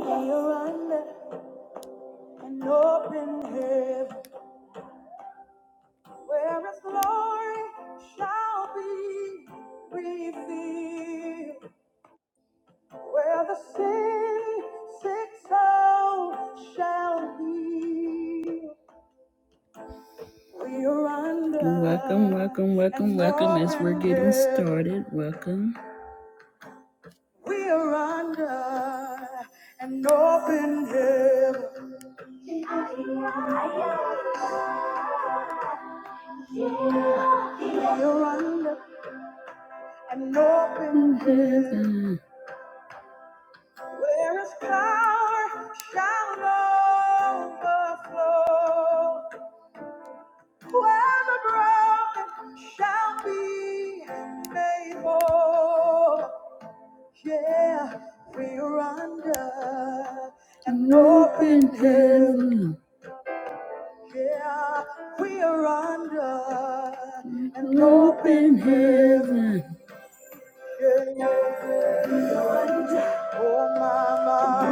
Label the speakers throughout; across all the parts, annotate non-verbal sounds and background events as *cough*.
Speaker 1: Here on earth and open heaven, where His glory shall be revealed, where the sin sick soul shall heal. We are under Welcome, welcome, welcome, an welcome. As we're open getting heaven. started, welcome. We are under an open heaven. You're under an open heaven. where His power shall overflow. where the broken shall be made whole. Yeah, we're under an open heaven. Yeah, we are under an open heaven. Oh, mama.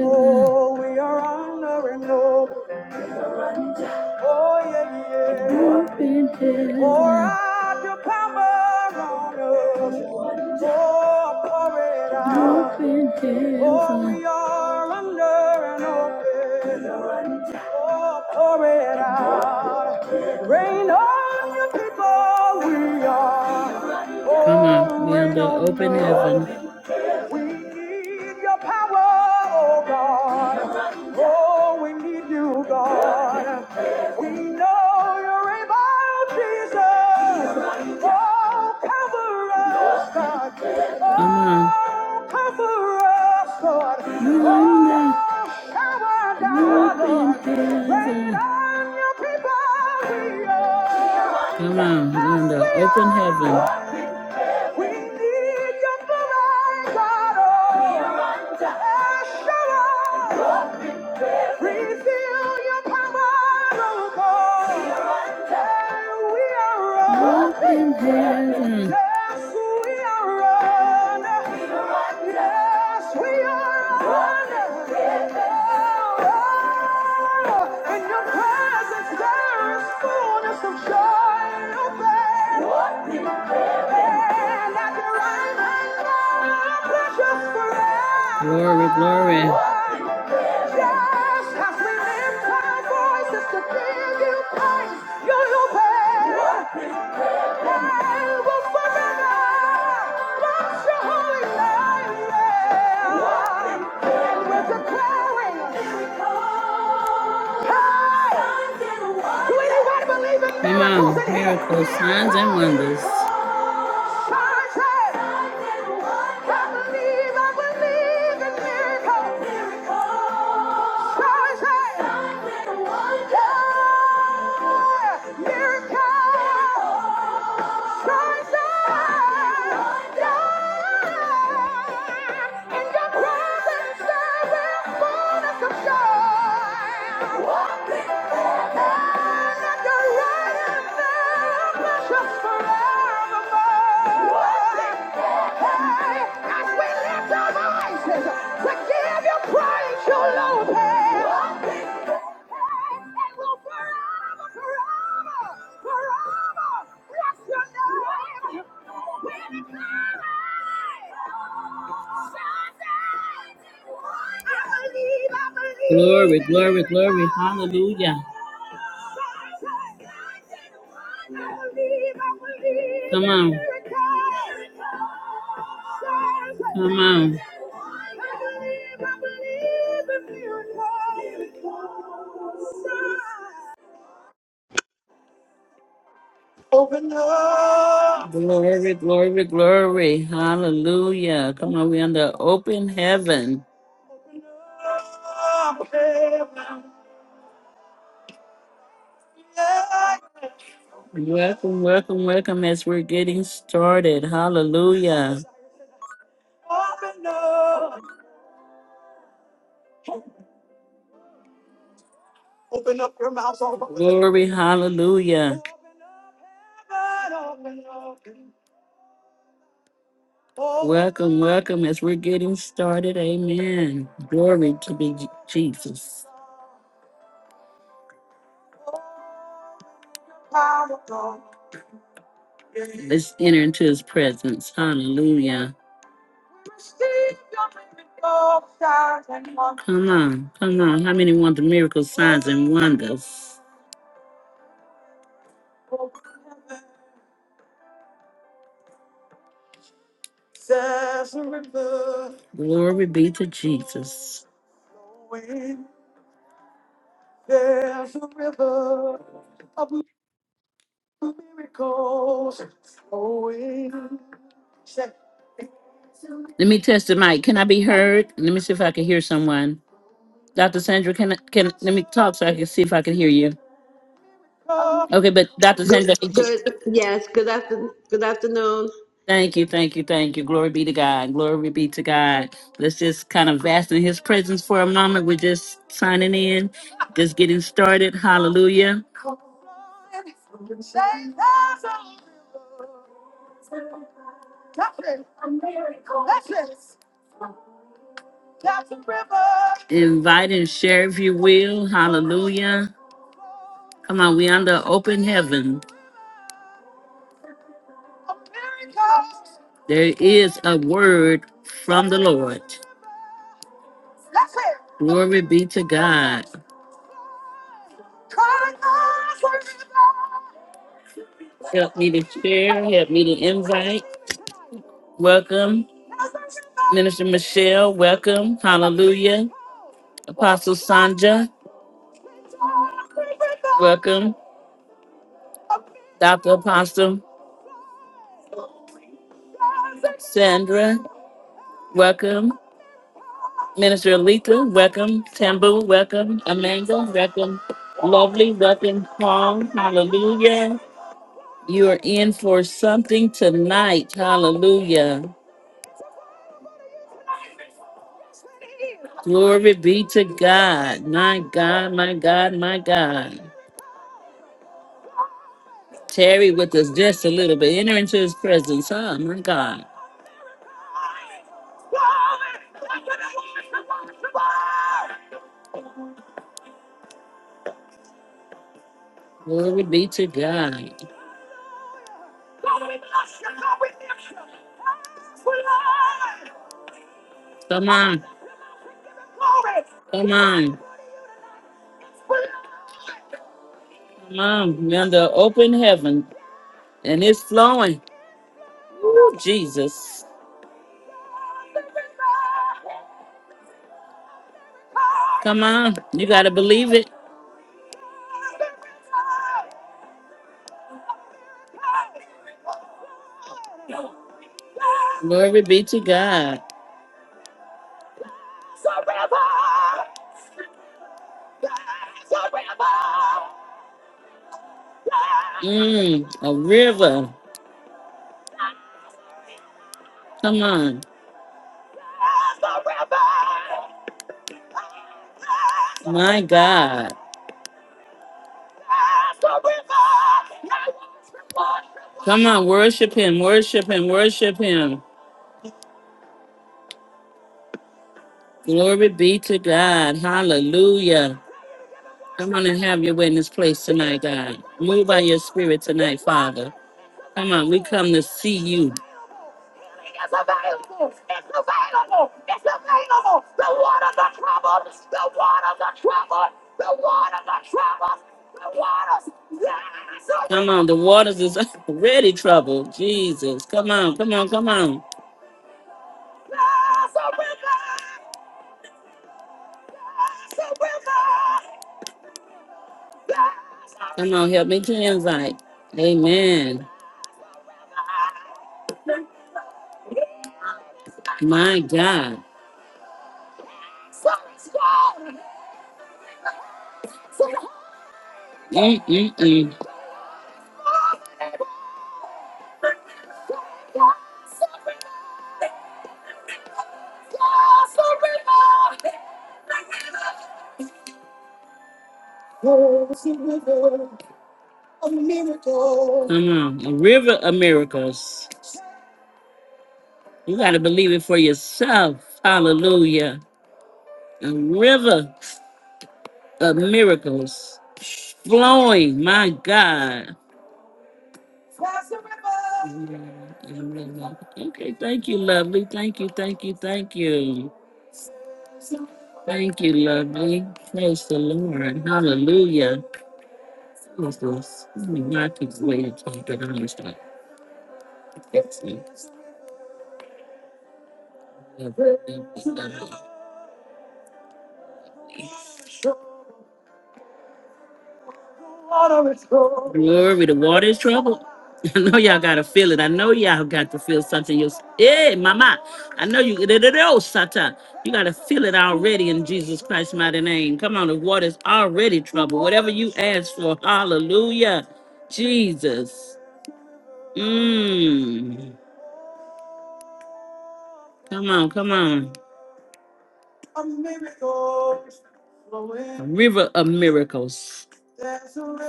Speaker 1: Oh, we are honoring Lord. Oh, yeah, yeah. Broken heaven. Pour out your power on us. Oh, pour it out. Broken heaven. Oh, we are under an open. Oh, pour it out. Rain on your people, we are. Come on, Oh, we rain under open heaven. We need your power, oh God. Oh, we need you, God. We know you're able, Jesus. Oh, cover us, God. Oh, cover us, Lord. Oh, shower you down, Lord. Rain on your people, we are. Come on, Linda, open heaven. We need your blood, God, oh. Asherah. We feel your power, oh God. And we are running. Yes, we are running. Yes, we are running. Oh, oh. In your presence there is fullness of joy. What we have And at your right hand are pleasures forever. Glory, glory. Yes, as we lift our voices to give you praise, you're your Lord. Come on, miracles, signs, and wonders. Forevermore. Hey, Hey, Glory, glory, glory. Hallelujah. Come on. Come on. Glory, glory, glory. Hallelujah. Come on, we're under open heaven. Welcome, welcome, welcome as we're getting started. Hallelujah. Open up your mouth All over. Glory, hallelujah. Welcome, welcome as we're getting started. Amen. Glory to be J- Jesus. Let's enter into his presence. Hallelujah. Come on, come on. How many want the miracles, signs, and wonders? Glory be to Jesus. Let me test the mic. Can I be heard? Let me see if I can hear someone. Dr. Sandra, can I, can let me talk so I can see if I can hear you? Okay, but Dr.
Speaker 2: Good,
Speaker 1: Sandra,
Speaker 2: good, yes, good afternoon, good afternoon.
Speaker 1: Thank you, thank you, thank you. Glory be to God. Glory be to God. Let's just kind of bask in His presence for a moment. We're just signing in, just getting started. Hallelujah. Invite and share if you will. Hallelujah. Come on, we under open heaven. There is a word from the Lord. Glory be to God. Help me to share. Help me to invite. Welcome. Minister Michelle, welcome. Hallelujah. Apostle Sandra, welcome. Dr. Apostle Sandra, welcome. Minister Alika, welcome. Tambu, welcome. Amanda, welcome. Lovely, welcome. Hong, hallelujah. You are in for something tonight. Hallelujah. Glory be to God. My God, my God, my God. Terry with us just a little bit. Enter into his presence. Huh? My God. Glory be to God. Come on. Come on. Come on. We're under open heaven and it's flowing. Ooh, Jesus. Come on. You got to believe it. Glory be to God. Mm, a river. Come on. My God. Come on, worship him, worship him, worship him. Glory be to God. Hallelujah. Come on and have your way in this place tonight, God. Move by your spirit tonight, Father. Come on, we come to see you. It's available. It's available. It's available. The water's the trouble. The water's the trouble. The water's the trouble. The water's. Yes. the Come on, the waters is *laughs* already troubled. Jesus. Come on, come on, come on. There's a river. There's a river. There's a Come on, help me to invite. Amen. river. My God. So it's gone. Mm-mm-mm. Come on. A river of miracles. You got to believe it for yourself. Hallelujah. A river of miracles flowing. My God. Okay. Thank you, lovely. Thank you. Thank you. Thank you. Thank you, lovely. Praise the Lord. Hallelujah. Is this Mackie's way of talking to talk that I understand? That's me. Glory, the water is troubled. *laughs* I know y'all gotta feel it. I know y'all got to feel something. You, hey, mama, I know you. *laughs* Satan, you gotta feel it already in Jesus Christ's mighty name. Come on, the water's already troubled. Whatever you ask for, Hallelujah, Jesus. Mmm. Come on, come on. river of miracles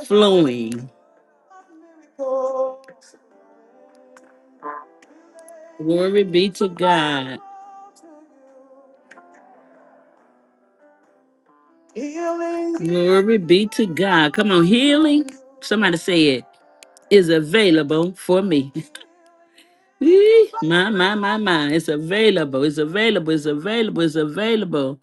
Speaker 1: flowing. Glory be to God. Glory be to God. Come on, healing. Somebody say it is available for me. *laughs* Ee, my, my, my, my. It's available. It's available. It's available. It's available.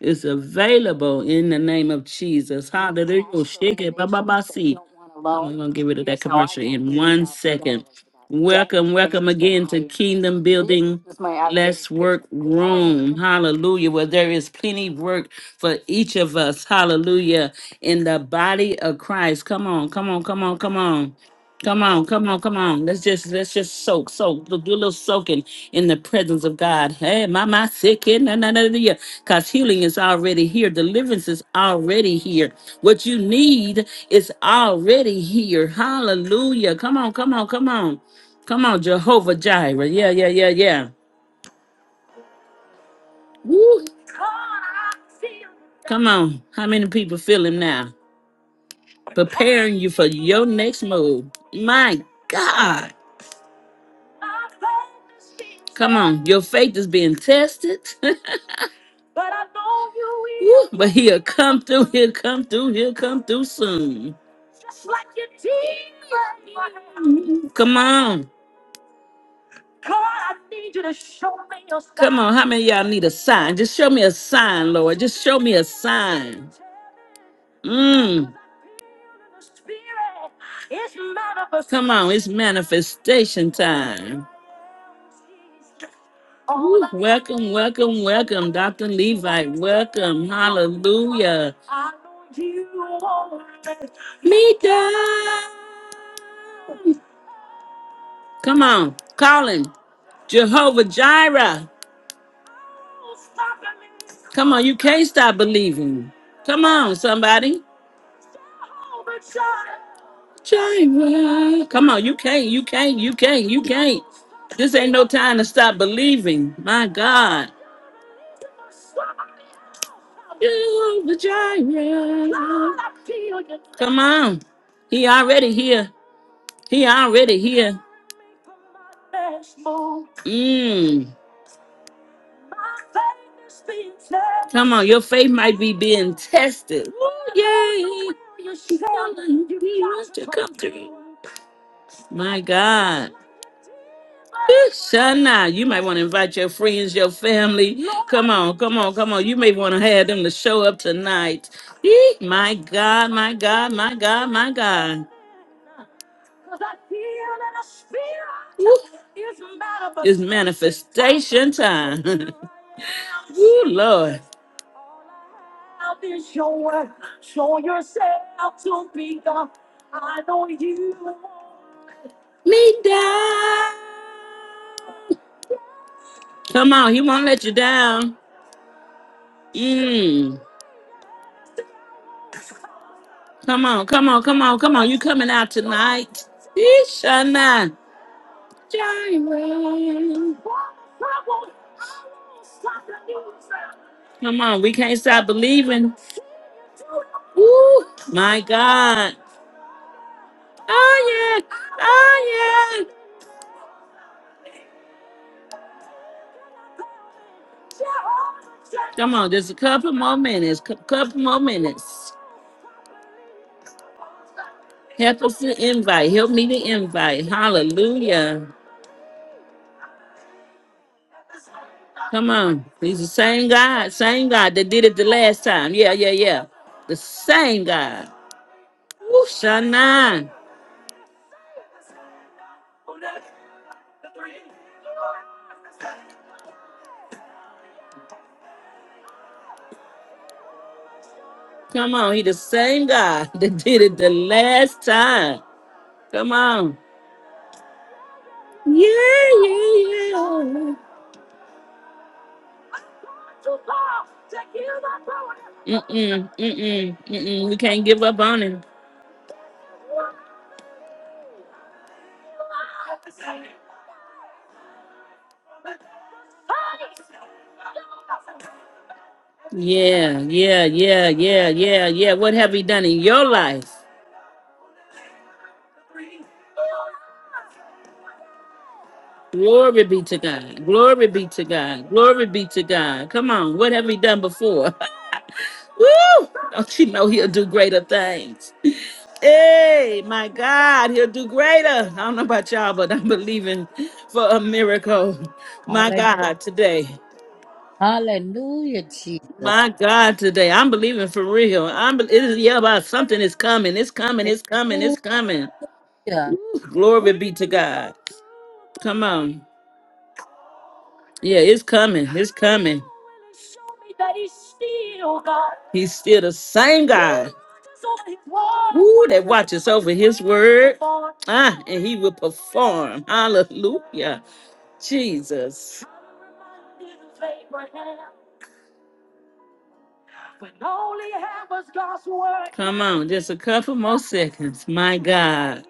Speaker 1: It's available in the name of Jesus. Hallelujah. Shake it. Ba, ba, ba, see. I'm going to get rid of that commercial in one second. Welcome, welcome again to Kingdom Building. Let's work room. Hallelujah. Where there is plenty work for each of us. Hallelujah. In the body of Christ. Come on, come on, come on, come on. Come on, come on, come on. Let's just let's just soak, soak, do do a little soaking in the presence of God. Hey, my my sick in because healing is already here, deliverance is already here. What you need is already here. Hallelujah. Come on, come on, come on. Come on, Jehovah Jireh. Yeah, yeah, yeah, yeah. Woo. Come on. How many people feel him now? Preparing you for your next move. My God. Come on. Your faith is being tested. *laughs* Woo. But he'll come through. He'll come through. He'll come through soon. Come on. Come on, how many of y'all need a sign? Just show me a sign, Lord. Just show me a sign. Mm. Come on, it's manifestation time. Woo, Welcome, welcome, welcome, Dr. Levite. Welcome. Hallelujah. Meet us. Come on, call him Jehovah Jireh. Come on, you can't stop believing. Come on, somebody. Jireh. Come on, you can't, you can't, you can't, you can't. This ain't no time to stop believing. My God. Jehovah Jireh. Come on. He already here. He already here. Mm. Come on, your faith might be being tested. Ooh, yay. Come through. My God. Whew, Shana, you might want to invite your friends, your family. Come on, come on, come on. You may want to have them to show up tonight. Eek, My God, my God, my God, my God. It's manifestation time. *laughs* Ooh, Lord. Me down. Come on, he won't let you down. Mm. Come on, come on, come on, come on. You coming out tonight. Ishana. Jireh. Come on, we can't stop believing. My God. Oh yeah. Oh yeah. Come on, just a couple more minutes. cou- couple more minutes. Help us to invite. Help me to invite. Hallelujah. Come on. He's the same God, same God that did it the last time. Yeah, yeah, yeah. The same God. Woo, Shanan. Come on. He the same God *laughs* that did it the last time. Come on. Yeah, yeah, yeah. Mm-mm, mm-mm, mm-mm. We can't give up on him. Yeah, yeah, yeah, yeah, yeah, yeah. What have he done in your life? Glory be to God. Glory be to God. Glory be to God. Come on. What have we done before? *laughs* Woo! Don't you know he'll do greater things? Hey, my God, he'll do greater. I don't know about y'all, but I'm believing for a miracle. My
Speaker 3: Hallelujah.
Speaker 1: God, today.
Speaker 3: Hallelujah, Jesus.
Speaker 1: My God, today. I'm believing for real. I'm be- it is yeah, about something is coming. It's coming. It's coming. It's
Speaker 3: Hallelujah.
Speaker 1: coming. Glory be to God. Come on. Yeah, it's coming. It's coming. He's still the same God. Woo, that watches over his word. Ah, and he will perform. Hallelujah. Jesus. Come on, just a couple more seconds. My God.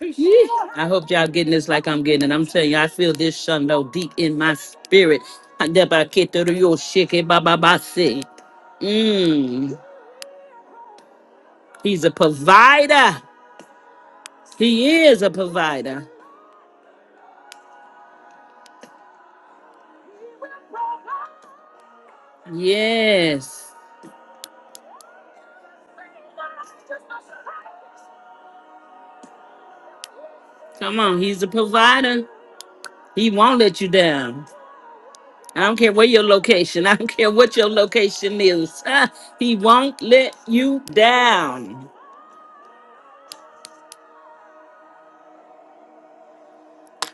Speaker 1: Yee. I hope y'all getting this like I'm getting it. I'm telling you, I feel this shundo deep in my spirit. Mmm, He's a provider. He is a provider. Yes. Come on, he's a provider. He won't let you down. I don't care where your location. *laughs* I don't care what your location is. *laughs* he won't let you down.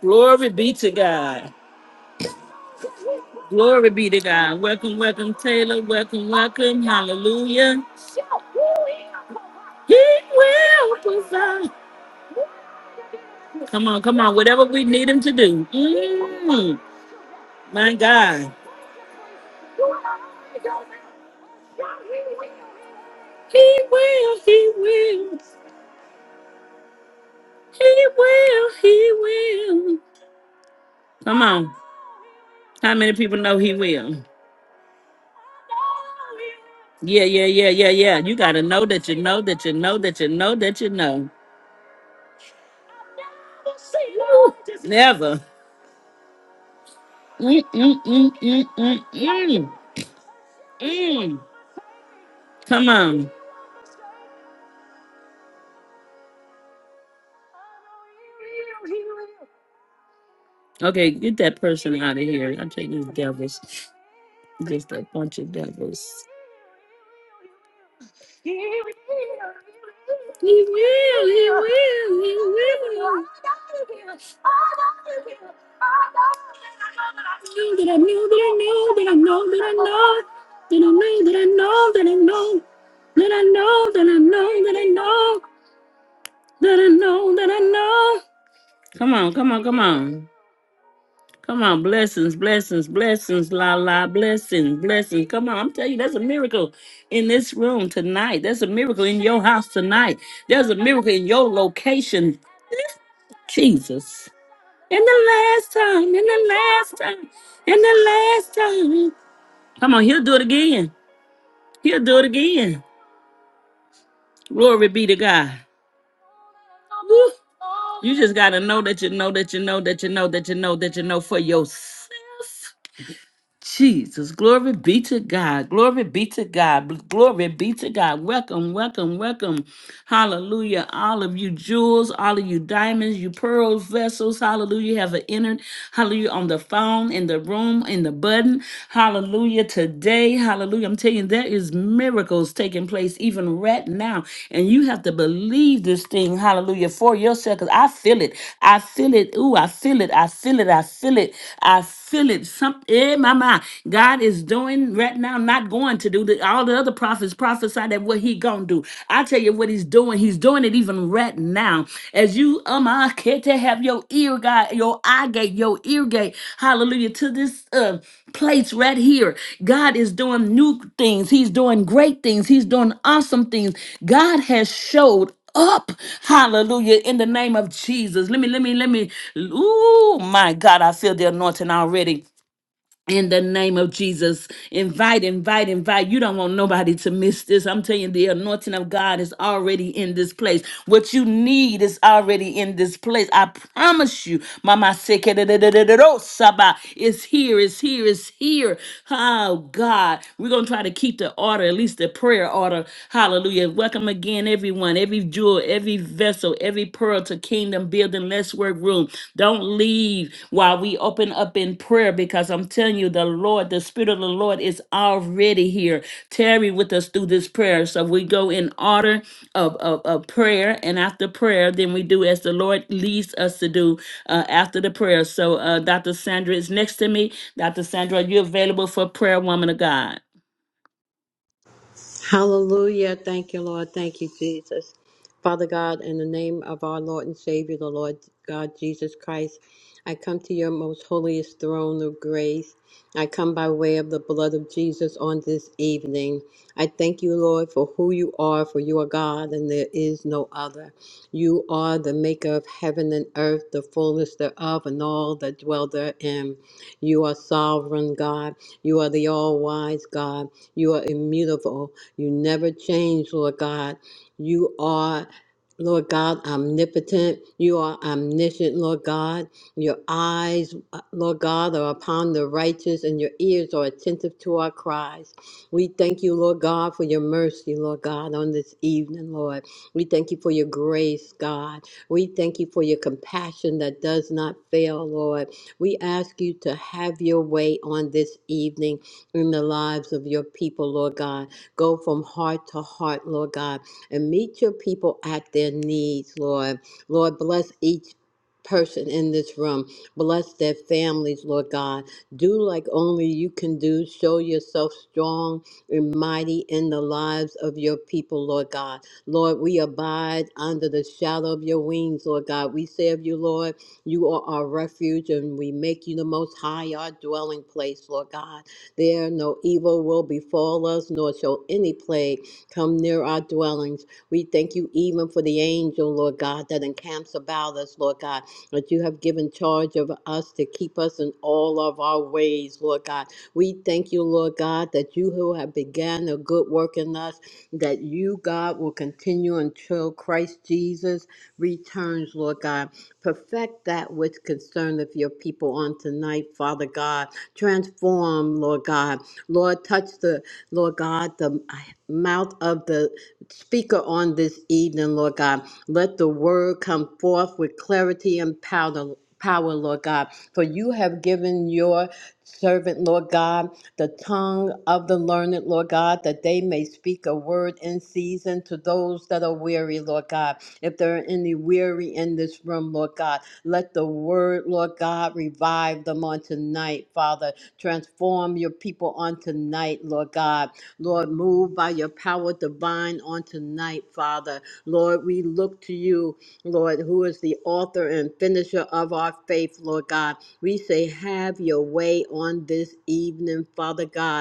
Speaker 1: Glory be to God. Glory be to God. Welcome, welcome, Taylor. Welcome, welcome. Hallelujah. He will provide. Come on, come on. Whatever we need him to do. Mm, my God. He will, he will, he will, he will. Come on. How many people know he will? Yeah, yeah, yeah, yeah, yeah. You got to know that you know that you know that you know that you know. Woo. Never. Mm, mm, mm, mm, mm, mm, mm. Come on. Okay, get that person out of here. I'll take these devils. Just a bunch of devils. He will, he will, he will. That I know, that I know, that I know, that I know, that I know, that I know, that I know, that I know, that I know, that I know, that I know, that I know. Come on, come on, come on. Come on, blessings, blessings, blessings, la la, blessings, blessings. Come on, I'm telling you, that's a miracle in this room tonight. That's a miracle in your house tonight. There's a miracle in your location, Jesus. In the last time, in the last time, in the last time. Come on, he'll do it again. He'll do it again. Glory be to God. Woo. You just gotta know that you know that you know that you know that you know that you know for yourself Jesus, glory be to God. Glory be to God. Glory be to God. Welcome, welcome, welcome. Hallelujah. All of you jewels, all of you diamonds, you pearls, vessels, hallelujah, have entered. Hallelujah. On the phone, in the room, in the button. Hallelujah. Today, hallelujah. I'm telling you, there is miracles taking place even right now. And you have to believe this thing, hallelujah, for yourself. Because I feel it. I feel it. Ooh, I feel it. I feel it. I feel it. I feel it. Something Eh, mama, God is doing right now, not going to do the, all the other prophets prophesy that what he gonna do. I tell you what he's doing. He's doing it even right now. As you, um, I care to have your ear guide, your eye gate, your ear gate. Hallelujah to this uh, place right here. God is doing new things. He's doing great things. He's doing awesome things. God has showed up. Hallelujah. In the name of Jesus. Let me, let me, let me. Ooh, my God, I feel the anointing already in the name of Jesus. Invite, invite, invite. You don't want nobody to miss this. I'm telling you, the anointing of God is already in this place. What you need is already in this place. I promise you, Mama Saba is here, is here, is here. Oh God. We're gonna try to keep the order, at least the prayer order. Hallelujah. Welcome again, everyone, every jewel, every vessel, every pearl to kingdom building. Let's work room. Don't leave while we open up in prayer because I'm telling you, the Lord, the Spirit of the Lord is already here. Tarry with us through this prayer. So we go in order of, of, of prayer, and after prayer, then we do as the Lord leads us to do uh, after the prayer. So uh, Dr. Sandra is next to me. Dr. Sandra, are you available for prayer, woman of God?
Speaker 2: Hallelujah. Thank you, Lord. Thank you, Jesus. Father God, in the name of our Lord and Savior, the Lord God Jesus Christ, I come to your most holiest throne of grace. I come by way of the blood of Jesus on this evening. I thank you, Lord, for who you are, for you are God and there is no other. You are the maker of heaven and earth, the fullness thereof, and all that dwell therein. You are sovereign God. You are the all wise God. You are immutable. You never change, Lord God. You are Lord God, omnipotent. You are omniscient, Lord God. Your eyes, uh, Lord God, are upon the righteous, and your ears are attentive to our cries. We thank you, Lord God, for your mercy, Lord God, on this evening, Lord. We thank you for your grace, God. We thank you for your compassion that does not fail, Lord. We ask you to have your way on this evening in the lives of your people, Lord God. Go from heart to heart, Lord God, and meet your people at their needs, Lord. Lord, bless each person in this room. Bless their families, Lord God. Do like only you can do. Show yourself strong and mighty in the lives of your people, Lord God. Lord, we abide under the shadow of your wings, Lord God. We say of you, Lord, you are our refuge, and we make you the most high, our dwelling place, Lord God. There no evil will befall us, nor shall any plague come near our dwellings. We thank you even for the angel, Lord God, that encamps about us, Lord God, that you have given charge of us to keep us in all of our ways, Lord God. We thank you, Lord God, that you who have began a good work in us, that you, God, will continue until Christ Jesus returns, Lord God. Perfect that which concerneth your people on tonight, Father God. Transform, Lord God. Lord, touch the, Lord God, the mouth of the speaker on this evening, Lord God. Let the word come forth with clarity and power, power, Lord God. For you have given your servant, Lord God, the tongue of the learned, Lord God, that they may speak a word in season to those that are weary, Lord God. If there are any weary in this room, Lord God, let the word, Lord God, revive them on tonight, Father. Transform your people on tonight, Lord God. Lord, move by your power divine on tonight, Father. Lord, we look to you, Lord, who is the author and finisher of our faith, Lord God. We say, have your way on this evening, Father God.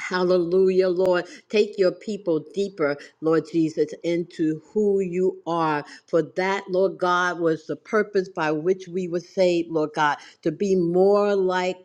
Speaker 2: Hallelujah, Lord. Take your people deeper, Lord Jesus, into who you are. For that, Lord God, was the purpose by which we were saved, Lord God, to be more like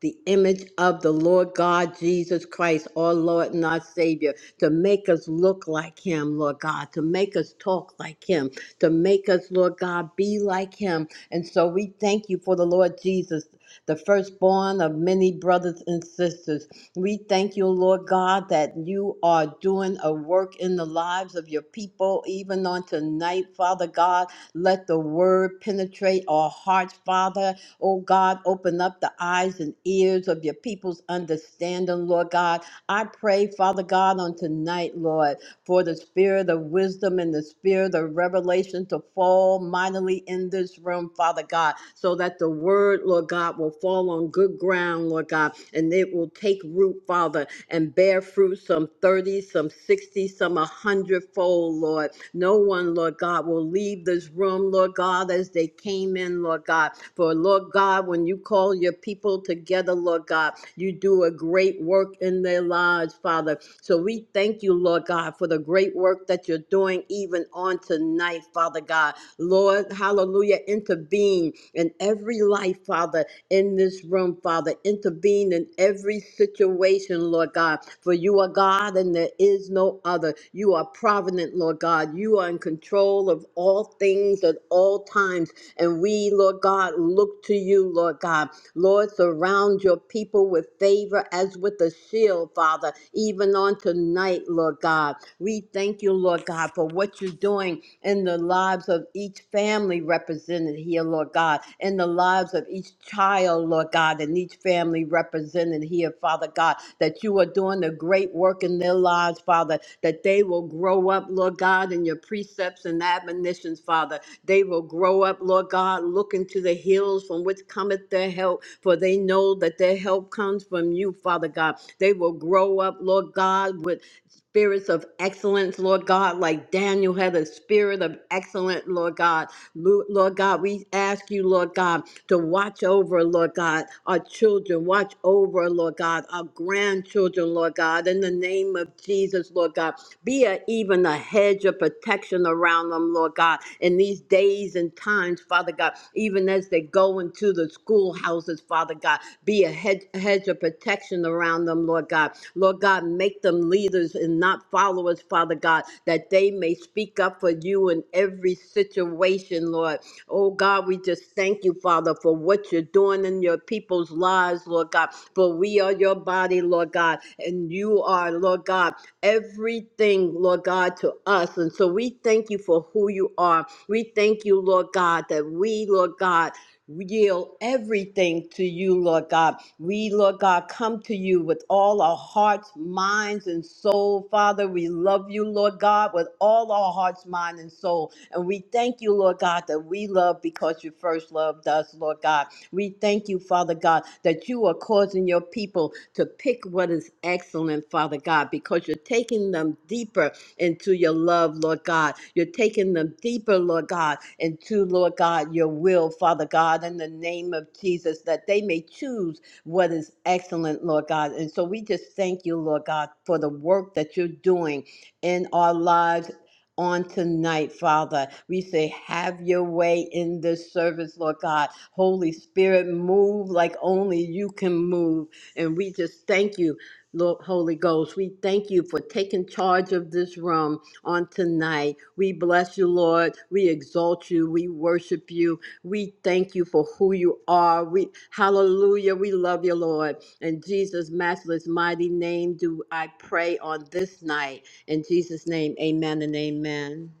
Speaker 2: the image of the Lord God Jesus Christ, our Lord and our Savior, to make us look like Him, Lord God, to make us talk like Him, to make us, Lord God, be like Him. And so we thank you for the Lord Jesus, the firstborn of many brothers and sisters. We thank you, Lord God, that you are doing a work in the lives of your people, even on tonight, Father God. Let the word penetrate our hearts, Father. Oh God, open up the eyes and ears of your people's understanding, Lord God. I pray, Father God, on tonight, Lord for the spirit of wisdom and the spirit of revelation to fall mightily in this room, Father God, so that the word, Lord God, will fall on good ground, Lord God, and it will take root, Father, and bear fruit some 30, some 60, some a hundredfold, Lord. No one, Lord God, will leave this room, Lord God, as they came in, Lord God. For, Lord God, when you call your people together, Lord God, you do a great work in their lives, Father. So we thank you, Lord God, for the great work that you're doing even on tonight, Father God. Lord, hallelujah, intervene in every life, Father, in this room, Father. Intervene in every situation, Lord God. For you are God and there is no other. You are provident, Lord God. You are in control of all things at all times. And we, Lord God, look to you, Lord God. Lord, surround your people with favor as with a shield, Father, even on tonight, Lord God. We thank you, Lord God, for what you're doing in the lives of each family represented here, Lord God, in the lives of each child, Lord God, and each family represented here, Father God, that you are doing the great work in their lives, Father, that they will grow up, Lord God, in your precepts and admonitions, Father. They will grow up, Lord God, looking to the hills from which cometh their help, for they know that their help help comes from you, Father God. They will grow up, Lord God, with spirits of excellence, Lord God, like Daniel had a spirit of excellence, Lord God. Lu- Lord God, we ask you, Lord God, to watch over, Lord God, our children, watch over, Lord God, our grandchildren, Lord God, in the name of Jesus, Lord God. Be a, even a hedge of protection around them, Lord God, in these days and times, Father God, even as they go into the schoolhouse houses, Father God. Be a hedge, a hedge of protection around them, Lord God. Lord God, make them leaders and not followers, Father God, that they may speak up for you in every situation, Lord. Oh God, we just thank you, Father, for what you're doing in your people's lives, Lord God. For we are your body, Lord God, and you are, Lord God, everything, Lord God, to us. And so we thank you for who you are. We thank you, Lord God, that we, Lord God, yield everything to you, Lord God. We, Lord God, come to you with all our hearts, minds, and soul. Father, we love you, Lord God, with all our hearts, mind, and soul. And we thank you, Lord God, that we love because you first loved us, Lord God. We thank you, Father God, that you are causing your people to pick what is excellent, Father God, because you're taking them deeper into your love, Lord God. You're taking them deeper, Lord God, into, Lord God, your will, Father God, in the name of Jesus, that they may choose what is excellent, Lord God. And so we just thank you, Lord God, for the work that you're doing in our lives on tonight, Father. We say, have your way in this service, Lord God. Holy Spirit, move like only you can move. And we just thank you Lord Holy Ghost, we thank you for taking charge of this room on tonight. We bless you, Lord. We exalt you. We worship you. We thank you for who you are. We hallelujah. We love you, Lord. In Jesus' matchless mighty name do I pray on this night. In Jesus' name, amen and amen.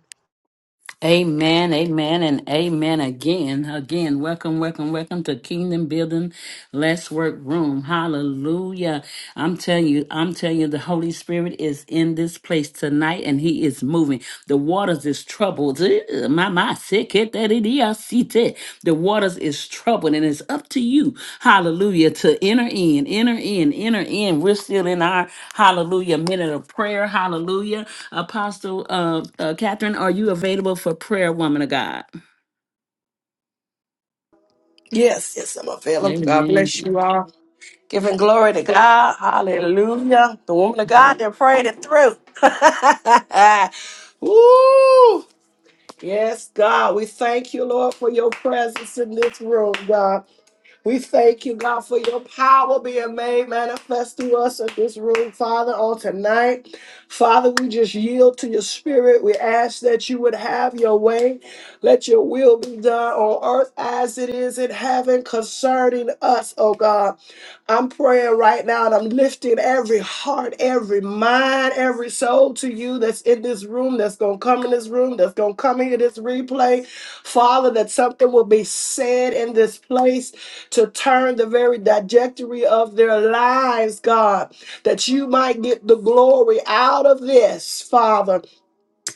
Speaker 1: Amen, amen, and amen again. Again, welcome, welcome, welcome to Kingdom Building Let's Work Room. Hallelujah. I'm telling you, I'm telling you, the Holy Spirit is in this place tonight and He is moving. The waters is troubled. Eh, My, my, sick it, that it is, see that. The waters is troubled and it's up to you, hallelujah, to enter in, enter in, enter in. We're still in our, hallelujah, minute of prayer, hallelujah. Apostle uh, uh, Catherine, are you available for prayer, woman of God?
Speaker 4: Yes, yes, I'm available. God
Speaker 1: Amen.
Speaker 4: bless you all. Giving glory to God. Hallelujah. The woman of God that prayed it through. *laughs* Woo! Yes, God, we thank you, Lord, for your presence in this room, God. We thank you, God, for your power being made manifest through us in this room, Father, on tonight. Father, we just yield to your spirit. We ask that you would have your way. Let your will be done on earth as it is in heaven concerning us, oh God. I'm praying right now and I'm lifting every heart, every mind, every soul to you that's in this room, that's going to come in this room, that's going to come into this replay. Father, that something will be said in this place to turn the very trajectory of their lives, God, that you might get the glory out of this, Father.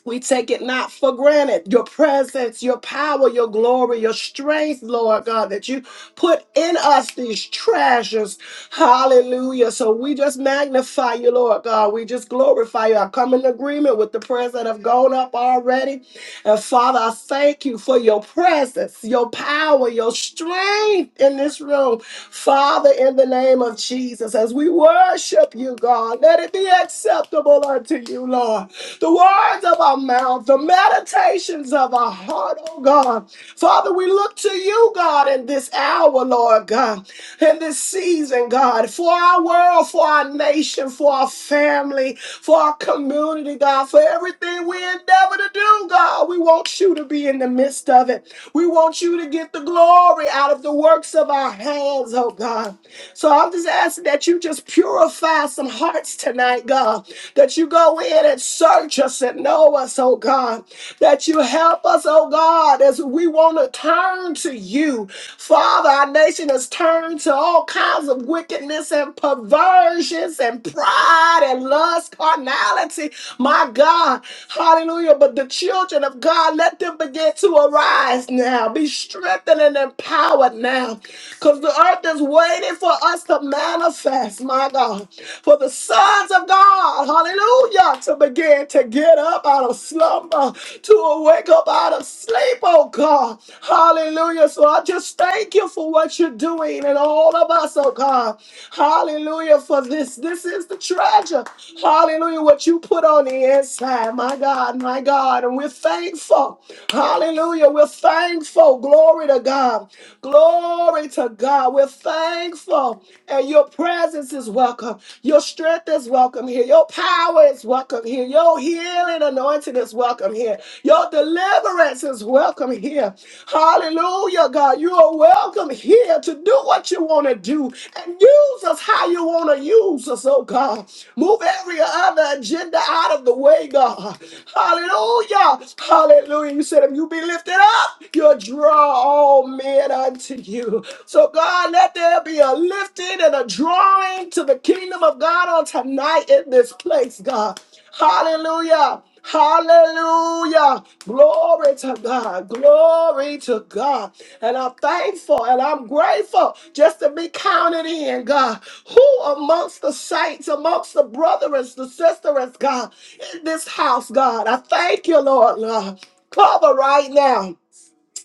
Speaker 4: We take it not for granted. Your presence, your power, your glory, your strength, Lord God, that you put in us these treasures. Hallelujah. So we just magnify you, Lord God. We just glorify you. I come in agreement with the prayers that have gone up already. And Father, I thank you for your presence, your power, your strength in this room. Father, in the name of Jesus, as we worship you, God, let it be acceptable unto you, Lord the words of our mouth, the meditations of our heart, oh God. Father, we look to you, God, in this hour, Lord God, in this season, God, for our world, for our nation, for our family, for our community, God, for everything we endeavor to do, God. We want you to be in the midst of it. We want you to get the glory out of the works of our hands, oh God. So I'm just asking that you just purify some hearts tonight, God. That you go in and search us and know us, oh God. That you help us, oh God, as we want to turn to you. Father, our nation has turned to all kinds of wickedness and perversions and pride and lust, carnality. My God, hallelujah. But the children of God, let let them begin to arise now. Be strengthened and empowered now. Because the earth is waiting for us to manifest, my God. For the sons of God, hallelujah, to begin to get up out of slumber, to awake up out of sleep, oh God. Hallelujah. So I just thank you for what you're doing and all of us, oh God. Hallelujah for this. This this is the treasure. Hallelujah. What you put on the inside. My God, my God. And we're thankful. Hallelujah. We're thankful. Glory to God. Glory to God. We're thankful. And your presence is welcome. Your strength is welcome here. Your power is welcome here. Your healing anointing is welcome here. Your deliverance is welcome here. Hallelujah. Hallelujah, God. You are welcome here to do what you want to do and use us how you want to use us, oh God. Move every other agenda out of the way, God. Hallelujah. Hallelujah. You said if you be lifted up, you'll draw all men unto you. So, God, let there be a lifting and a drawing to the kingdom of God on tonight in this place, God. Hallelujah. Hallelujah. Glory to God. Glory to God. And I'm thankful and I'm grateful just to be counted in, God. Who amongst the saints, amongst the brothers, the sisters, God, in this house, God? I thank you, Lord, Lord. Cover right now.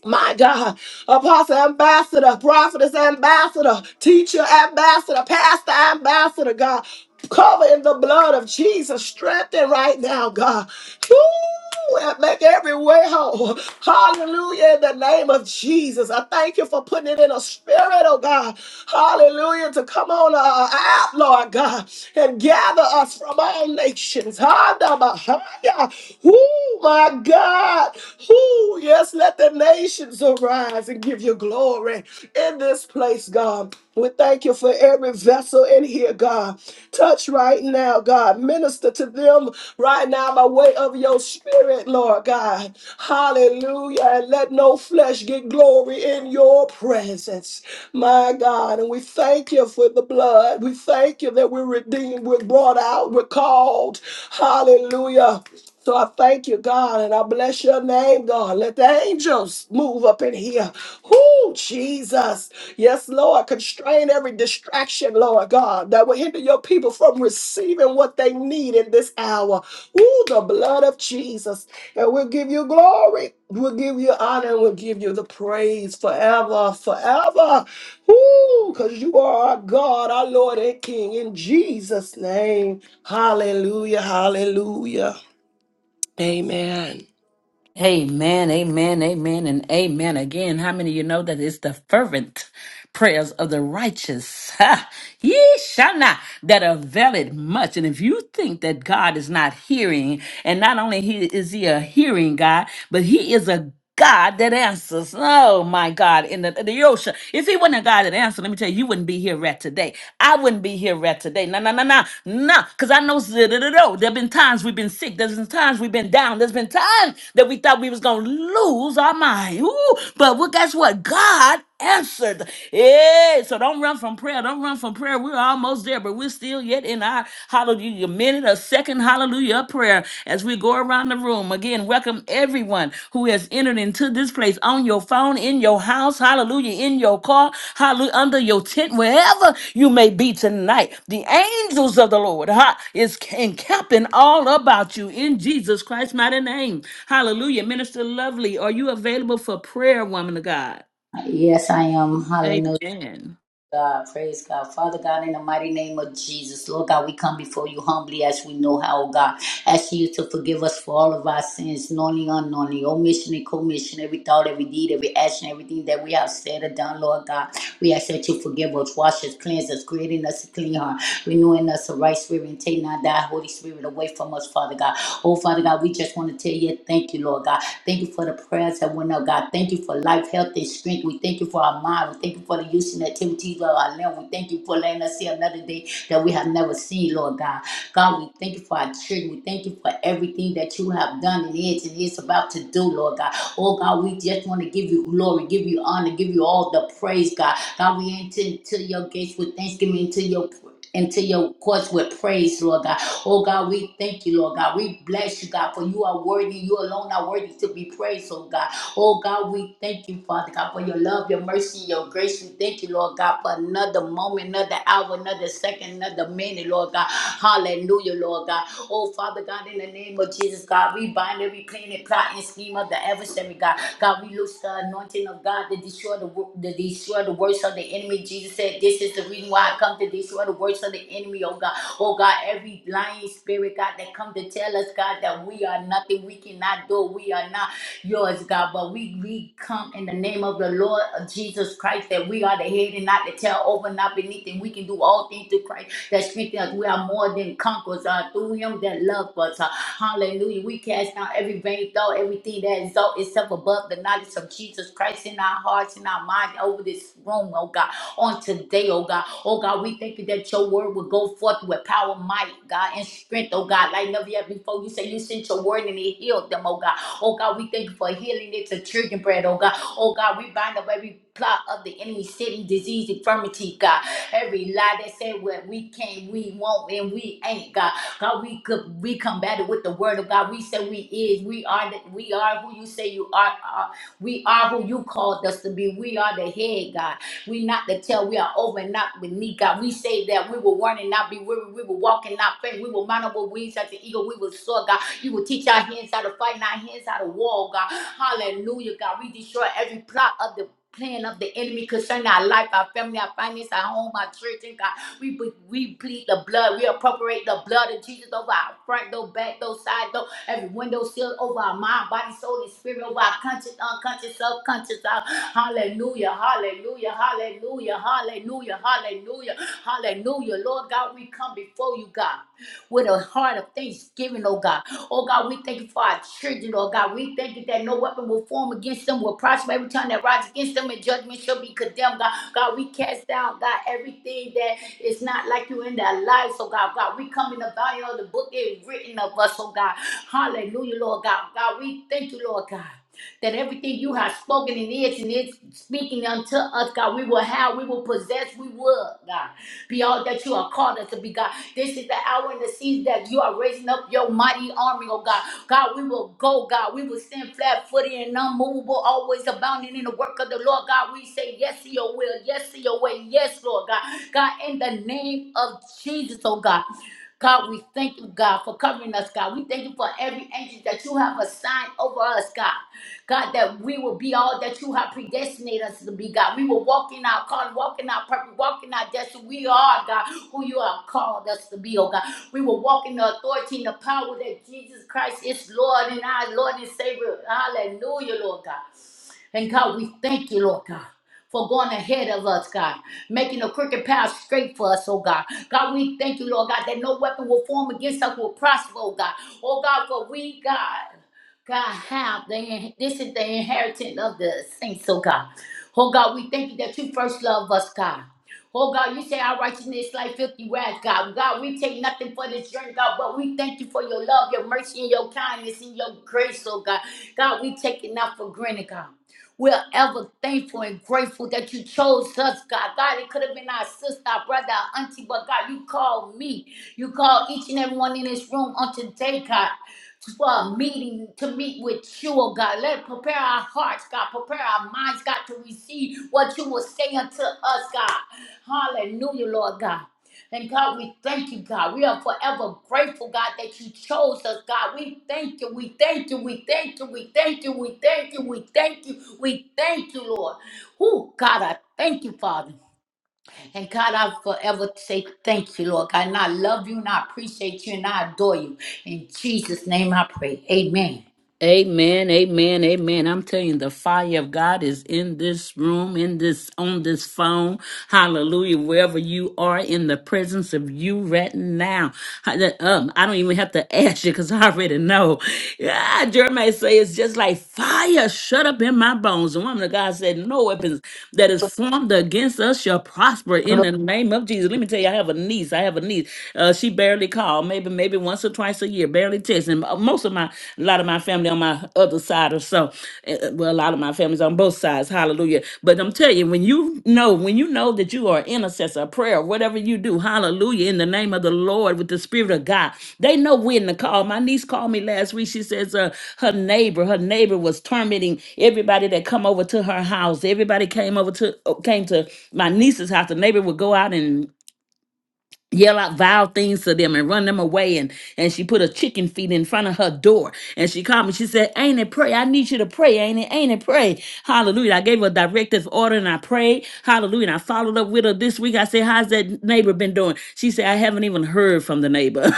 Speaker 4: My God, apostle ambassador, prophetess ambassador, teacher ambassador, pastor ambassador, God. Cover in the blood of Jesus. Strengthen right now, God. Woo! and Make every way whole. Hallelujah. In the name of Jesus. I thank you for putting it in a spirit, oh God. Hallelujah. To come on uh, out, Lord God, and gather us from all nations. Hada Bahaya. Woo, my God. Woo, yes, let the nations arise and give you glory in this place, God. We thank you for every vessel in here, God. Touch right now, God. Minister to them right now by way of your spirit, Lord God. Hallelujah. And let no flesh get glory in your presence, my God. And we thank you for the blood. We thank you that we're redeemed, we're brought out, we're called. Hallelujah. So I thank you, God, and I bless your name, God. Let the angels move up in here. Whoo, Jesus. Yes, Lord. Constrain every distraction, Lord God, that will hinder your people from receiving what they need in this hour. Whoo, the blood of Jesus. And we'll give you glory. We'll give you honor and we'll give you the praise forever, forever. Whoo, because you are our God, our Lord and King. In Jesus' name. Hallelujah. Hallelujah. Amen.
Speaker 1: Amen. Amen. Amen. And amen. Again, how many of you know that it's the fervent prayers of the righteous? *laughs* Ha! Ye shall not that avail it much. And if you think that God is not hearing, and not only he, is he a hearing God, but he is a God that answers. Oh my God, in the, the ocean. If he wasn't a God that answers, let me tell you, you wouldn't be here right today. I wouldn't be here right today. No, no, no, no, no. Because I know there have been times we've been sick. There's been times we've been down. There's been times that we thought we was going to lose our mind. Ooh, but well, guess what? God answered. Yeah, so don't run from prayer. Don't run from prayer. We're almost there, but we're still yet in our hallelujah minute, a second hallelujah of prayer as we go around the room. Again, welcome everyone who has entered into this place on your phone, in your house, hallelujah, in your car, hallelujah, under your tent, wherever you may be tonight. The angels of the Lord ha, is encamping all about you in Jesus Christ's mighty name. Hallelujah. Minister Lovely, are you available for prayer, woman of God?
Speaker 3: Yes, I am. Hallelujah,
Speaker 1: Amen.
Speaker 3: God. Praise God. Father God, in the mighty name of Jesus, Lord God, we come before you humbly as we know how, oh God. ask you to forgive us for all of our sins, knowingly, unknowingly, omission and commission, every thought, every deed, every action, everything that we have said or done, Lord God. We ask that you forgive us, wash us, cleanse us, creating us a clean heart, renewing us a right spirit, and take not thy Holy Spirit away from us, Father God. Oh, Father God, we just want to tell you thank you, Lord God. Thank you for the prayers that went up, God. Thank you for life, health, and strength. We thank you for our mind. We thank you for the use and activities of our limb. We thank you for letting us see another day that we have never seen, Lord God. God, we thank you for our children. We thank you for everything that you have done and is and is about to do, Lord God. Oh God, we just want to give you glory, give you honor, give you all the praise, God. God, we enter into your gates with thanksgiving, into your into your courts with praise, Lord God. Oh God, we thank you, Lord God. We bless you, God, for you are worthy. You alone are worthy to be praised, oh God. Oh God, we thank you, Father God, for your love, your mercy, your grace. We thank you, Lord God, for another moment, another hour, another second, another minute, Lord God. Hallelujah, Lord God. Oh, Father God, in the name of Jesus, God, we bind every plan and plot and scheme of the adversary, God. God, we loose the anointing of God to destroy the wo- to destroy the works of the enemy. Jesus said, This is the reason why I come to destroy the works of the enemy, oh God. Oh God, every lying spirit, God, that come to tell us, God, that we are nothing, we cannot do, we are not yours, God. But we, we come in the name of the Lord of Jesus Christ that we are the head and not the tail, over, not beneath, and we can do all things through Christ that strengthens us. We are more than conquerors uh, through him that loved us. Uh, hallelujah. We cast down every vain thought, everything that exalts itself above the knowledge of Jesus Christ in our hearts and our minds over this room, oh God. On today, oh God. Oh God, we thank you that your word will go forth with power, might, God, and strength, oh God. Like never yet before, you say you sent your word and it healed them, oh God. Oh God, we thank you for healing it to children bread, oh God. Oh God, we bind up every plot of the enemy, city, disease, infirmity, God. Every lie that said what we can't, we won't, and we ain't, God. God, we could we combat it with the word of God. We say we is, we are that we are who you say you are, are. We are who you called us to be. We are the head, God. We not the tail. We are over and not beneath, God. We say that we will run and not be weary. We will walk and not faint. We will mount up with wings like the eagle. We will soar, God. You will teach our hands how to fight and our hands how to war, God. Hallelujah, God. We destroy every plot of the plan of the enemy concerning our life, our family, our finance, our home, our church, and God. We, we, we plead the blood. We appropriate the blood of Jesus over our front door, back door, side door, every window seal over our mind, body, soul, and spirit, over our conscious, unconscious, subconscious. uh, Hallelujah, hallelujah, hallelujah, hallelujah, hallelujah, hallelujah. Lord God, we come before you, God with a heart of thanksgiving, oh God. Oh God, we thank you for our children, oh God. We thank you that no weapon will form against them, will prosper every time that rise against them, and judgment shall be condemned, God. God, we cast down, God, everything that is not like you in their lives, oh God. God, we come in the volume of the book that is written of us, oh God. Hallelujah, Lord God. God, we thank you, Lord God that everything you have spoken and is and is speaking unto us, God, we will have, we will possess, we will, God be all that you are called us to be, God. This is the hour and the season that you are raising up your mighty army, oh God. God, we will go, God. We will stand flat footed and unmovable, always abounding in the work of the Lord, God. We say yes to your will, yes to your way, yes, Lord God. God, in the name of Jesus, oh God. God, we thank you, God, for covering us, God. We thank you for every angel that you have assigned over us, God. God, that we will be all that you have predestinated us to be, God. We will walk in our calling, walk in our purpose, walk in our destiny. We are, God, who you have called us to be, oh God. We will walk in the authority and the power that Jesus Christ is Lord and our Lord and Savior. Hallelujah, Lord God. And God, we thank you, Lord God. For going ahead of us, God, making the crooked path straight for us, oh God. God, we thank you, Lord God, that no weapon will form against us will prosper, oh God. Oh God, for we, God, God, have the in- this is the inheritance of the saints, oh God. Oh God, we thank you that you first love us, God. Oh God, you say our righteousness is like filthy rags, God. God, we take nothing for this journey, God, but we thank you for your love, your mercy, and your kindness, and your grace, oh God. God, we take it not for granted, God. We're ever thankful and grateful that you chose us, God. God, it could have been our sister, our brother, our auntie, but God, you called me. You called each and everyone in this room on today, God uh, meeting to meet with you, oh God. Let prepare our hearts, God. Prepare our minds, God, to receive what you will say unto us, God. Hallelujah, Lord God. And God, we thank you, God. We are forever grateful, God, that you chose us, God. We thank you. We thank you. We thank you. We thank you. We thank you. We thank you. We thank you, Lord. Who, God, I thank you, Father. And God, I forever say thank you, Lord God. And I love you and I appreciate you and I adore you. In Jesus' name I pray. Amen.
Speaker 1: Amen, amen, amen. I'm telling you, the fire of God is in this room, in this, on this phone. Hallelujah. Wherever you are in the presence of you right now. I, that- um, I don't even have to *laughs* ask you because I already know. Yeah, Jeremiah say it's just like fire shut up in my bones. The woman of God said, no weapons that is formed against us shall prosper in the name of Jesus. Let me tell you, I have a niece. I have a niece. Uh, she barely called. Maybe, maybe maybe once or twice a year, barely text. And mo- most of my, a lot of my family on my other side or so, eh, eh, well, a lot of my family's on both sides, hallelujah. But I'm telling you, when you know, when you know that you are an intercessor, a prayer, whatever you do, hallelujah, in the name of the Lord with the Spirit of God, they know when to call. My niece called me last week. She says uh, her neighbor, her neighbor was tormenting everybody that come over to her house. Everybody came over to, uh, came to my niece's house. The neighbor would go out and yell out vile things to them and run them away and and she put a chicken feet in front of her door and she called me she said ain't it pray i need you to pray ain't it ain't it pray hallelujah i gave her a directive order and i prayed hallelujah and i followed up with her this week i said how's that neighbor been doing she said i haven't even heard from the neighbor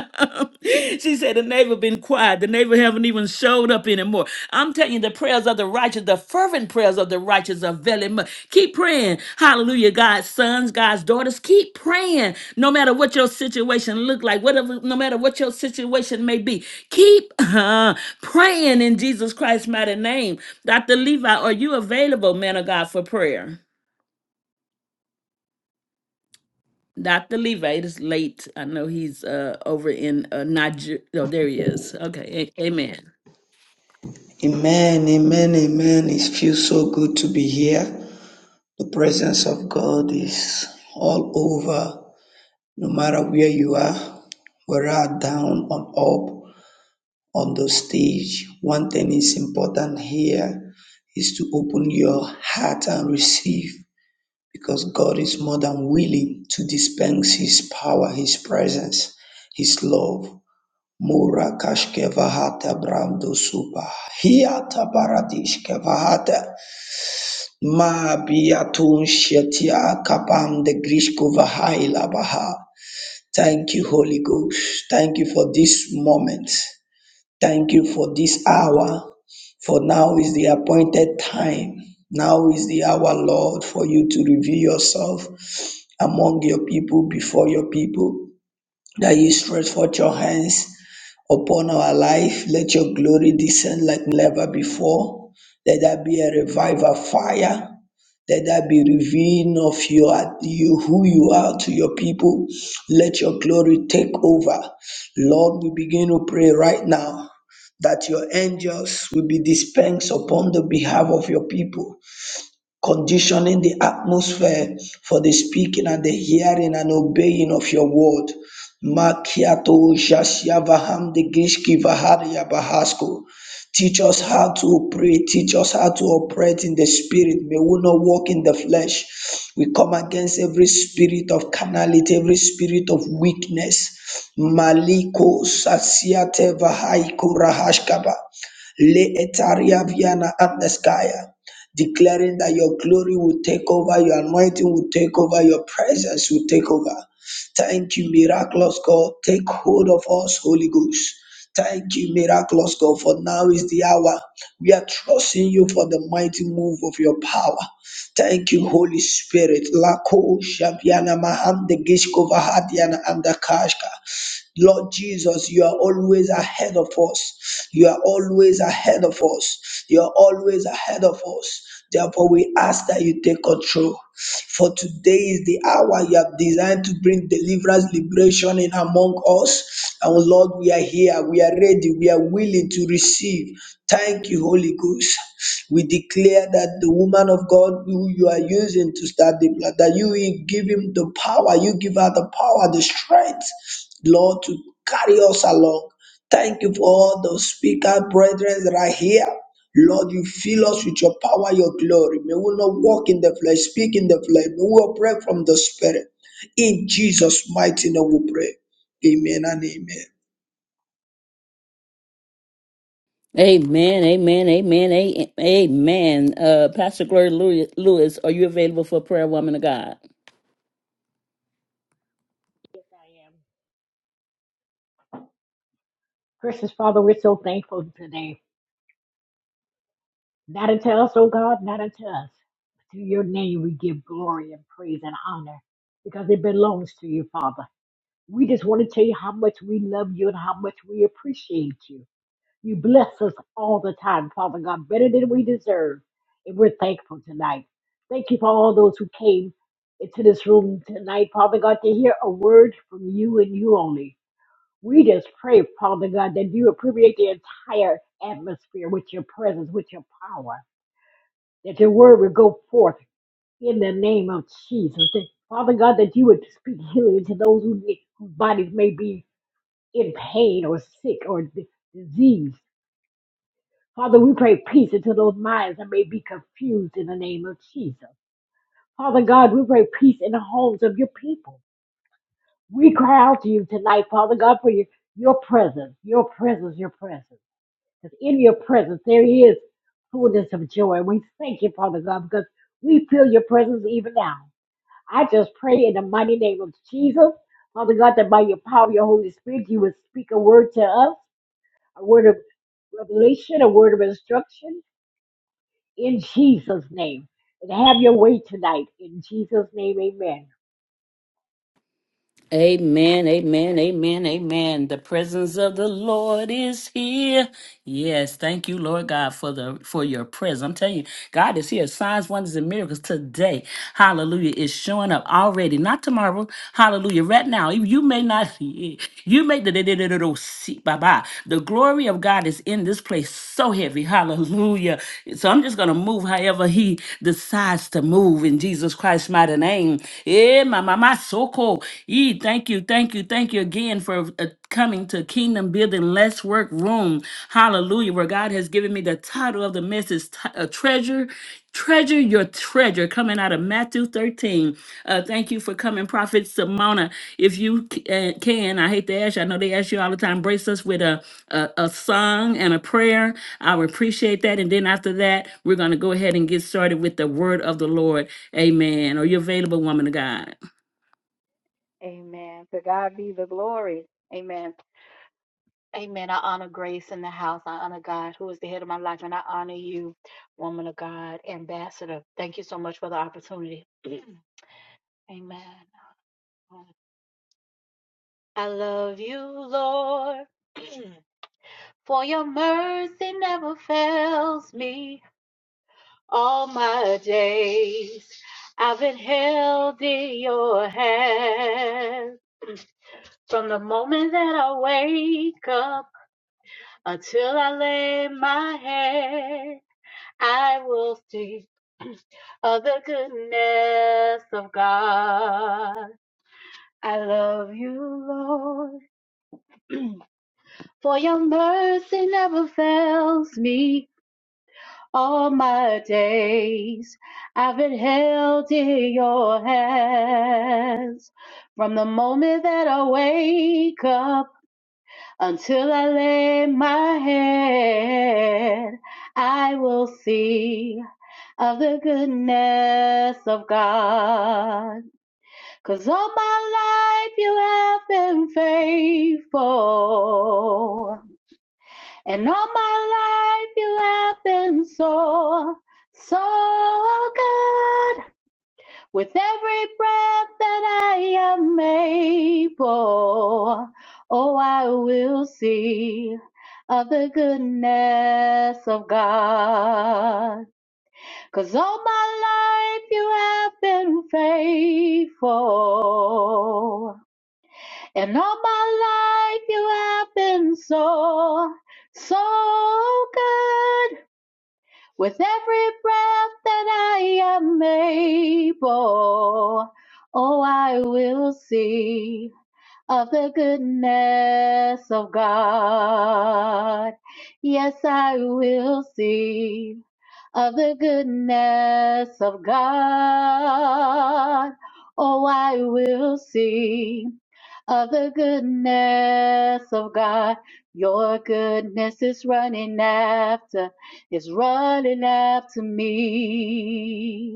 Speaker 1: *laughs* *laughs* she said the neighbor been quiet. The neighbor haven't even showed up anymore. I'm telling you, the prayers of the righteous, the fervent prayers of the righteous are very much. Keep praying. Hallelujah. God's sons, God's daughters, keep praying. No matter what your situation look like, whatever, no matter what your situation may be, keep uh, praying in Jesus Christ's mighty name. Dr. Levi, are you available, man of God, for prayer? Dr. Levi, it is late. I know he's uh over in uh Niger. Oh, there he is. Okay. a- amen.
Speaker 5: Amen, amen, amen. It feels so good to be here. The presence of God is all over, no matter where you are, whether are down or up on the stage. One thing is important here is to open your heart and receive because God is more than willing to dispense His power, His presence, His love. Mura kashkevahata brando supa. Hiata paradish kevahata. Mabiatun Shetia Kapam de Grishkova Haila Baha. Thank you, Holy Ghost. Thank you for this moment. Thank you for this hour. For now is the appointed time. Now is the hour, Lord, for you to reveal yourself among your people, before your people that you stretch forth your hands upon our life. Let your glory descend like never before. Let that be a revival fire. Let that be revealed of your you who you are to your people. Let your glory take over. Lord, we begin to pray right now that your angels will be dispensed upon the behalf of your people conditioning the atmosphere for the speaking and the hearing and obeying of your word. Makiato Jashyavaham de Gishki Vaharia Bahasko. Teach us how to pray. Teach us how to operate in the spirit. May we not walk in the flesh. We come against every spirit of carnality, every spirit of weakness. Maliko Sasiate Vahaiko Rahashkaba. Le Etaria Viana Andeskaya declaring that your glory will take over, your anointing will take over, your presence will take over. Thank you, miraculous God. Take hold of us, Holy Ghost. Thank you, miraculous God, for now is the hour. We are trusting you for the mighty move of your power. Thank you, Holy Spirit. Lako Shabiana Maham de Gishkova Hadiana and the Kashka. Lord Jesus, you are always ahead of us. You are always ahead of us. You are always ahead of us. Therefore, we ask that you take control. For today is the hour you have designed to bring deliverance, liberation in among us. And Lord, we are here. We are ready. We are willing to receive. Thank you, Holy Ghost. We declare that the woman of God who you are using to start the blood, that you will give him the power, you give her the power, the strength, Lord, to carry us along. Thank you for all the speaker brethren that are here. Lord, you fill us with your power, your glory. May we not walk in the flesh, speak in the flesh. May we operate from the Spirit. In Jesus' mighty name we pray. Amen and amen.
Speaker 1: Amen, amen, amen, a- amen. Uh, Pastor Gloria Lew- Lewis, are you available for prayer, woman of God?
Speaker 6: Yes, I am. Precious Father, we're so thankful today. Not unto us, oh God, not unto us. to your name we give glory and praise and honor because it belongs to you, Father. We just want to tell you how much we love you and how much we appreciate you. You bless us all the time, Father God, better than we deserve. And we're thankful tonight. Thank you for all those who came into this room tonight, Father God, to hear a word from you and you only. We just pray, Father God, that you would permeate the entire atmosphere with your presence, with your power, that your word would go forth in the name of Jesus. That, Father God, that you would speak healing to those who, whose bodies may be in pain or sick or d- disease. Father, we pray peace into those minds that may be confused in the name of Jesus. Father God, we pray peace in the homes of your people. We cry out to you tonight, Father God, for your, your presence, your presence, your presence. Because in your presence, there is fullness of joy. And we thank you, Father God, because we feel your presence even now. I just pray in the mighty name of Jesus, Father God, that by your power, of your Holy Spirit, you would speak a word to us, a word of revelation, a word of instruction in Jesus' name. And have your way tonight. In Jesus' name, amen.
Speaker 1: Amen, amen, amen, amen. The presence of the Lord is here. Yes, thank you, Lord God, for the for your presence. I'm telling you, God is here. Signs, wonders, and miracles today. Hallelujah. Is showing up already. Not tomorrow. Hallelujah. Right now. You you may not *laughs* you may see bye bye. The glory of God is in this place so heavy. Hallelujah. So I'm just gonna move however he decides to move in Jesus Christ's mighty name. Eh, my, my, my, so cool. Eh, thank you, thank you, thank you again for uh, coming to Kingdom Building Let's Work Room. Hallelujah, where God has given me the title of the message, t- uh, Treasure treasure your treasure coming out of matthew 13 uh thank you for coming prophet simona if you c- uh, can i hate to ask you i know they ask you all the time brace us with a, a a song and a prayer I would appreciate that. And then after that, we're going to go ahead and get started with the word of the Lord. Amen. Are you available, woman of God?
Speaker 7: Amen. To God be the glory. Amen. Amen. I honor grace in the house. I honor God, who is the head of my life, and I honor you, woman of God, ambassador. Thank you so much for the opportunity. *clears throat* Amen. I love you, Lord, *clears throat* for your mercy never fails me all my days. I've been held in your hand *clears throat* from the moment that I wake up. Until I lay my head, I will sing of the goodness of God. I love you, Lord, *clears throat* for your mercy never fails me all my days. I've been held in your hands from the moment that I wake up Until I lay my head, I will see of the goodness of God. 'Cause all my life you have been faithful. And all my life you have been so, so good. With every breath that I am able, oh, I will see of the goodness of God. 'Cause all my life you have been faithful. And all my life you have been so, so good. With every breath that I am able, oh, I will see of the goodness of God. Yes, I will see of the goodness of God. Oh, I will see of the goodness of God. Your goodness is running after, is running after me.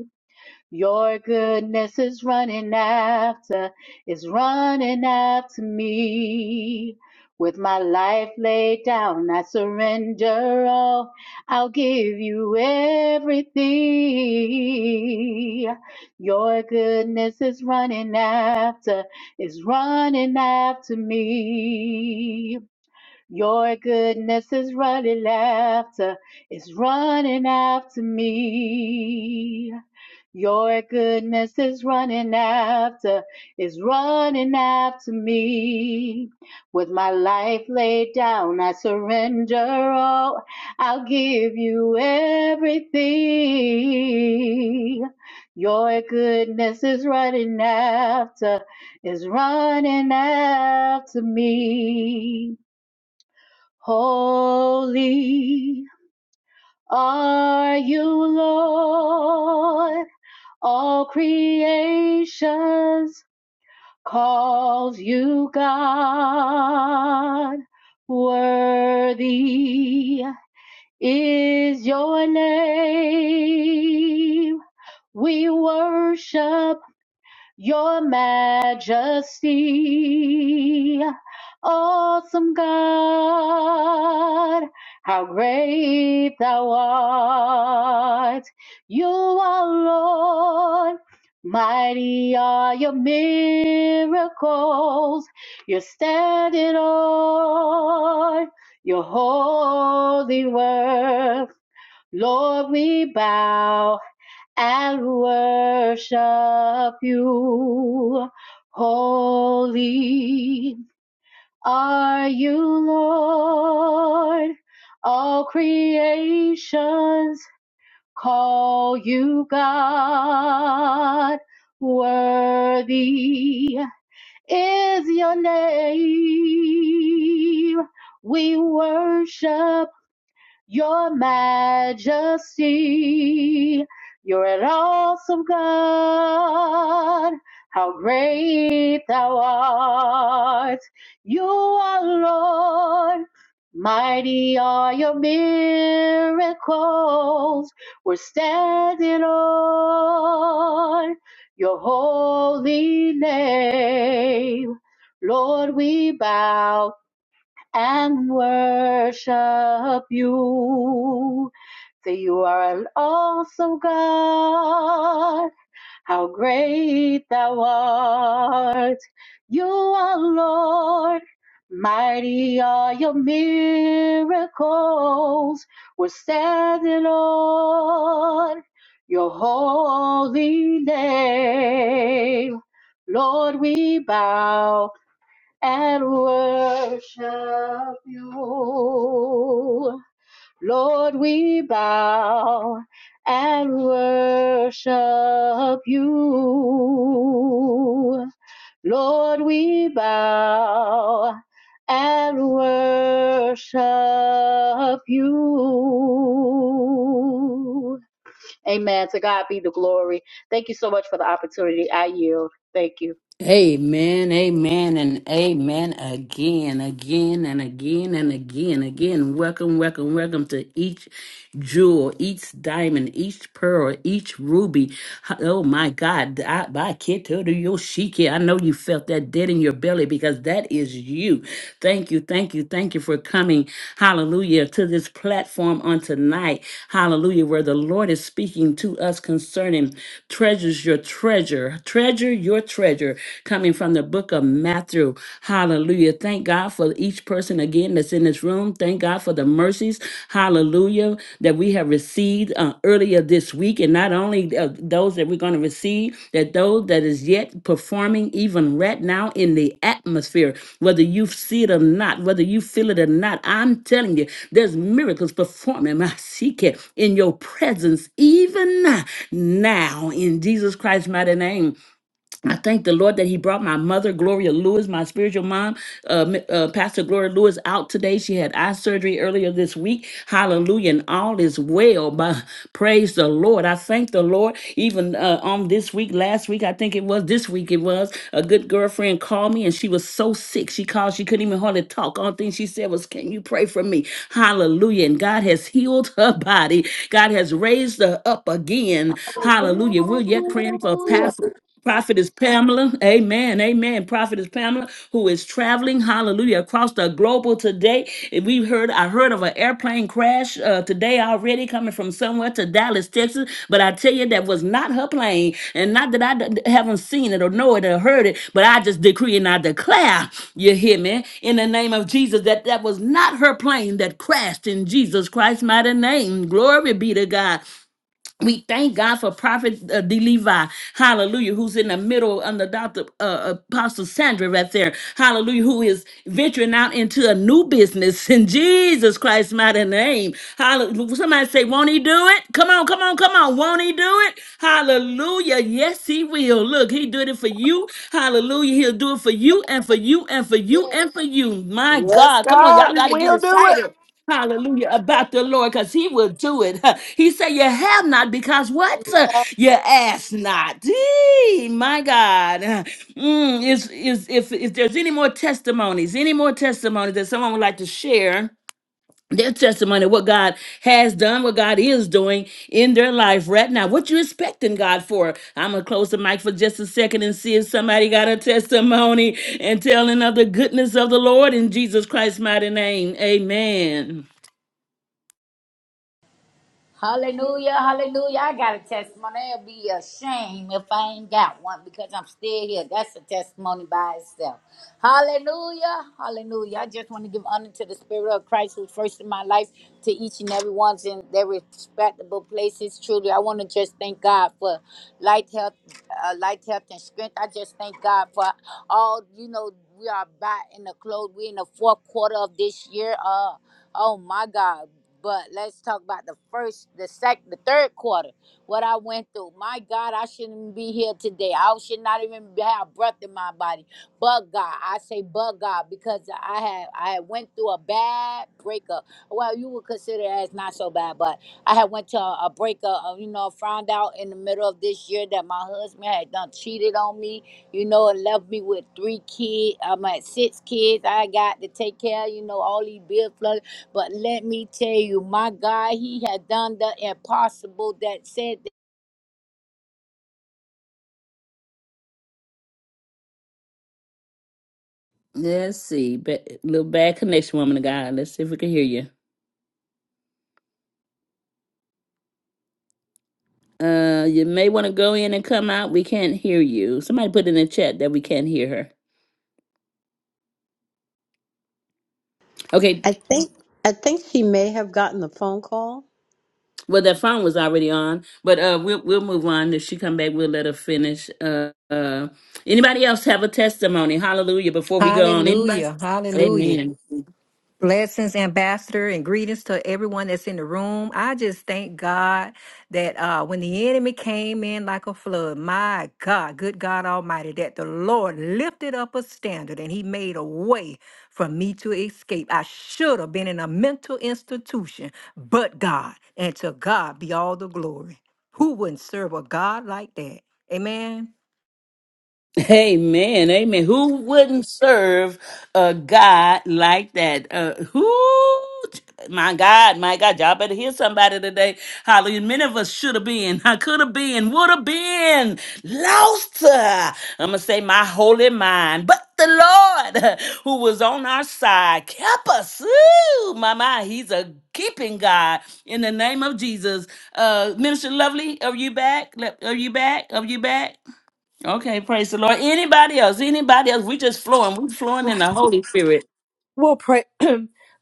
Speaker 7: Your goodness is running after, is running after me. With my life laid down, I surrender all. I'll give you everything. Your goodness is running after, is running after me. Your goodness is running after, is running after me. Your goodness is running after, is running after me. With my life laid down, I surrender all. I'll give you everything. Your goodness is running after, is running after me. Holy are you, Lord. All creations calls you God. Worthy is your name. We worship your majesty, awesome God, how great thou art. You are Lord, mighty are your miracles. You're standing on your holy word. Lord, we bow and worship you. Holy are you, Lord. All creations call you God. Worthy is your name. We worship your majesty. You're an awesome God. How great thou art. You are Lord. Mighty are your miracles. We're standing on your holy name. Lord, we bow and worship you. For you are an awesome God. How great thou art. You are Lord. Mighty are your miracles. We're standing on your holy name. Lord, we bow and worship you. Lord, we bow and worship you. Lord, we bow and worship you. Amen. To God be the glory. Thank you so much for the opportunity. I yield. Thank you.
Speaker 1: Amen, amen, and amen again, again, and again, and again, again. Welcome, welcome, welcome to each jewel, each diamond, each pearl, each ruby. Ha- Oh my God. I by Keto to Yoshiki, I know you felt that dead in your belly because that is you. Thank you, thank you, thank you for coming, hallelujah, to this platform on tonight, hallelujah, where the Lord is speaking to us concerning treasures your treasure, treasure your treasure, coming from the book of Matthew, hallelujah. Thank God. God for each person again that's in this room. Thank God for the mercies, hallelujah, that we have received uh, earlier this week. And not only uh, those that we're going to receive, that those that is yet performing even right now in the atmosphere, whether you see it or not, whether you feel it or not, I'm telling you, there's miracles performing, *laughs* my seeker, in your presence, even now, in Jesus Christ's mighty name. I thank the Lord that He brought my mother, Gloria Lewis, my spiritual mom, uh, Mi- uh, Pastor Gloria Lewis, out today. She had eye surgery earlier this week. Hallelujah. And all is well. By, praise the Lord. I thank the Lord. Even uh, on this week, last week, I think it was, this week it was, a good girlfriend called me and she was so sick. She called, she couldn't even hardly talk. Only thing she said was, Can you pray for me? Hallelujah. And God has healed her *laughs* body. God has raised her up again. Hallelujah. We're yet praying for Pastor. Prophet is Pamela. Amen. Amen. Prophet is Pamela, who is traveling, hallelujah, across the global today. And We heard, I heard of an airplane crash uh, today already coming from somewhere to Dallas, Texas. But I tell you, that was not her plane. And not that I d- haven't seen it or know it or heard it, but I just decree and I declare, you hear me, in the name of Jesus, that that was not her plane that crashed in Jesus Christ's mighty name. Glory be to God. We thank God for Prophet uh, D. Levi, hallelujah, who's in the middle under Dr. Uh, Apostle Sandra right there, hallelujah, who is venturing out into a new business in Jesus Christ's mighty name. Hallelujah. Somebody say, Won't he do it? Come on, come on, come on. Won't he do it? Hallelujah. Yes, he will. Look, he did it for you. Hallelujah. He'll do it for you and for you and for you and for you. My
Speaker 4: Yes,
Speaker 1: God. Come on,
Speaker 4: God,
Speaker 1: y'all
Speaker 4: He
Speaker 1: got to get
Speaker 4: will do it.
Speaker 1: excited. Hallelujah about the Lord because he will do it. *laughs* He said, You have not because what? *laughs* You ask not. Eee, my God. *laughs* Mm, is, is, if, if there's any more testimonies, any more testimonies that someone would like to share their testimony, what God has done, what God is doing in their life right now. What you expecting God for? I'm gonna close the mic for just a second and see if somebody got a testimony and telling of the goodness of the Lord in Jesus Christ's mighty name. Amen.
Speaker 3: Hallelujah, hallelujah. I got a testimony. It'll be a shame if I ain't got one because I'm still here. That's a testimony by itself. Hallelujah, hallelujah. I just want to give honor to the Spirit of Christ who's first in my life, to each and every one's in their respectable places. Truly, I want to just thank God for light, health, uh, light, health, and strength. I just thank God for all, you know, we are back in the close. We're in the fourth quarter of this year. Uh, Oh my God. But let's talk about the first, the sec, the third quarter. What I went through. My God, I shouldn't be here today. I should not even have breath in my body. But God, I say, but God, because I had I had went through a bad breakup. Well, you would consider it as not so bad, but I had went to a, a breakup. uh, You know, found out in the middle of this year that my husband had done cheated on me you know, and left me with three kids. I'm at six kids I got to take care you know, all these bills flooded. But let me tell you, my God, He has done the impossible that said that
Speaker 1: Let's see. Ba- little bad connection, woman of God. Let's see if we can hear you. Uh, you may want to go in and come out. We can't hear you. Somebody put in the chat that we can't hear her. Okay.
Speaker 2: I think I think she may have gotten a phone call.
Speaker 1: Well, that phone was already on, but uh, we'll we'll move on. If she come back, we'll let her finish. Uh, uh, anybody else have a testimony? Hallelujah! Before we go on, anybody?
Speaker 8: Hallelujah. Hallelujah.
Speaker 1: Amen.
Speaker 8: Blessings, ambassador, and greetings to everyone that's in the room. I just thank God that uh, when the enemy came in like a flood, my God, good God Almighty, that the Lord lifted up a standard and He made a way for me to escape. I should have been in a mental institution, but God, and to God be all the glory. Who wouldn't serve a God like that? Amen.
Speaker 1: Amen. Amen. Who wouldn't serve a God like that? Uh, who? My God, my God, y'all better hear somebody today. Hallelujah. Many of us should have been, *laughs* I could have been, would have been lost. Uh, I'm going to say my holy mind. But the Lord, *laughs* uh, who was on our side, kept us. Ooh, my, my, he's a keeping God in the name of Jesus. Uh, Minister Lovely, are you back? Le- Are you back? Are you back? Okay, praise the Lord. Anybody else? Anybody else? We just flowing. We flowing in the Holy Spirit.
Speaker 9: Well, pray *clears throat*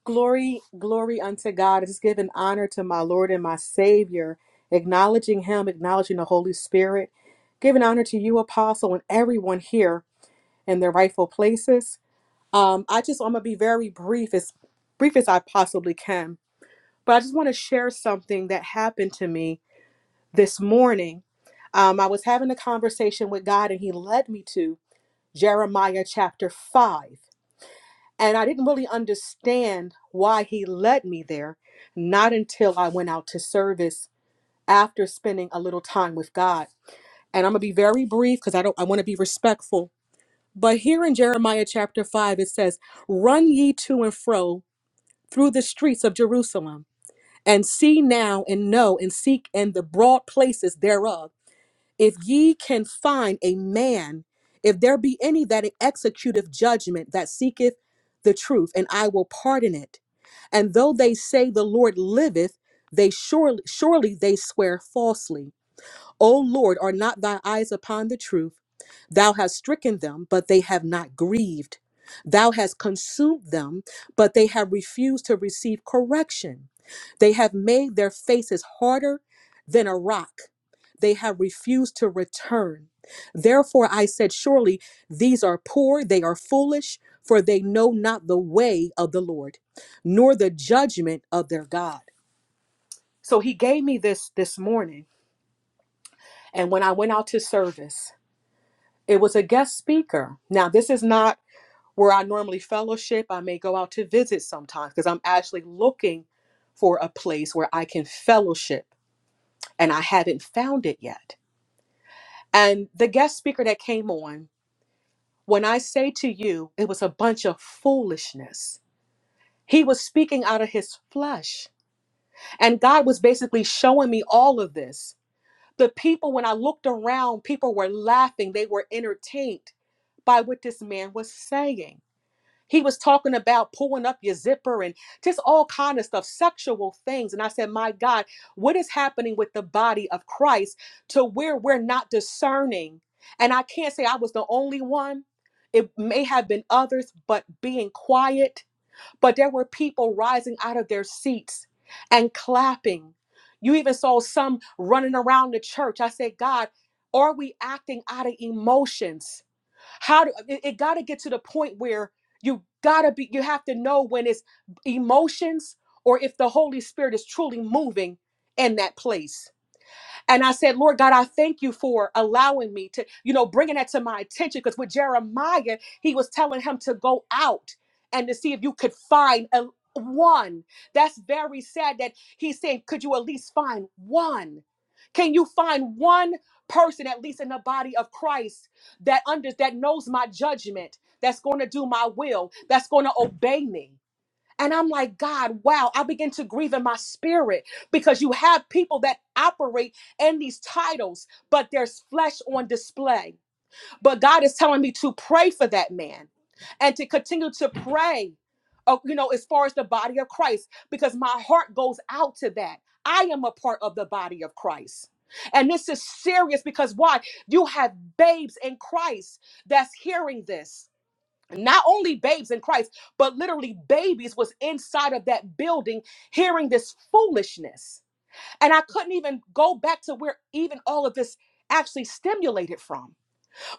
Speaker 9: glory, glory unto God. It is given honor to my Lord and my Savior, acknowledging Him, acknowledging the Holy Spirit, giving honor to you, Apostle, and everyone here in their rightful places. Um, I just I'm gonna be very brief, as brief as I possibly can, but I just want to share something that happened to me this morning. Um, I was having a conversation with God, and He led me to Jeremiah chapter five. And I didn't really understand why he led me there, not until I went out to service after spending a little time with God. And I'm gonna be very brief because I don't I want to be respectful. But here in Jeremiah chapter five, it says, Run ye to and fro through the streets of Jerusalem, and see now and know and seek in the broad places thereof if ye can find a man, if there be any that executeth judgment that seeketh the truth, and I will pardon it. And though they say the Lord liveth, they surely surely they swear falsely. O Lord, are not thy eyes upon the truth? Thou hast stricken them, but they have not grieved. Thou hast consumed them, but they have refused to receive correction. They have made their faces harder than a rock. They have refused to return. Therefore I said, Surely these are poor, they are foolish, for they know not the way of the Lord, nor the judgment of their God. So he gave me this this morning. And when I went out to service, it was a guest speaker. Now, this is not where I normally fellowship. I may go out to visit sometimes because I'm actually looking for a place where I can fellowship, and I haven't found it yet. And the guest speaker that came on, when I say to you, it was a bunch of foolishness. He was speaking out of his flesh. And God was basically showing me all of this. The people, when I looked around, people were laughing, they were entertained by what this man was saying. He was talking about pulling up your zipper and just all kind of stuff, sexual things. And I said, My God, what is happening with the body of Christ to where we're not discerning? And I can't say I was the only one. It may have been others, but being quiet. But there were people rising out of their seats and clapping. You even saw some running around the church. I said, God, are we acting out of emotions? How do it, it got to get to the point where you got to be you have to know when it's emotions or if the Holy Spirit is truly moving in that place and I said, Lord God, I thank you for allowing me to, you know, bringing that to my attention. Because with Jeremiah, he was telling him to go out and to see if you could find a one. That's very sad that he's saying, could you at least find one? Can you find one person, at least in the body of Christ, that under that knows my judgment, that's going to do my will, that's going to obey me? And I'm like, God, wow, I begin to grieve in my spirit because you have people that operate in these titles, but there's flesh on display. But God is telling me to pray for that man and to continue to pray, uh, you know, as far as the body of Christ, because my heart goes out to that. I am a part of the body of Christ. And this is serious because why? You have babes in Christ that's hearing this not only babes in Christ, but literally babies was inside of that building hearing this foolishness. And I couldn't even go back to where even all of this actually stimulated from.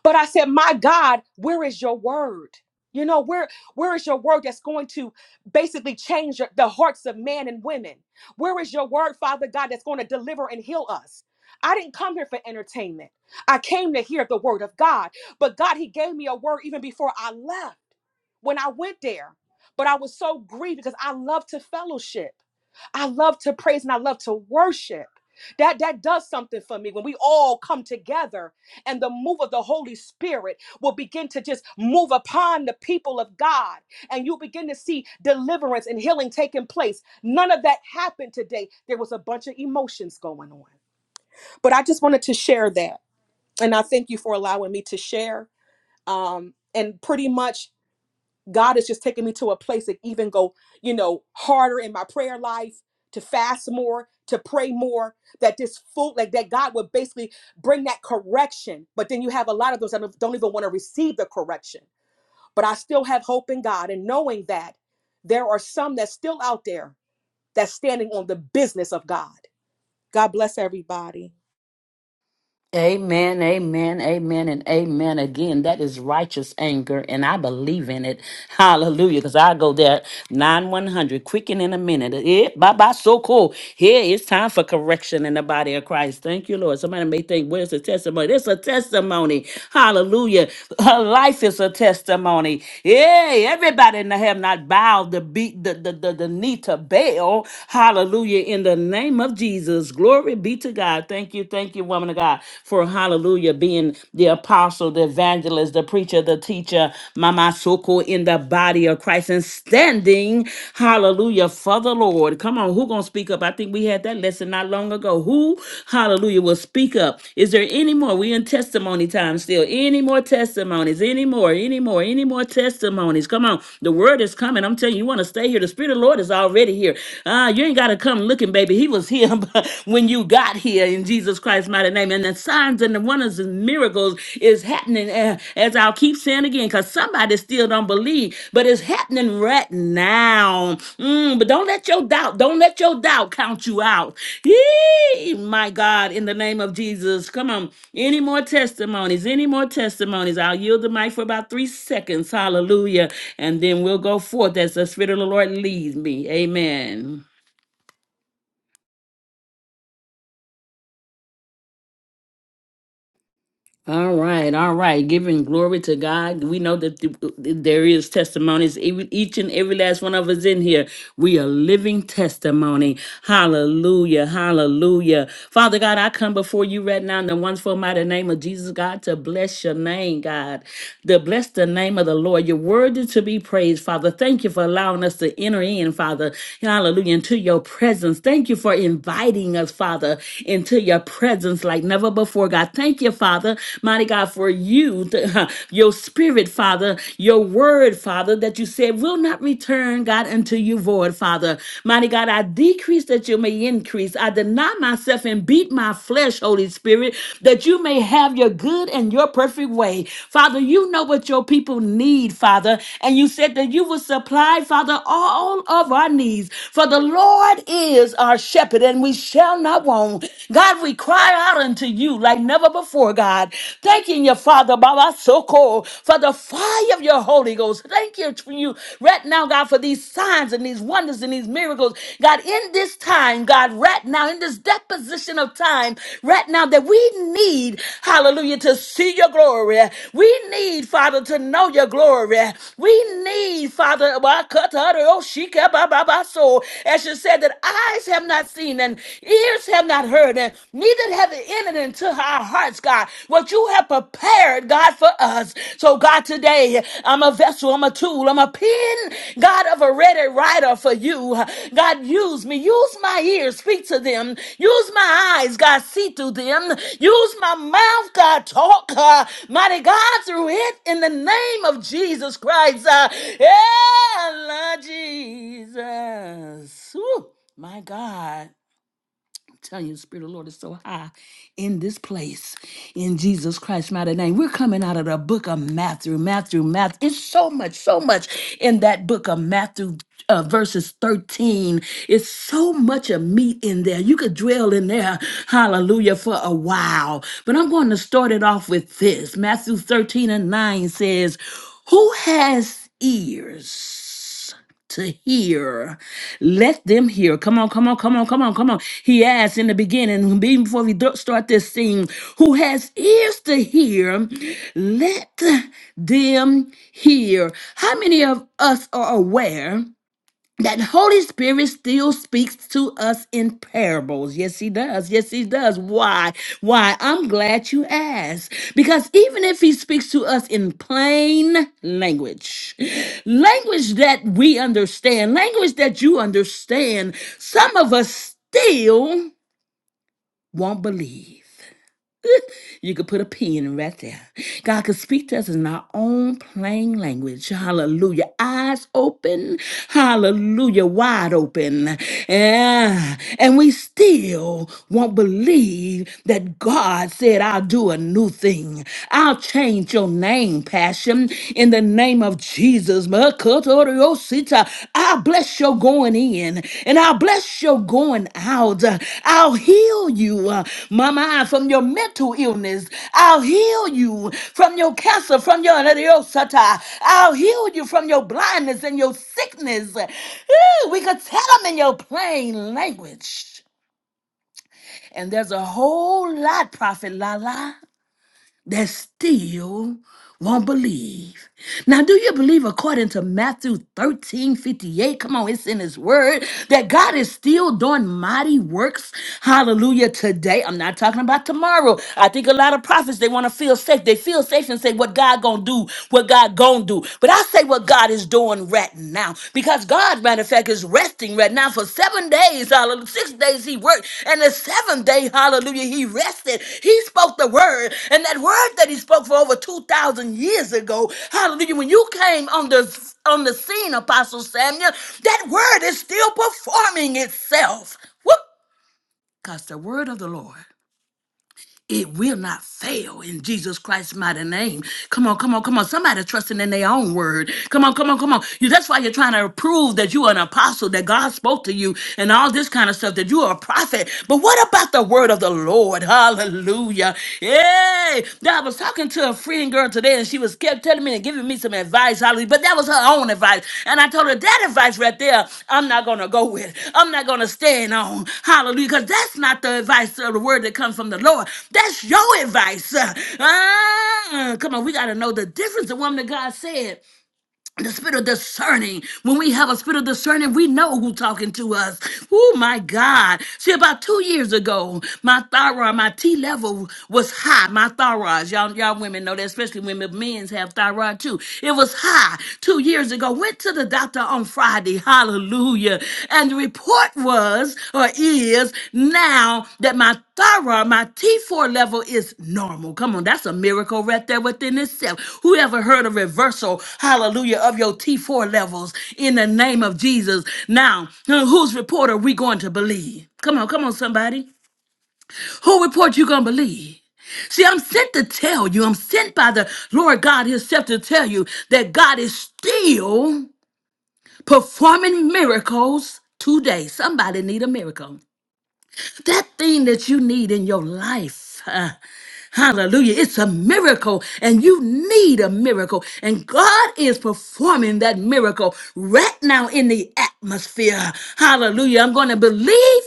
Speaker 9: But I said, "My God, where is your word?" You know, where where is your word that's going to basically change your- the hearts of men and women? Where is your word, Father God, that's going to deliver and heal us? I didn't come here for entertainment. I came to hear the word of God. But God, He gave me a word even before I left when I went there. But I was so grieved because I love to fellowship. I love to praise and I love to worship. That that does something for me when we all come together and the move of the Holy Spirit will begin to just move upon the people of God and you begin to see deliverance and healing taking place. None of that happened today. There was a bunch of emotions going on. But I just wanted to share that and I thank you for allowing me to share um and pretty much God is just taking me to a place that even go, you know, harder in my prayer life, to fast more, to pray more, that this food, like that God would basically bring that correction. But then you have a lot of those that don't don't even want to receive the correction. But I still have hope in God and knowing that there are some that's still out there that's standing on the business of God. God bless everybody.
Speaker 1: Amen, amen, amen, and amen again. That is righteous anger, and I believe in it. *laughs* Hallelujah. Because I go there nine one hundred, quicken in a minute. Eh, bye bye, so cool. Here it's time for correction in the body of Christ. Thank you, Lord. Somebody may think, Where's the testimony? It's a testimony. Hallelujah. *laughs* Her life is a testimony. Yeah, everybody in the have not bowed the beat the, the, the, the knee to Baal. Hallelujah. In the name of Jesus. Glory be to God. God. Thank you, thank you, woman of God, for hallelujah, being the apostle, the evangelist, the preacher, the teacher, Mama Soko in the body of Christ and standing, hallelujah, for the Lord. Come on, who gonna speak up? I think we had that lesson not long ago. Who, hallelujah, will speak up? Is there any more? We in testimony time still. Any more testimonies? Any more? Any more? Any more testimonies? Come on, the word is coming. I'm telling you, you want to stay here. The Spirit of the Lord is already here. Ah, you ain't gotta come looking, baby. He was was here *laughs* but when you got here in Jesus Christ's mighty name. And the signs and the wonders and miracles is happening, uh, as I'll keep saying again, because somebody still don't believe, but it's happening right now. Mm, but don't let your doubt, don't let your doubt count you out. Yee, my God, in the name of Jesus. Come on. Any more testimonies? Any more testimonies? I'll yield the mic for about three seconds. Hallelujah. And then we'll go forth as the Spirit of the Lord leads me. Amen. All right, all right. Giving glory to God. We know that th- there is testimonies. Ev- Each and every last one of us in here, we are living testimony. Hallelujah, hallelujah. Father God, I come before you right now in the wonderful mighty name of Jesus, God, to bless your name, God. To bless the name of the Lord. You're worthy to be praised, Father. Thank you for allowing us to enter in, Father. Hallelujah, into your presence. Thank you for inviting us, Father, into your presence like never before, God. Lord God. Thank you, Father, mighty God, for you, th- *laughs* your spirit, Father, your word, Father, that you said will not return, God, unto you void, Father. Mighty God, I decrease that you may increase. I deny myself and beat my flesh, Holy Spirit, that you may have your good and your perfect way. Father, you know what your people need, Father, and you said that you will supply, Father, all of our needs. For the Lord is our shepherd, and we shall not want. God, we cry cry out unto you like never before, God. Thanking you, Father, Baba Soko, for the fire of your Holy Ghost. Thank you for you right now, God, for these signs and these wonders and these miracles. God, in this time, God, right now, in this deposition of time, right now, that we need, hallelujah, to see your glory. We need, Father, to know your glory. We need, Father, Bakata, Oshika, Baba, Baso, as you said, that eyes have not seen and ears have have not heard, and neither have it entered into our hearts, God, what you have prepared, God, for us. So, God, today, I'm a vessel, I'm a tool, I'm a pen, God, of a ready writer for you. God, use me, use my ears, speak to them, use my eyes, God, see through them, use my mouth, God, talk, uh, mighty God, through it, in the name of Jesus Christ. Uh, yeah, Lord Jesus. Woo, my God. I'm telling you, the Spirit of the Lord is so high in this place. In Jesus Christ's mighty name. We're coming out of the book of Matthew, Matthew, Matthew. It's so much, so much in that book of Matthew. Uh, verses 13 it's so much of meat in there you could dwell in there hallelujah for a while but i'm going to start it off with this matthew 13 and 9 says who has ears to hear. Let them hear. Come on, come on, come on, come on, come on. He asked in the beginning, even before we do- start this thing, who has ears to hear, let them hear. How many of us are aware? that Holy Spirit still speaks to us in parables. Yes, he does. Yes, he does. Why? Why? I'm glad you asked. Because even if he speaks to us in plain language, language that we understand, language that you understand, some of us still won't believe. *laughs* You could put a pin right there. God could speak to us in our own plain language. Hallelujah. Eyes open. Hallelujah. Wide open. Yeah. And we still won't believe that God said, I'll do a new thing. I'll change your name, Passion, in the name of Jesus. Makotorosita. I bless your going in and i bless your going out. I'll heal you, uh, Mama, from your mental illness. I'll heal you from your cancer, from your Nerosata. I'll heal you from your blindness and your sickness. Ooh, we could tell them in your plain language. And there's a whole lot, Prophet Lala that still won't believe. Now, do you believe according to Matthew 13 58? Come on, it's in his word that God is still doing mighty works. Hallelujah. Today, I'm not talking about tomorrow. I think a lot of prophets they want to feel safe. They feel safe and say what God gonna do, what God gonna do. But I say what God is doing right now because God, matter of fact, is resting right now for seven days. Hallelujah. Six days he worked, and the seventh day, hallelujah, he rested. He spoke the word, and that word that he spoke for over 2,000 years ago, hallelujah, when you came on the, on the scene, Apostle Samuel, that word is still performing itself. Whoop! Because the word of the Lord. It will not fail in Jesus Christ's mighty name. Come on, come on, come on. Somebody trusting in their own word. Come on, come on, come on. You, that's why you're trying to prove that you're an apostle, that God spoke to you, and all this kind of stuff, that you are a prophet. But what about the word of the Lord? Hallelujah. Hey, I was talking to a friend Freeing girl today and she was kept telling me and giving me some advice, hallelujah. But that was her own advice. And I told her that advice right there, I'm not gonna go with. I'm not gonna stand on. Hallelujah. Because that's not the advice of the word that comes from the Lord. That's your advice. Uh, uh, come on, we gotta know the difference. The woman that God said the spirit of discerning. When we have a spirit of discerning, we know who's talking to us. Oh my God. See, about two years ago, my thyroid, my T level was high. My thyroid, y'all, y'all women know that, especially women, men's have thyroid too. It was high two years ago. Went to the doctor on Friday. Hallelujah. And the report was or is now that my Thyroid, my T4 level is normal. Come on, that's a miracle right there within itself. Who ever heard a reversal, hallelujah, of your T4 levels in the name of Jesus? Now, uh, whose report are we going to believe? Come on, come on, somebody. Who report you going to believe? See, I'm sent to tell you, I'm sent by the Lord God Himself to tell you that God is still performing miracles today. Somebody need a miracle. That thing that you need in your life. uh, Hallelujah. It's a miracle, and you need a miracle. And God is performing that miracle right now in the atmosphere. Hallelujah. I'm going to believe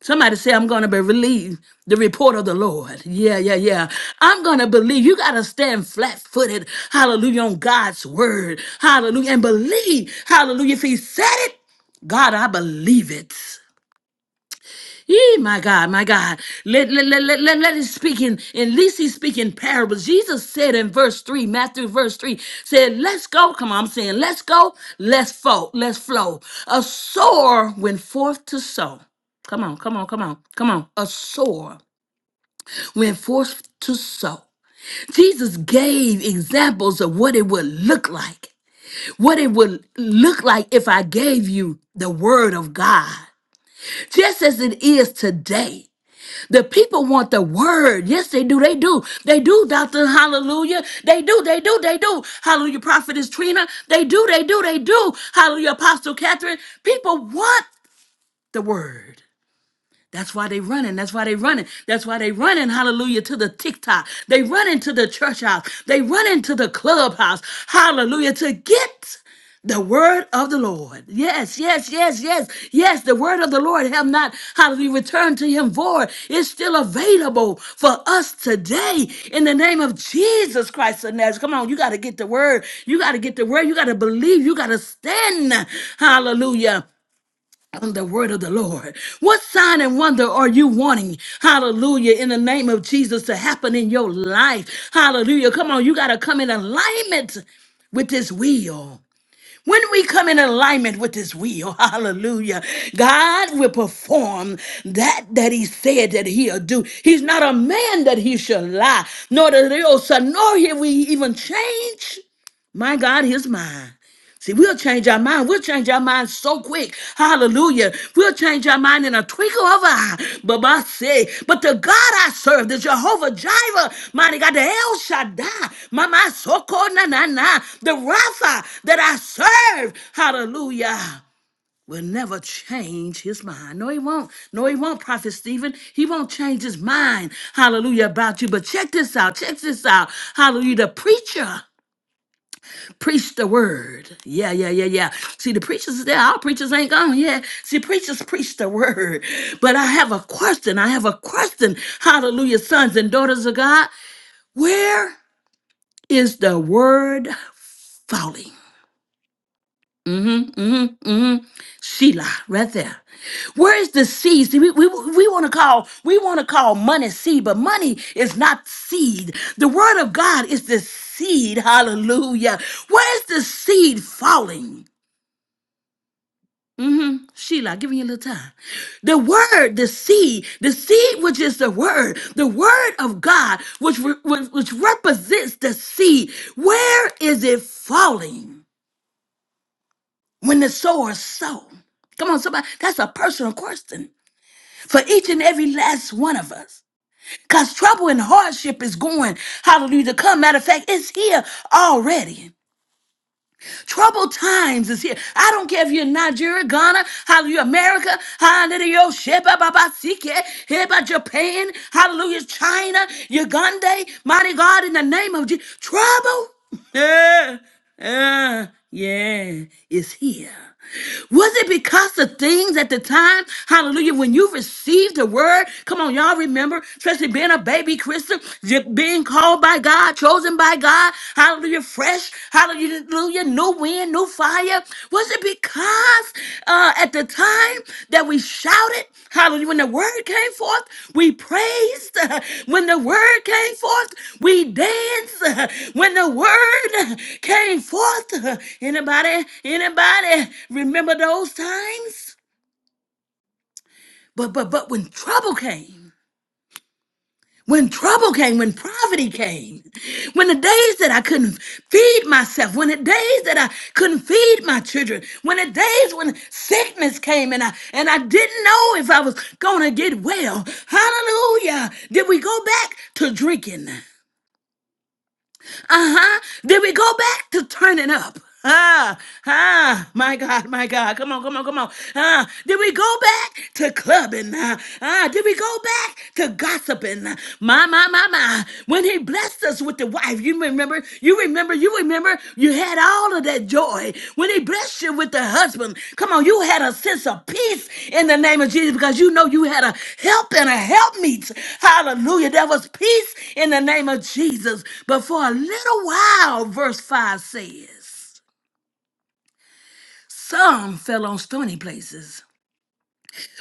Speaker 1: Somebody say, I'm going to be relieved. The report of the Lord. Yeah, yeah, yeah. I'm going to believe. You got to stand flat footed. Hallelujah. On God's word. Hallelujah. And believe. Hallelujah. If He said it, God, I believe it. Yee, my God, my God. Let, let, let, let, let, let it speak in, at least he's speaking parables. Jesus said in verse 3, Matthew verse 3, said, let's go. Come on, I'm saying, let's go, let's flow, let's flow. A sower went forth to sow. Come on, come on, come on, come on. A sower went forth to sow. Jesus gave examples of what it would look like, what it would look like if I gave you the word of God, just as it is today. The people want the word. Yes, they do. They do. They do, Dr. Hallelujah. They do. They do. They do. Hallelujah, Prophetess Trina. They do. They do. They do. Hallelujah, Apostle Catherine. People want the word. That's why they running. That's why they running. That's why they running. Hallelujah to the TikTok. They running to the church house. They running to the clubhouse. Hallelujah to get the word of the Lord. Yes, yes, yes, yes, yes. The word of the Lord have not, hallelujah, returned to him void. It's still available for us today in the name of Jesus Christ of Nazareth. Come on, you got to get the word. You got to get the word. You got to believe. You got to stand. Hallelujah on the word of the Lord. What sign and wonder are you wanting? Hallelujah. In the name of Jesus to happen in your life. Hallelujah. Come on, you got to come in alignment with this will. When we come in alignment with his will, *laughs* hallelujah, God will perform that that he said that he'll do. He's not a man that he shall lie, nor the real son, nor will we even change. My God, his mind. See, we'll change our mind. We'll change our mind so quick. Hallelujah. We'll change our mind in a twinkle of an eye. But I say, but the God I serve, the Jehovah Jireh, mighty God, the El Shaddai, my, my so called na na na, the Rapha that I serve, hallelujah, will never change his mind. No, he won't. No, he won't, Prophet Stephen. He won't change his mind, hallelujah, about you. But check this out. Check this out. Hallelujah. The preacher. Preach the word. Yeah, yeah, yeah, yeah. See, the preachers is there. Our preachers ain't gone yeah. See, preachers preach the word. But I have a question. I have a question. Hallelujah, sons and daughters of God. Where is the word falling? Mm-hmm, mm-hmm, mm-hmm. Sheila, right there. Where is the seed? See, we, we, we want to call we want to call money seed, but money is not seed. The word of God is the seed. Hallelujah. Where is the seed falling? hmm Sheila, giving you a little time. The word, the seed, the seed, which is the word, the word of God, which re- which which represents the seed. Where is it falling when the sower sow? Come on, somebody. That's a personal question for each and every last one of us. Cause trouble and hardship is going, hallelujah, to come. Matter of fact, it's here already. Trouble times is here. I don't care if you're in Nigeria, Ghana, hallelujah, America, hallelujah, Sheba, Baba, Sike, Heba, Japan, hallelujah, China, Uganda, mighty God, in the name of Jesus. Trouble, *laughs* yeah, yeah, yeah, is here. Was it because the things at the time, hallelujah, when you received the word? Come on, y'all remember, especially being a baby Christian, j- being called by God, chosen by God, hallelujah, fresh, hallelujah, new wind, new fire. Was it because uh, uh, at the time that we shouted, hallelujah, when the word came forth, we praised. Uh, when the word came forth, we danced. Uh, when the word uh, came forth, uh, anybody, anybody remember those times? But but but when trouble came. when trouble came, when poverty came, when the days that I couldn't feed myself, when the days that I couldn't feed my children, when the days when sickness came and I and I didn't know if I was gonna get well. Hallelujah. Did we go back to drinking? Uh-huh. Then we go back to turning up. Ah, ah, my God, my God. Come on, come on, come on. Ah, did we go back to clubbing? Ah, ah, did we go back to gossiping? Huh? My, my, my, my. When he blessed us with the wife, you remember, you remember, you remember. Remember, you had all of that joy when he blessed you with the husband. Come on, you had a sense of peace in the name of Jesus because you know you had a help and a helpmeet. Hallelujah. There was peace in the name of Jesus. But for a little while, verse 5 says, some fell on stony places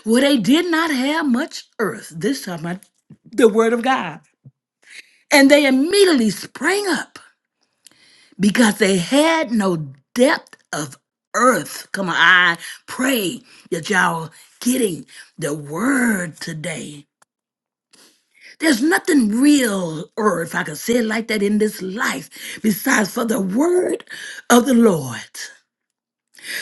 Speaker 1: where they did not have much earth. This time, I, the word of God. And they immediately sprang up because they had no depth of earth. Come on, I pray that y'all getting the word today. There's nothing real, or if I could say it like that, in this life besides for the word of the Lord.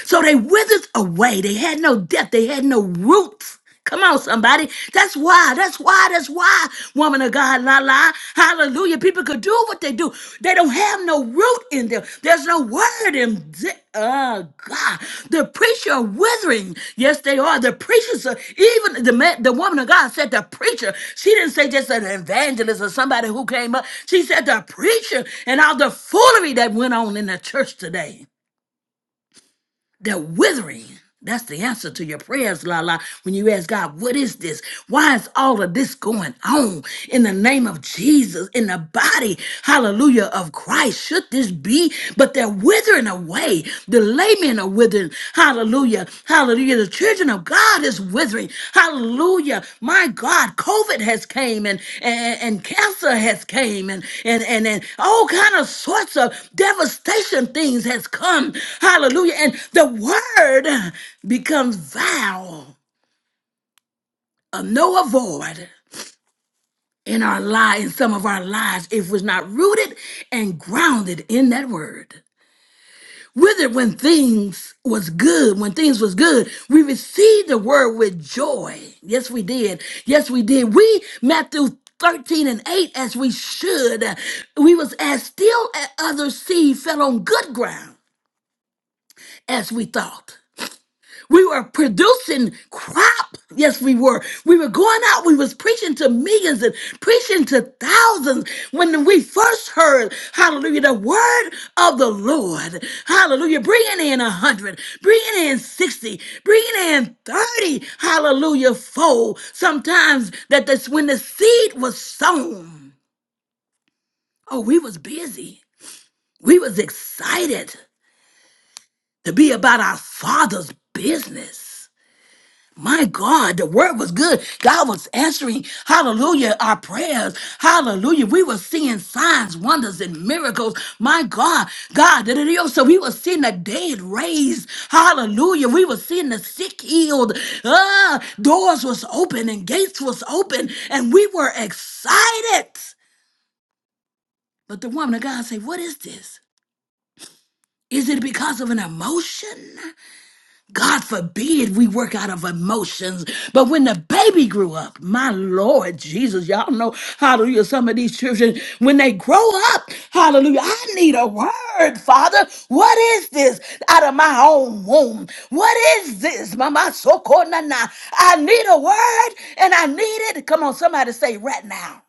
Speaker 1: So they withered away. They had no depth. They had no roots. Come on, somebody. That's why. That's why. That's why. Woman of God, la la. Hallelujah. People could do what they do. They don't have no root in them. There's no word in them. Oh God. The preacher are withering. Yes, they are. The preachers are even the man, the woman of God said the preacher. She didn't say just an evangelist or somebody who came up. She said the preacher and all the foolery that went on in the church today. They're withering. That's the answer to your prayers, Lala. When you ask God, what is this? Why is all of this going on in the name of Jesus, in the body, hallelujah, of Christ? Should this be? But they're withering away. The laymen are withering, hallelujah. Hallelujah. The children of God is withering. Hallelujah. My God, COVID has came and, and, and cancer has came and, and, and, and all kind of sorts of devastation things has come. Hallelujah. And the word becomes vow of no avoid in our lives, in some of our lives, if we're not rooted and grounded in that word. With it, when things was good, when things was good, we received the word with joy. Yes, we did. Yes, we did. We, Matthew 13 and 8, as we should, we was as still as other seed fell on good ground as we thought. We were producing crop. Yes, we were. We were going out. We was preaching to millions and preaching to thousands when we first heard, hallelujah, the word of the Lord. Hallelujah. Bringing in a hundred, bringing in 60, bringing in 30, hallelujah, fold. Sometimes that that's when the seed was sown. Oh, we was busy. We was excited to be about our father's business. My God, the word was good. God was answering, hallelujah, our prayers. Hallelujah. We were seeing signs, wonders, and miracles. My God, God, da- da- da- so we were seeing the dead raised. Hallelujah. We were seeing the sick healed. Ah, doors was open and gates was open, and we were excited. But the woman of God said, What is this? Is it because of an emotion? God forbid we work out of emotions. But when the baby grew up, my Lord Jesus, y'all know, hallelujah, some of these children, when they grow up, hallelujah, I need a word, Father. What is this out of my own womb? What is this, Mama Soko Nana? I need a word and I need it. Come on, somebody say right now.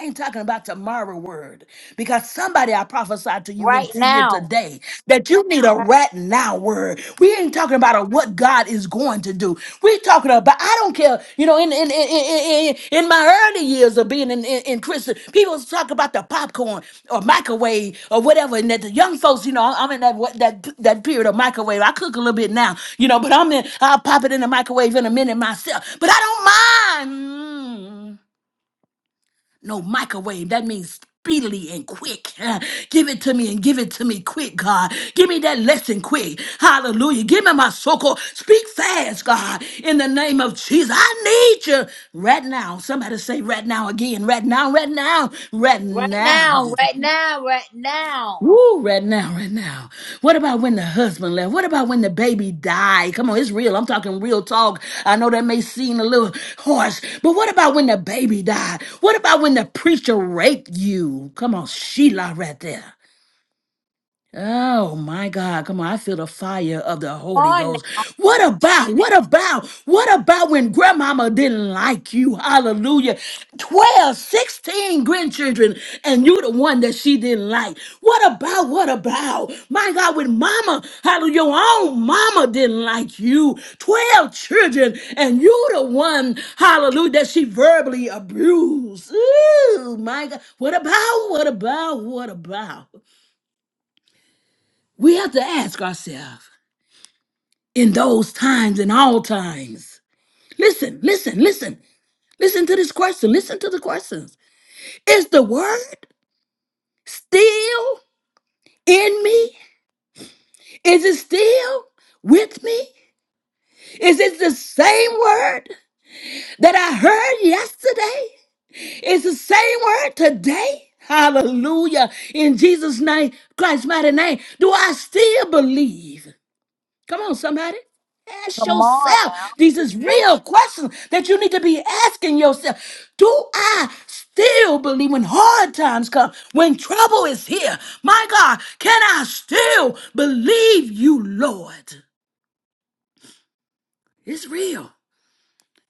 Speaker 1: I ain't talking about tomorrow word because somebody I prophesied to you in
Speaker 3: right
Speaker 1: here
Speaker 3: now,
Speaker 1: today that you need a
Speaker 3: right,
Speaker 1: right now word. We ain't talking about a what God is going to do. We talking about I don't care. You know, in in in, in, in in my early years of being in, in, in Christian, people talk about the popcorn or microwave or whatever. And that the young folks, you know, I'm in that what- that that period of microwave. I cook a little bit now, you know, but I'm in. I'll pop it in the microwave in a minute myself. But I don't mind. Mm. No microwave. That means speedily and quick. Uh, Give it to me and give it to me quick, God. Give me that lesson quick. Hallelujah. Give me my so-called. Speak fast, God, in the name of Jesus. I need you right now. Somebody say right now again. Right now, right now, right
Speaker 3: right now,
Speaker 1: now.
Speaker 3: right now, right now.
Speaker 1: Woo, right now, right now. What about when the husband left? What about when the baby died? Come on, it's real. I'm talking real talk. I know that may seem a little harsh, but what about when the baby died? What about when the preacher raped you? Come on, Sheila, right there. Oh my God, come on. I feel the fire of the
Speaker 3: Come
Speaker 1: Holy
Speaker 3: on now,
Speaker 1: Ghost. What about, what about, what about when grandmama didn't like you? Hallelujah. 12, 16 grandchildren, and you the one that she didn't like. What about, what about? My God, when mama, hallelujah, your own mama didn't like you. 12 children, and you the one, hallelujah, that she verbally abused. Ooh, my God. What about, what about, what about? We have to ask ourselves in those times, in all times. Listen, listen, listen, listen to this question. Listen to the questions. Is the word still in me? Is it still with me? Is it the same word that I heard yesterday? Is the same word today? Hallelujah. In Jesus' name, Christ's mighty name, do I still believe? Come on, somebody. Ask
Speaker 3: come on
Speaker 1: yourself.
Speaker 3: now.
Speaker 1: These is real questions that you need to be asking yourself. Do I still believe when hard times come, when trouble is here? My God, can I still believe you, Lord? It's real.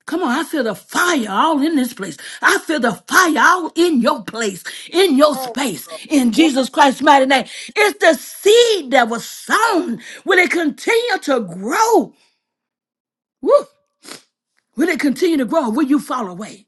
Speaker 1: Come on, I feel the fire all in this place. I feel the fire all in your place, in your
Speaker 3: Yes,
Speaker 1: space, in
Speaker 3: yes.
Speaker 1: Jesus Christ's mighty name. It's the seed that was sown. Will it continue to grow? Woo. Will it continue to grow? Will you fall away?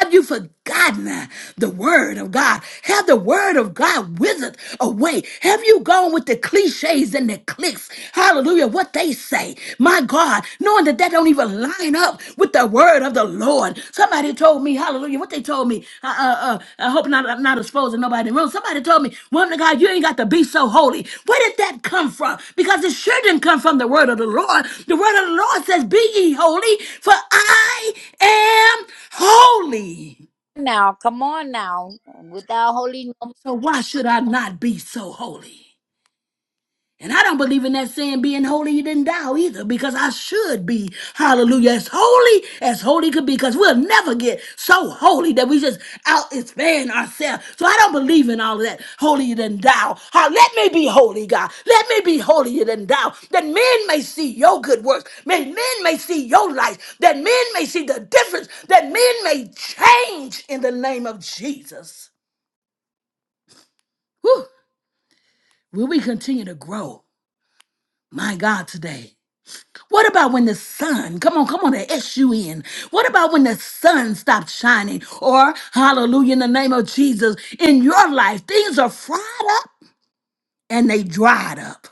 Speaker 1: Have you forgotten uh, the word of God? Have the word of God withered away? Have you gone with the cliches and the clicks? Hallelujah, what they say. My God, knowing that that don't even line up with the word of the Lord. Somebody told me, hallelujah you what they told me. I, uh, uh, I hope not, I'm not exposing nobody in the room. Somebody told me, woman of God, you ain't got to be so holy. Where did that come from? Because it sure didn't come from the word of the Lord. The word of the Lord says, be ye holy, for I am holy.
Speaker 3: Now, come on now. Without holy no
Speaker 1: So why should I not be so holy? And I don't believe in that saying being holy, you didn't die either, because I should be, hallelujah, as holy as holy could be, because we'll never get so holy that we just out expand ourselves. So I don't believe in all of that. Holy, you didn't die. Ha- Let me be holy, God. Let me be holy, you didn't die. That men may see your good works. May men may see your light. That men may see the difference. That men may change in the name of Jesus. Whew. Will we continue to grow? My God, today. What about when the sun, come on, come on, the S-U-N. What about when the sun stops shining? Or, hallelujah, in the name of Jesus, in your life, things are fried up and they dried up.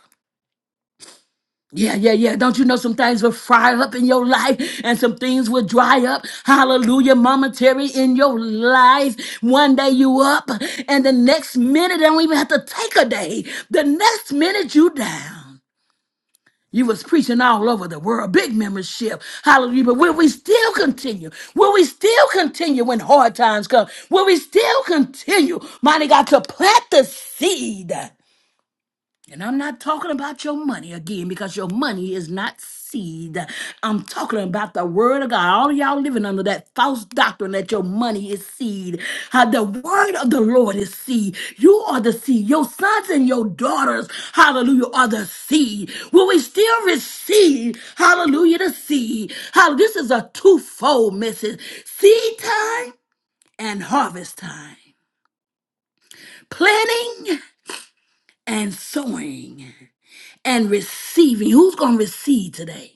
Speaker 1: Yeah, yeah, yeah. Don't you know some things will fry up in your life and some things will dry up? Hallelujah, momentary in your life. One day you up and the next minute, I don't even have to take a day. The next minute you down. You was preaching all over the world, big membership, hallelujah. But will we still continue? Will we still continue when hard times come? Will we still continue, mighty God, to plant the seed? And I'm not talking about your money again because your money is not seed. I'm talking about the word of God. All y'all living under that false doctrine that your money is seed. How the word of the Lord is seed. You are the seed. Your sons and your daughters, hallelujah, are the seed. Will we still receive, hallelujah, the seed? How this is a twofold message. Seed time and harvest time. Planting and sowing. and receiving. Who's going to receive today?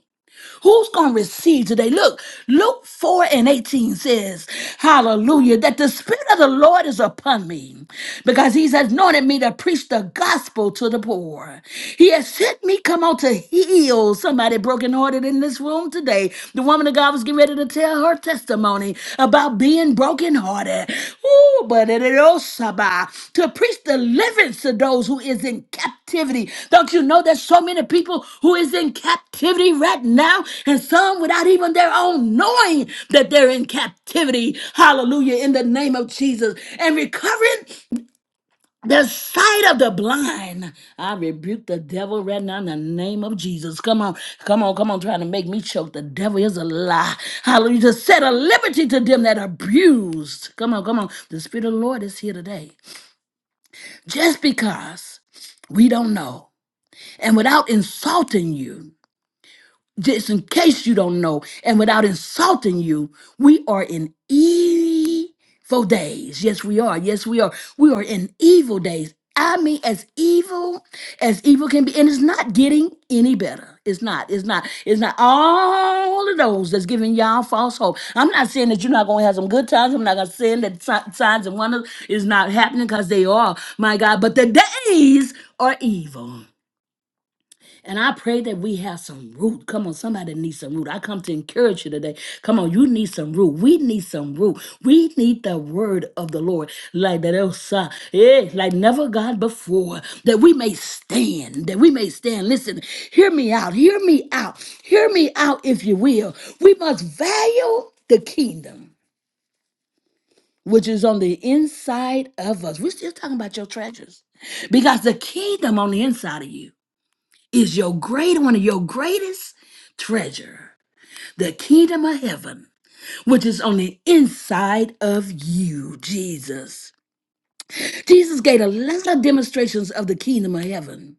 Speaker 1: Who's going to receive today? Look, Luke 4 and 18 says, Hallelujah, that the Spirit of the Lord is upon me because He's anointed me to preach the gospel to the poor. He has sent me come out to heal somebody brokenhearted in this room today. The woman of God was getting ready to tell her testimony about being brokenhearted. Ooh, but it is also by- to preach deliverance to those who is in captivity. Don't you know there's so many people who is in captivity right now, and some without even their own knowing that they're in captivity. Hallelujah! In the name of Jesus, and recovering the sight of the blind. I rebuke the devil right now in the name of Jesus. Come on, come on, come on, trying to make me choke. The devil is a lie. Hallelujah. To set a liberty to them that are abused. Come on, come on. The Spirit of the Lord is here today. Just because we don't know and without insulting you, just in case you don't know, and without insulting you, we are in evil days. Yes, we are. Yes, we are. We are in evil days. I mean, as evil as evil can be, and it's not getting any better. It's not. It's not. It's not. All of those that's giving y'all false hope. I'm not saying that you're not going to have some good times. I'm not going to say that si- signs and wonders is not happening because they are, my God. But the days are evil. And I pray that we have some root. Come on, somebody needs some root. I come to encourage you today. Come on, you need some root. We need some root. We need the word of the Lord, like that else, uh, yeah, like never God before, that we may stand, that we may stand. Listen, hear me out, hear me out, hear me out, if you will. We must value the kingdom which is on the inside of us. We're still talking about your treasures because the kingdom on the inside of you is your great one of your greatest treasure, the kingdom of heaven, which is on the inside of you, Jesus. Jesus gave a lot of demonstrations of the kingdom of heaven.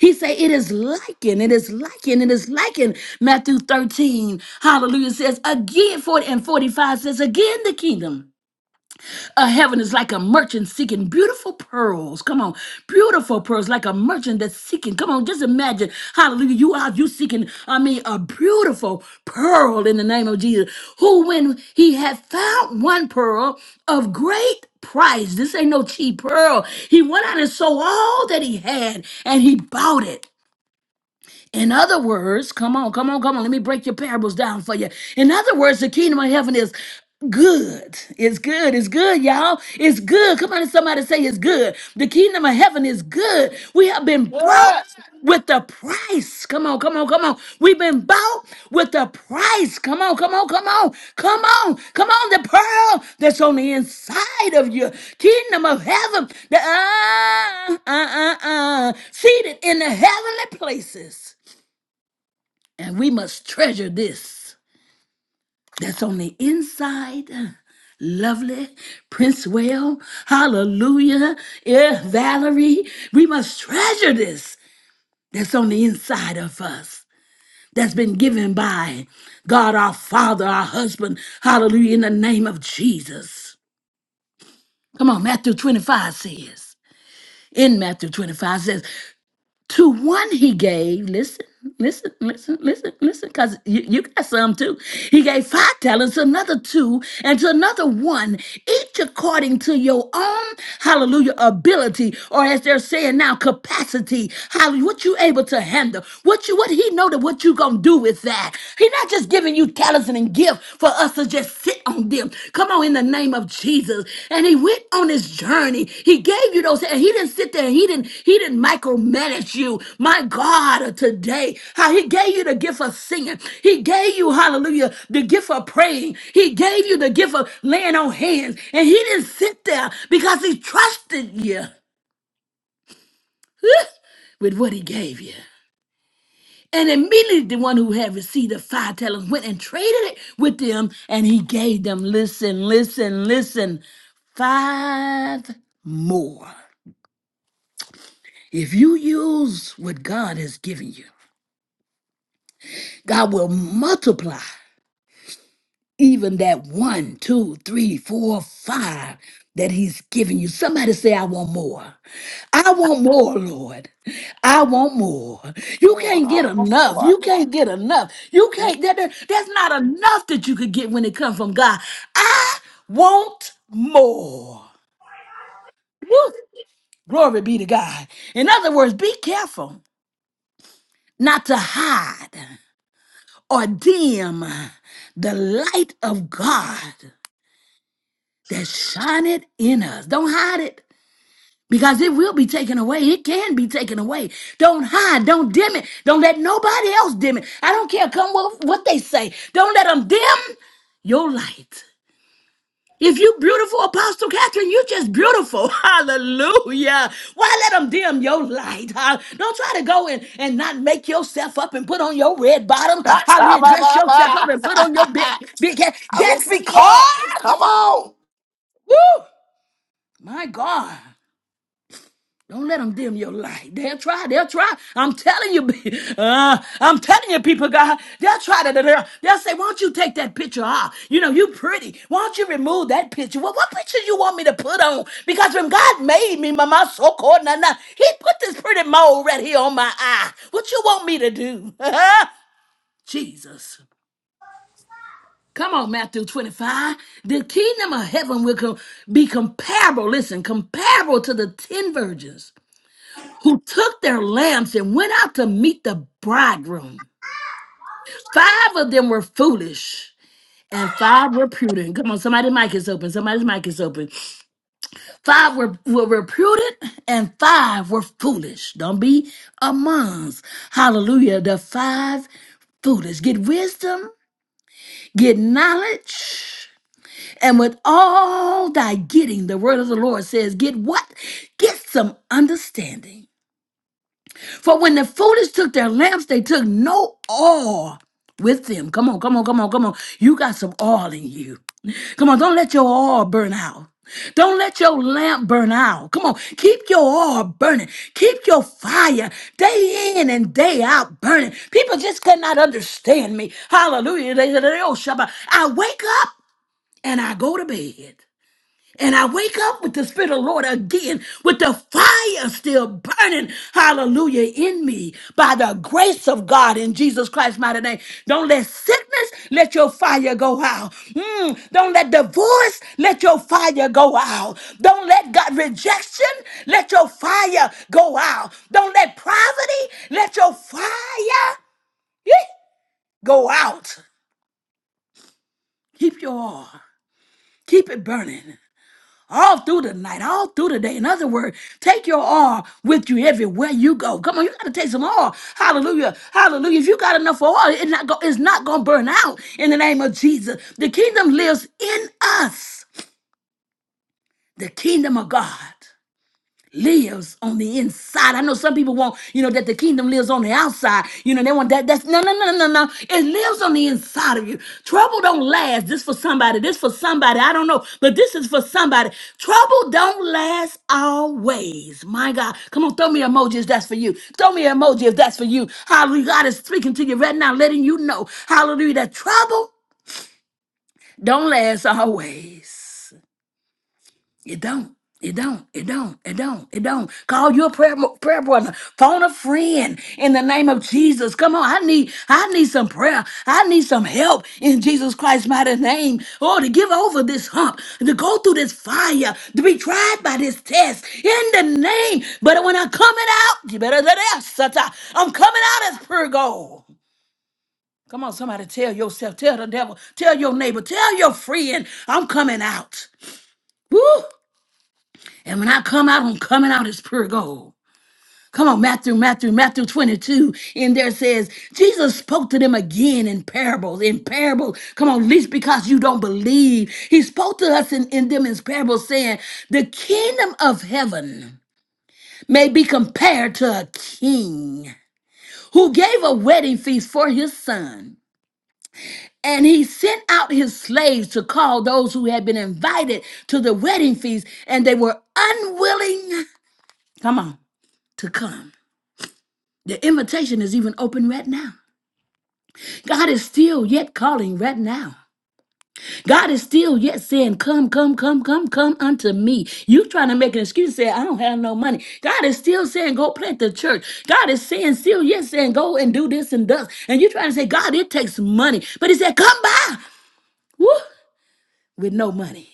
Speaker 1: He said, It is likened, it is likened, it is likened. Matthew 13, hallelujah, says again, 40 and 45 says, Again, the kingdom. Uh, heaven is like a merchant seeking beautiful pearls. Come on, beautiful pearls, like a merchant that's seeking. Come on, just imagine, hallelujah, you are you seeking, I mean, a beautiful pearl in the name of Jesus, who when he had found one pearl of great price, this ain't no cheap pearl, he went out and sold all that he had and he bought it. In other words, come on, come on, come on. Let me break your parables down for you. In other words, the kingdom of heaven is good. It's good. It's good, y'all. It's good. Come on, somebody say it's good. The kingdom of heaven is good. We have been brought
Speaker 4: Yes.
Speaker 1: with the price. Come on, come on, come on. We've been bought with the price. Come on, come on, come on, come on, come on. The pearl that's on the inside of you, kingdom of heaven, the uh, uh, uh, uh, seated in the heavenly places. And we must treasure this that's on the inside. Lovely, Prince Well, hallelujah, yeah, Valerie. We must treasure this that's on the inside of us, that's been given by God our Father, our husband, hallelujah, in the name of Jesus. Come on, Matthew 25 says, in Matthew 25 says, To one he gave, listen, listen, listen, listen, listen, because you, you got some too. He gave five talents, another two, and to another one, each according to your own, hallelujah, ability, or as they're saying now, capacity. Hallelujah, what you able to handle, what you, what he know that what you gonna do with that. He not just giving you talents and gift, for us to just sit on them. Come on, in the name of Jesus. And he went on his journey. He gave you those, and he didn't sit there. He didn't. He didn't micromanage you. My God, uh, today, how he gave you the gift of singing. He gave you, Hallelujah, the gift of praying. He gave you the gift of laying on hands, and he didn't sit there because he trusted you *laughs* with what he gave you. And immediately the one who had received the five talents went and traded it with them, and he gave them, listen, listen, listen, five more. If you use what God has given you, God will multiply. even that one, two, three, four, five that He's giving you. Somebody say, I want more. I want more, Lord. I want more. You
Speaker 4: Lord,
Speaker 1: can't
Speaker 4: I
Speaker 1: get
Speaker 4: want
Speaker 1: enough.
Speaker 4: more.
Speaker 1: You can't get enough. You can't, that, that- that's not enough that you could get when it comes from God. I want more. Woo! Glory be to God. In other words, be careful not to hide or dim the light of God that shineth in us. Don't hide it because it will be taken away. It can be taken away. Don't hide. Don't dim it. Don't let nobody else dim it. I don't care come what, what they say. Don't let them dim your light. If you beautiful, Apostle Catherine, you just beautiful. *laughs* Hallelujah. Why let them dim your light? Huh? Don't try to go and, and not make yourself up and put on your red bottom. Hallelujah. Dress yourself up and put on your big,
Speaker 4: *laughs*
Speaker 1: big hat.
Speaker 4: I
Speaker 1: Just
Speaker 4: receive that. Come
Speaker 1: because.
Speaker 4: on.
Speaker 1: Woo! My God. Don't let them dim your light. They'll try. They'll try. I'm telling you, *laughs* uh, I'm telling you, people, God, they'll try to. They'll, they'll say, "Why don't you take that picture off? You know, you pretty. Why don't you remove that picture? Well, what picture you want me to put on? Because when God made me, mama, so called nana, He put this pretty mole right here on my eye. What you want me to do? *laughs* Jesus. Come on, Matthew 25. The kingdom of heaven will com- be comparable, listen, comparable to the 10 virgins who took their lamps and went out to meet the bridegroom. Five of them were foolish and five were prudent. Come on, somebody's mic is open. Somebody's mic is open. Five were, were, were prudent and five were foolish. Don't be amongst. Hallelujah. The five foolish. Get wisdom, get knowledge. And with all thy getting, the word of the Lord says, get what? Get some understanding. For when the foolish took their lamps, they took no oil with them. Come on, come on, come on, come on. You got some oil in you. Come on, don't let your oil burn out. Don't let your lamp burn out. Come on, keep your oil burning. Keep your fire day in and day out burning. People just could not understand me. Hallelujah. They said, "Oh, Shabbat." I wake up and I go to bed. And I wake up with the Spirit of the Lord again, with the fire still burning, hallelujah, in me by the grace of God in Jesus Christ's mighty name. Don't let sickness let your fire go out. Mm, don't let divorce let your fire go out. Don't let God rejection let your fire go out. Don't let poverty let your fire eh, go out. Keep your oil, keep it burning. all through the night, all through the day. In other words, take your oil with you everywhere you go. Come on, you gotta take some oil. Hallelujah. Hallelujah. If you got enough oil, it's not, go, it's not gonna burn out in the name of Jesus. The kingdom lives in us, the kingdom of God lives on the inside. I know some people want, you know, that the kingdom lives on the outside. You know, they want that. That's no, no, no, no, no. no. It lives on the inside of you. Trouble don't last. This for somebody. This for somebody. I don't know, but this is for somebody. Trouble don't last always. My God, come on, throw me an emoji if that's for you. Throw me an emoji if that's for you. Hallelujah. God is speaking to you right now, letting you know, Hallelujah, that trouble don't last always. It don't. It don't. It don't. It don't. It don't. Call your prayer prayer brother. Phone a friend in the name of Jesus. Come on, I need I need some prayer. I need some help in Jesus Christ's mighty name. Oh, to give over this hump, to go through this fire, to be tried by this test in the name. But when I am coming out, you better let it out. Satan. I'm coming out as pure gold. Come on, somebody tell yourself, tell the devil, tell your neighbor, tell your friend, I'm coming out. Woo! And when I come out, I'm coming out as pure gold. Come on, Matthew, Matthew, Matthew 22. In there says, Jesus spoke to them again in parables, in parables. Come on, least because you don't believe. He spoke to us in, in them in parables, saying, The kingdom of heaven may be compared to a king who gave a wedding feast for his son. And he sent out his slaves to call those who had been invited to the wedding feast, and they were unwilling, come on, to come. The invitation is even open right now. God is still yet calling right now. God is still yet saying, Come, come, come, come, come unto me. You trying to make an excuse, say, I don't have no money. God is still saying, Go plant the church. God is saying, still yet saying, Go and do this and thus. And you trying to say, God, it takes money. But He said, Come by woo, with no money.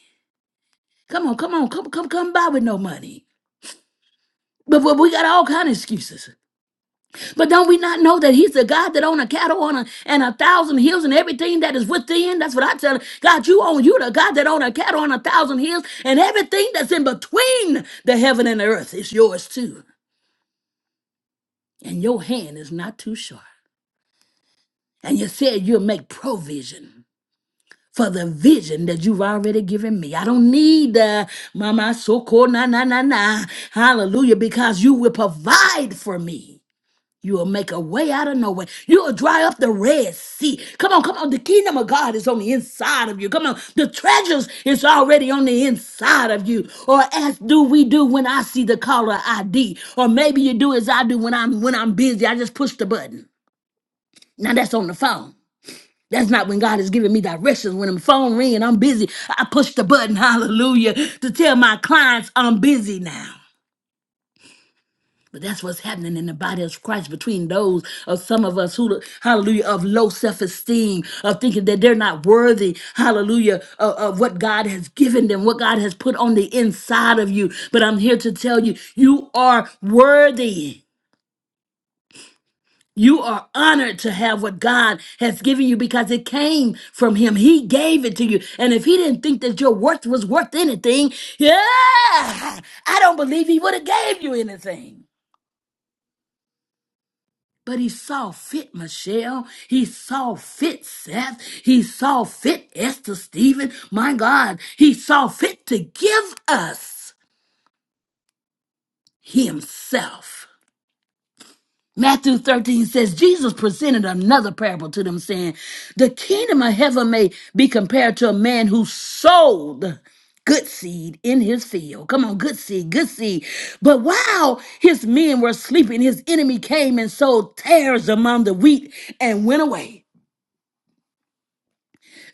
Speaker 1: Come on, come on, come, come, come by with no money. But, but we got all kind of excuses. But don't we not know that He's the God that own a cattle on a, and a thousand hills and everything that is within? That's what I tell her. God, you own you the God that own a cattle on a thousand hills and everything that's in between the heaven and the earth is yours too. And your hand is not too short. And you said you'll make provision for the vision that you've already given me. I don't need uh, mama so na na na na. Hallelujah, because you will provide for me. You'll make a way out of no way. You'll dry up the Red Sea. Come on, come on. The kingdom of God is on the inside of you. Come on. The treasures is already on the inside of you. Or as do we do when I see the caller ID. Or maybe you do as I do when I'm when I'm busy. I just push the button. Now that's on the phone. That's not when God is giving me directions. When the phone ring and I'm busy, I push the button, *laughs* hallelujah, to tell my clients I'm busy now. But that's what's happening in the body of Christ between those of some of us who, hallelujah, of low self esteem, of thinking that they're not worthy, hallelujah, of, of what God has given them, what God has put on the inside of you. But I'm here to tell you, you are worthy. You are honored to have what God has given you because it came from Him. He gave it to you. And if He didn't think that your worth was worth anything, yeah, I don't believe He would have gave you anything. But he saw fit Michelle. He saw fit Seth. He saw fit Esther Stephen. My God, he saw fit to give us himself. Matthew 13 says, Jesus presented another parable to them, saying, The kingdom of heaven may be compared to a man who sowed good seed in his field. Come on, good seed, good seed. But while his men were sleeping, his enemy came and sowed tares among the wheat and went away.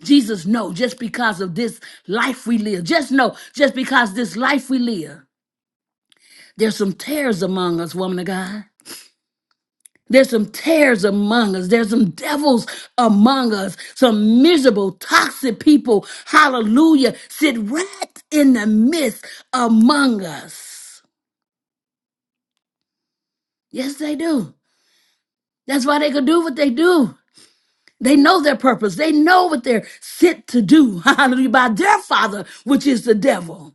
Speaker 1: Jesus, no, just because of this life we live, just know, just because this life we live, there's some tares among us, woman of God. There's some tares among us. There's some devils among us. Some miserable, toxic people, hallelujah, sit right in the midst among us. Yes, they do. That's why they could do what they do. They know their purpose. They know what they're sent to do. *laughs* Hallelujah. By their father, which is the devil.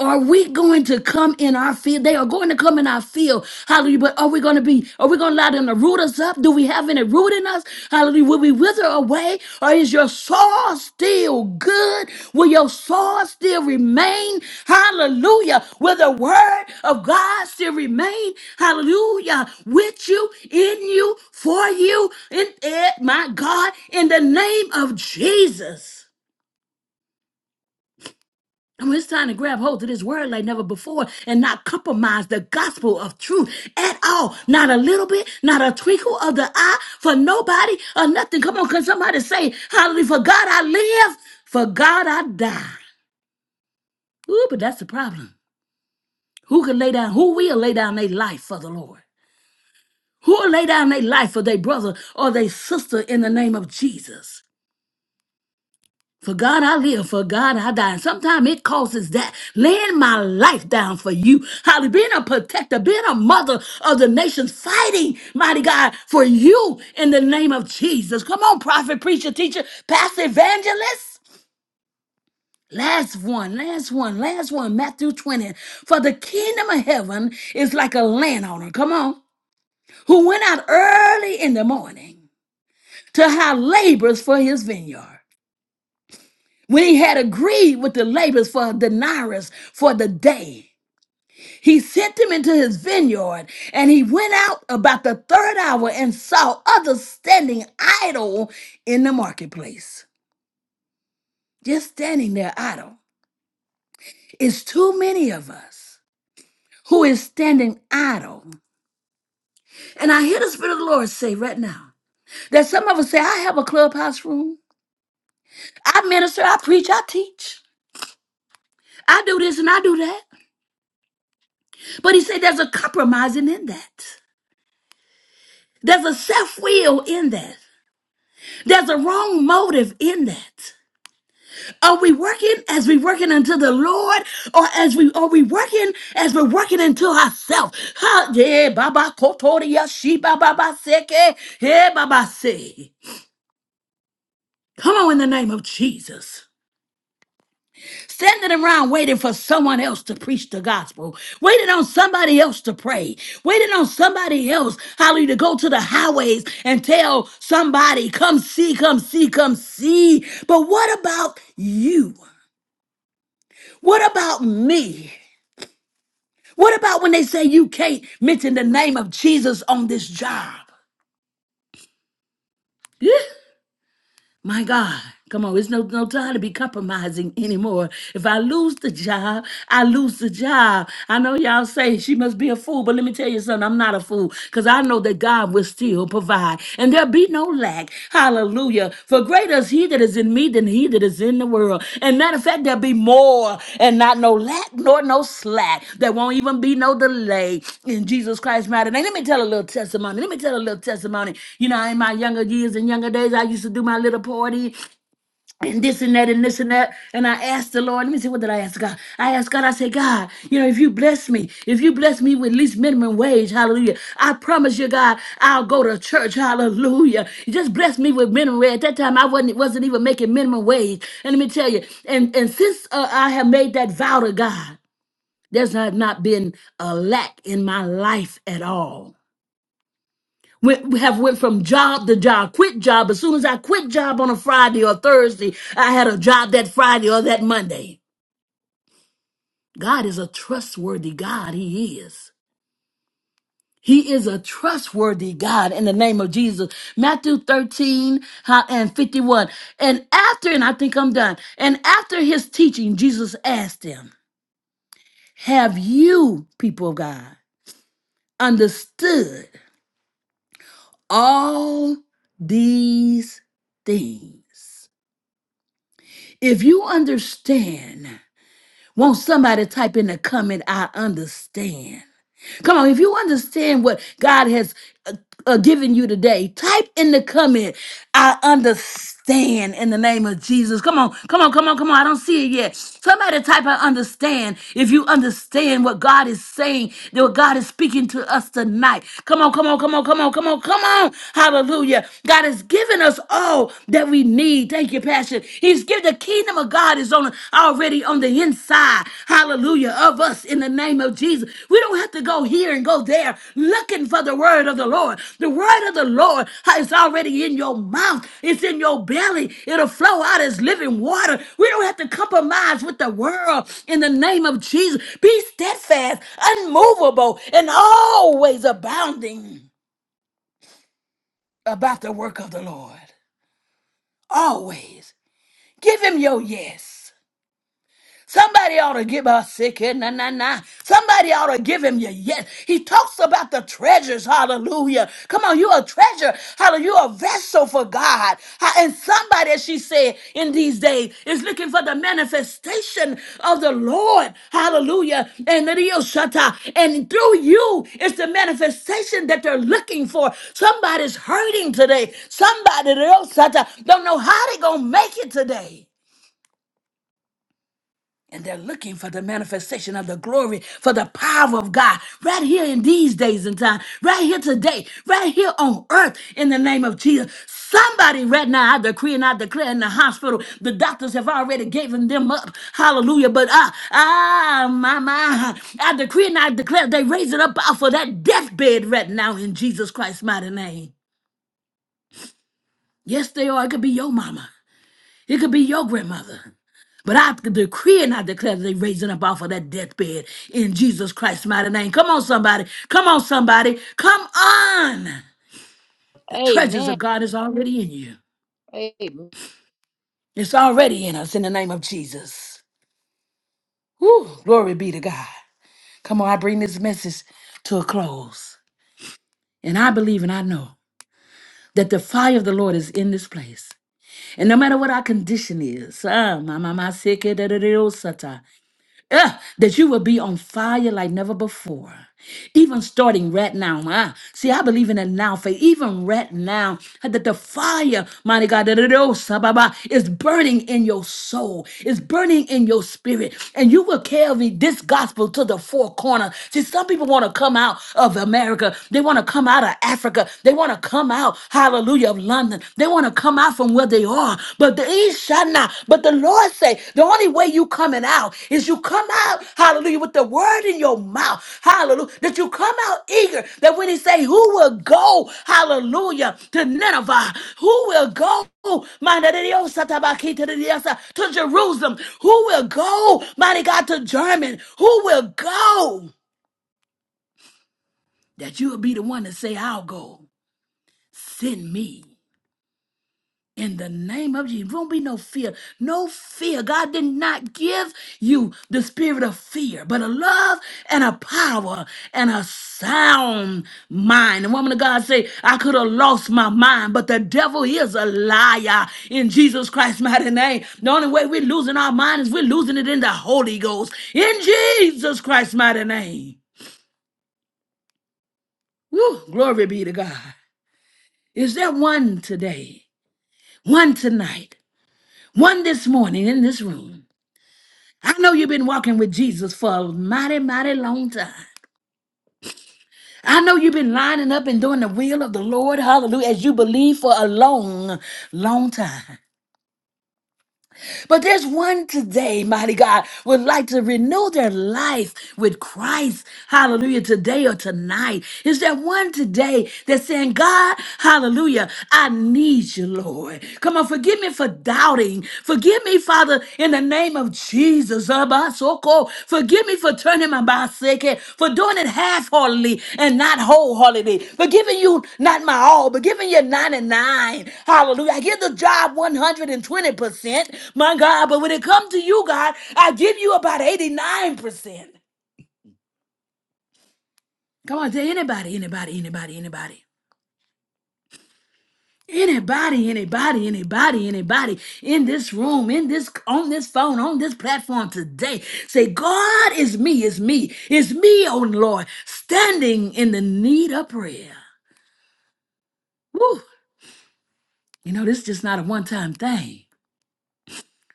Speaker 1: Are we going to come in our field? They are going to come in our field. Hallelujah. But are we going to be, are we going to allow them to root us up? Do we have any root in us? Hallelujah. Will we wither away? Or is your soul still good? Will your soul still remain? Hallelujah. Will the word of God still remain? Hallelujah. With you, in you, for you, in it, my God, in the name of Jesus. And it's time to grab hold of this word like never before and not compromise the gospel of truth at all. Not a little bit, not a twinkle of the eye for nobody or nothing. Come on, can somebody say, Hallelujah, for God I live, for God I die. Ooh, but that's the problem. Who can lay down, who will lay down their life for the Lord? Who will lay down their life for their brother or their sister in the name of Jesus? For God I live, for God I die. And sometimes it causes that. Laying my life down for you. Holly, being a protector, being a mother of the nations, fighting, mighty God, for you in the name of Jesus. Come on, prophet, preacher, teacher, pastor, evangelist. Last one, last one, last one, Matthew 20. For the kingdom of heaven is like a landowner, come on, who went out early in the morning to hire laborers for his vineyard. When he had agreed with the laborers for a denarius for the day, he sent them into his vineyard, and he went out about the third hour and saw others standing idle in the marketplace. Just standing there idle. It's too many of us who is standing idle. And I hear the Spirit of the Lord say right now that some of us say, I have a clubhouse room. I minister, I preach, I teach. I do this and I do that. But he said there's a compromising in that. There's a self will in that. There's a wrong motive in that. Are we working as we working unto the Lord, or as we are we working as we're working unto ourselves? Ha, yeah, Baba Kotoria, she Baba Seke, yeah, Baba Se. Come on, in the name of Jesus. Standing around waiting for someone else to preach the gospel, waiting on somebody else to pray, waiting on somebody else, hallelujah, to go to the highways and tell somebody, come see, come see, come see. But what about you? What about me? What about when they say you can't mention the name of Jesus on this job? *laughs* My God, come on, it's no, no time to be compromising anymore. If I lose the job, I lose the job. I know y'all say she must be a fool, but let me tell you something, I'm not a fool because I know that God will still provide and there'll be no lack. Hallelujah. For greater because he that is in me than he that is in the world. And matter of fact, there'll be more and not no lack nor no slack. There won't even be no delay in Jesus Christ's mighty name. Let me tell a little testimony. Let me tell a little testimony. You know, in my younger years and younger days, I used to do my little party and this and that and this and that. And I asked the Lord, let me see, what did I ask God? I asked God, I said, God, you know, if you bless me, if you bless me with least minimum wage, hallelujah, I promise you, God, I'll go to church, hallelujah. You just bless me with minimum wage. At that time, I wasn't, wasn't even making minimum wage. And let me tell you, and, and since uh, I have made that vow to God, there's not, not been a lack in my life at all. We we have went from job to job, quit job. As soon as I quit job on a Friday or Thursday, I had a job that Friday or that Monday. God is a trustworthy God. He is. He is a trustworthy God in the name of Jesus. Matthew 13 how- and 51. And after, and I think I'm done. And after his teaching, Jesus asked them, Have you, people of God, understood all these things? If you understand, won't somebody type in the comment, I understand? Come on, if you understand what God has uh, uh, given you today, type in the comment, I understand in the name of Jesus. Come on, come on, come on, come on. I don't see it yet. Somebody type, I understand. If you understand what God is saying, that what God is speaking to us tonight. Come on, come on, come on, come on, come on, come on. Hallelujah. God has given us all that we need. Thank you, Passion. He's given the kingdom of God is on already on the inside, hallelujah, of us in the name of Jesus. We don't have to go here and go there looking for the word of the Lord. The word of the Lord is already in your mouth, it's in your belly. It'll flow out as living water. We don't have to compromise with the world in the name of Jesus. Be steadfast, unmovable, and always abounding about the work of the Lord. Always. Give him your yes. Somebody ought to give us sick and na na na. Somebody ought to give him your yes. He talks about the treasures. Hallelujah. Come on, you a treasure. Hallelujah. You a vessel for God. Ha- And somebody, as she said in these days, is looking for the manifestation of the Lord. Hallelujah. And the Dio Shatta. And through you is the manifestation that they're looking for. Somebody's hurting today. Somebody the Dio Shatta, don't know how they're gonna make it today. And they're looking for the manifestation of the glory, for the power of God, right here in these days and time, right here today, right here on earth, in the name of Jesus. Somebody right now, I decree and I declare in the hospital, the doctors have already given them up. Hallelujah. But ah ah, my, my, I decree and I declare they raise it up out for that deathbed right now in Jesus Christ's mighty name. Yes, they are. It could be your mama. It could be your grandmother. But I decree and I declare that they're raising up off of that deathbed in Jesus Christ's mighty name. Come on, somebody. Come on, somebody. Come on. The treasures
Speaker 3: Amen.
Speaker 1: of God is already in you.
Speaker 3: Amen.
Speaker 1: It's already in us in the name of Jesus. Woo, glory be to God. Come on, I bring this message to a close. And I believe and I know that the fire of the Lord is in this place. And no matter what our condition is, ah, my, my, my, sick, eh, da, da, da, oh, sata. uh, that you will be on fire like never before. Even starting right now. ah, See, I believe in a now faith. Even right now, that the fire, mighty God, da- da- da- oh, sababa, is burning in your soul, is burning in your spirit. And you will carry this gospel to the four corners. See, some people want to come out of America. They want to come out of Africa. They want to come out, hallelujah, of London. They want to come out from where they are, but they shall not. But the Lord say, the only way you coming out is you come out, hallelujah, with the word in your mouth, hallelujah, that you come out eager, that when he say, who will go, hallelujah, to Nineveh, who will go, mighty Dios, satabakita de Dios, to Jerusalem, who will go, mighty God, to German, who will go, that you will be the one to say, I'll go, send me. In the name of Jesus, won't be no fear. No fear. God did not give you the spirit of fear, but a love and a power and a sound mind. And woman of God say, I could have lost my mind, but the devil is a liar in Jesus Christ's mighty name. The only way we're losing our mind is we're losing it in the Holy Ghost. In Jesus Christ's mighty name. Woo, glory be to God. Is there one today, one tonight, one this morning in this room? I know you've been walking with Jesus for a mighty, mighty long time. I know you've been lining up and doing the will of the Lord, hallelujah, as you believe for a long, long time. But there's one today, mighty God, would like to renew their life with Christ, hallelujah, today or tonight. Is there one today that's saying, God, hallelujah, I need you, Lord. Come on, forgive me for doubting. Forgive me, Father, in the name of Jesus. Zabasoko. Forgive me for turning my baseke, for doing it half-heartedly and not wholeheartedly, for giving you not my all, but giving you 99. Hallelujah. I give the job 120%, my God, but when it comes to you, God, I give you about 89%. Come on, say anybody, anybody, anybody, anybody. Anybody, anybody, anybody, anybody in this room, in this on this phone, on this platform today, say, God is me, is me, is me, oh Lord, standing in the need of prayer. Woo. You know, this is just not a one-time thing.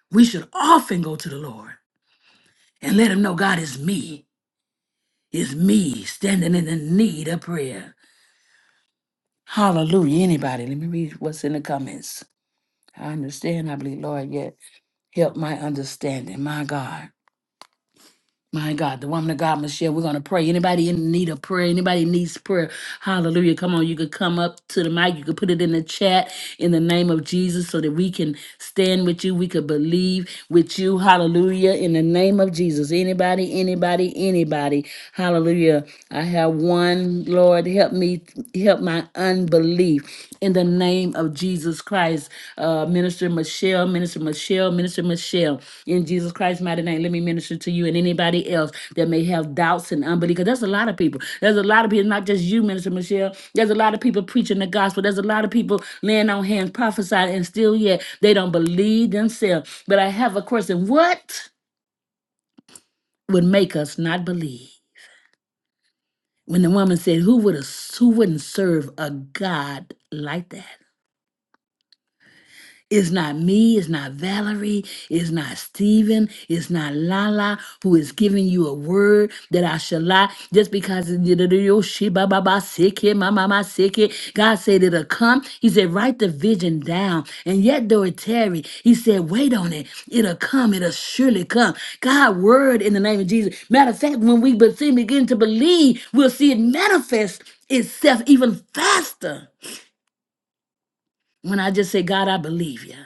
Speaker 1: We should often go to the Lord and let him know God is me, is me standing in the need of prayer. Hallelujah. Anybody, let me read what's in the comments. I understand, I believe, Lord, yet help my understanding, my God. My God, the woman of God, Michelle, we're going to pray. Anybody in need of prayer? Anybody needs prayer? Hallelujah. Come on, you could come up to the mic. You could put it in the chat in the name of Jesus so that we can stand with you. We could believe with you. Hallelujah. In the name of Jesus. Anybody, anybody, anybody. Hallelujah. I have one. Lord, help me, help my unbelief in the name of Jesus Christ. Uh, Minister Michelle, Minister Michelle, Minister Michelle, in Jesus Christ's mighty name, let me minister to you and anybody else that may have doubts and unbelief. Because there's a lot of people. There's a lot of people, not just you, Minister Michelle. There's a lot of people preaching the gospel. There's a lot of people laying on hands, prophesying, and still yet they don't believe themselves. But I have a question. What would make us not believe? When the woman said, Who would who wouldn't serve a God like that? It's not me, it's not Valerie, it's not Stephen, it's not Lala who is giving you a word that I shall lie just because it- it- it- it- oh, she- ba- ba- ba- sick it, ma- ma- ma- sick it. God said it'll come. He said, write the vision down. And yet though it tarry, he said, wait on it. It'll come, it'll surely come. God word in the name of Jesus. Matter of fact, when we be- begin to believe, we'll see it manifest itself even faster. When I just say, God, I believe you.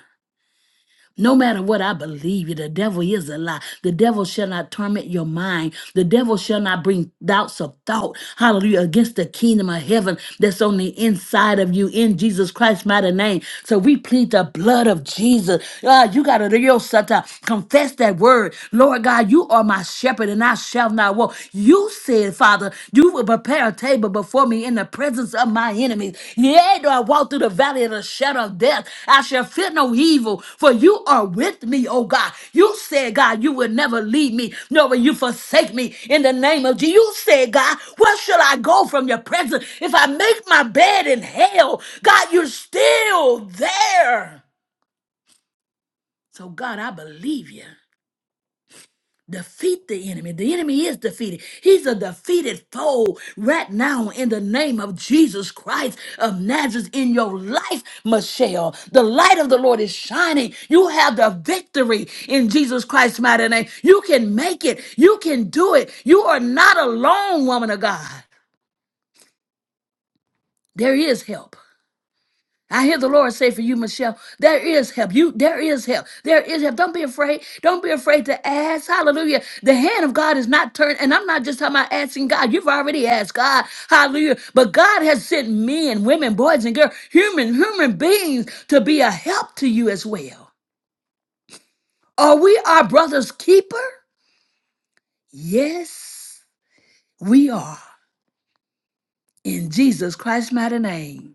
Speaker 1: No matter what I believe you, the devil is a lie. The devil shall not torment your mind. The devil shall not bring doubts of thought. Hallelujah. Against the kingdom of heaven that's on the inside of you in Jesus Christ's mighty name. So we plead the blood of Jesus. Ah, you got to your sata. Confess that word. Lord God, you are my shepherd and I shall not walk. You said, Father, you will prepare a table before me in the presence of my enemies. Yea, though I walk through the valley of the shadow of death, I shall fear no evil, for you are with me, oh God. You said, God, you will never leave me, nor will you forsake me in the name of Jesus. You said, God, where shall I go from your presence? If I make my bed in hell, God, you're still there. So, God, I believe you. Defeat the enemy. The enemy is defeated. He's a defeated foe right now in the name of Jesus Christ of Nazareth in your life, Michelle. The light of the Lord is shining. You have the victory in Jesus Christ's mighty name. You can make it. You can do it. You are not alone, woman of God. There is help. I hear the Lord say for you, Michelle, there is help. You there is help. There is help. Don't be afraid. Don't be afraid to ask. Hallelujah. The hand of God is not turned, and I'm not just talking about asking God. You've already asked God. Hallelujah. But God has sent men, women, boys, and girls, human, human beings to be a help to you as well. Are we our brother's keeper? Yes, we are. In Jesus Christ's mighty name.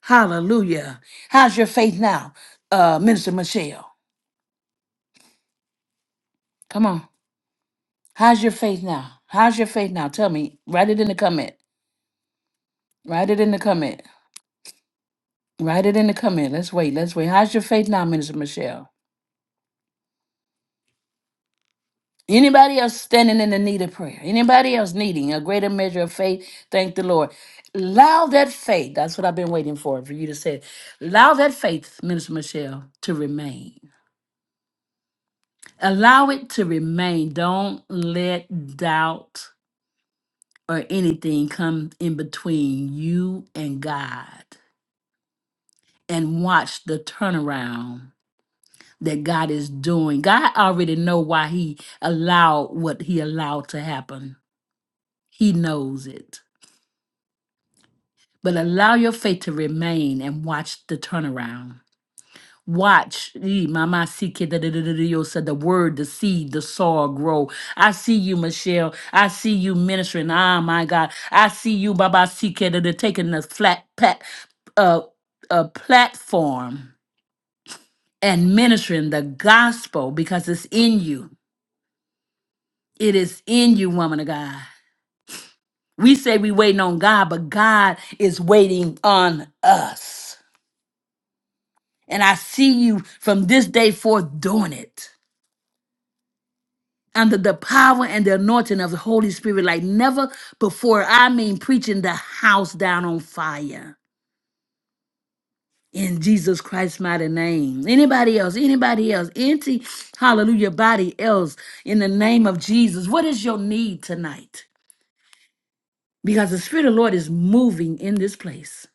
Speaker 1: Hallelujah. How's your faith now, uh, Minister Michelle? Come on. How's your faith now? How's your faith now? Tell me. Write it in the comment. Write it in the comment. Write it in the comment. Let's wait. Let's wait. How's your faith now, Minister Michelle? Anybody else standing in the need of prayer? Anybody else needing a greater measure of faith? Thank the Lord. Allow that faith. That's what I've been waiting for, for you to say. Allow that faith, Minister Michelle, to remain. Allow it to remain. Don't let doubt or anything come in between you and God. and watch the turnaround that God is doing. God already know why he allowed what he allowed to happen. He knows it. But allow your faith to remain and watch the turnaround. Watch ee, mama see kid, da, da, da, da, da, yo, said the word, the seed, the soil grow. I see you, Michelle. I see you ministering. Ah, my God. I see you, Baba Sika, taking the flat pat, uh, uh, platform and ministering the gospel because it's in you. It is in you, woman of God. We say we waiting on God, but God is waiting on us. And I see you from this day forth doing it under the power and the anointing of the Holy Spirit like never before. I mean, preaching the house down on fire in Jesus Christ's mighty name. Anybody else, anybody else, anti hallelujah, body else in the name of Jesus. What is your need tonight? because the Spirit of the Lord is moving in this place.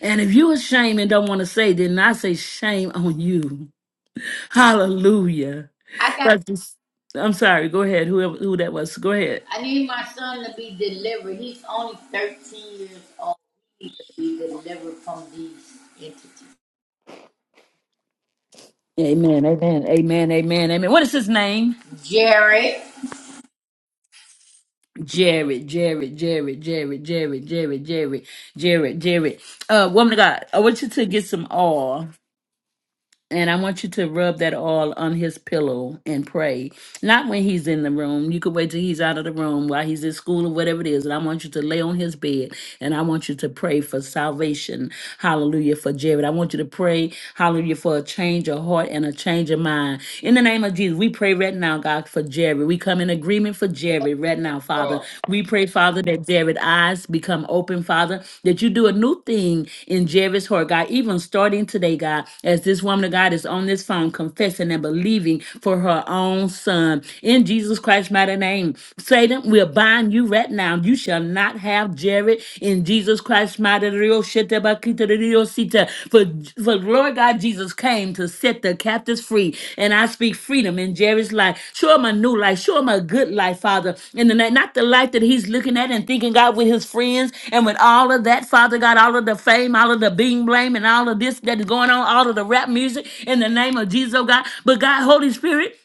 Speaker 1: And if you ashamed and don't want to say, then I say shame on you. Hallelujah.
Speaker 3: I got
Speaker 1: But this- I'm sorry. Go ahead. Whoever who that was, go ahead.
Speaker 3: I need my son to be delivered. He's only 13 years old. He needs to be delivered from these entities.
Speaker 1: Amen. Amen. Amen. Amen. Amen. What is his name?
Speaker 3: Jared.
Speaker 1: Jared, Jared, Jared, Jared, Jared, Jared, Jared, Jared, Jared. Uh, woman of God, I want you to get some oil And I want you to rub that all on his pillow and pray. Not when he's in the room. You could wait till he's out of the room while he's in school or whatever it is. And I want you to lay on his bed and I want you to pray for salvation. Hallelujah for Jared. I want you to pray, hallelujah, for a change of heart and a change of mind. In the name of Jesus, we pray right now, God, for Jared. We come in agreement for Jared David read now, Father.
Speaker 3: Oh.
Speaker 1: We pray, Father, that Jared's eyes become open, Father, that you do a new thing in Jared's heart, God, even starting today, God, as this woman of God is on this phone confessing and believing for her own son. In Jesus Christ's mighty name, Satan, we'll bind you right now. You shall not have Jared in Jesus Christ's mighty name. For, for Lord God Jesus came to set the captives free. And I speak freedom in Jerry's life. Show him a new life. Show him a good life, Father. In the night, not the life that he's looking at and thinking, God, with his friends and with all of that, Father God, all of the fame, all of the being blame, and all of this that is going on, all of the rap music in the name of Jesus, oh God. But God, Holy Spirit.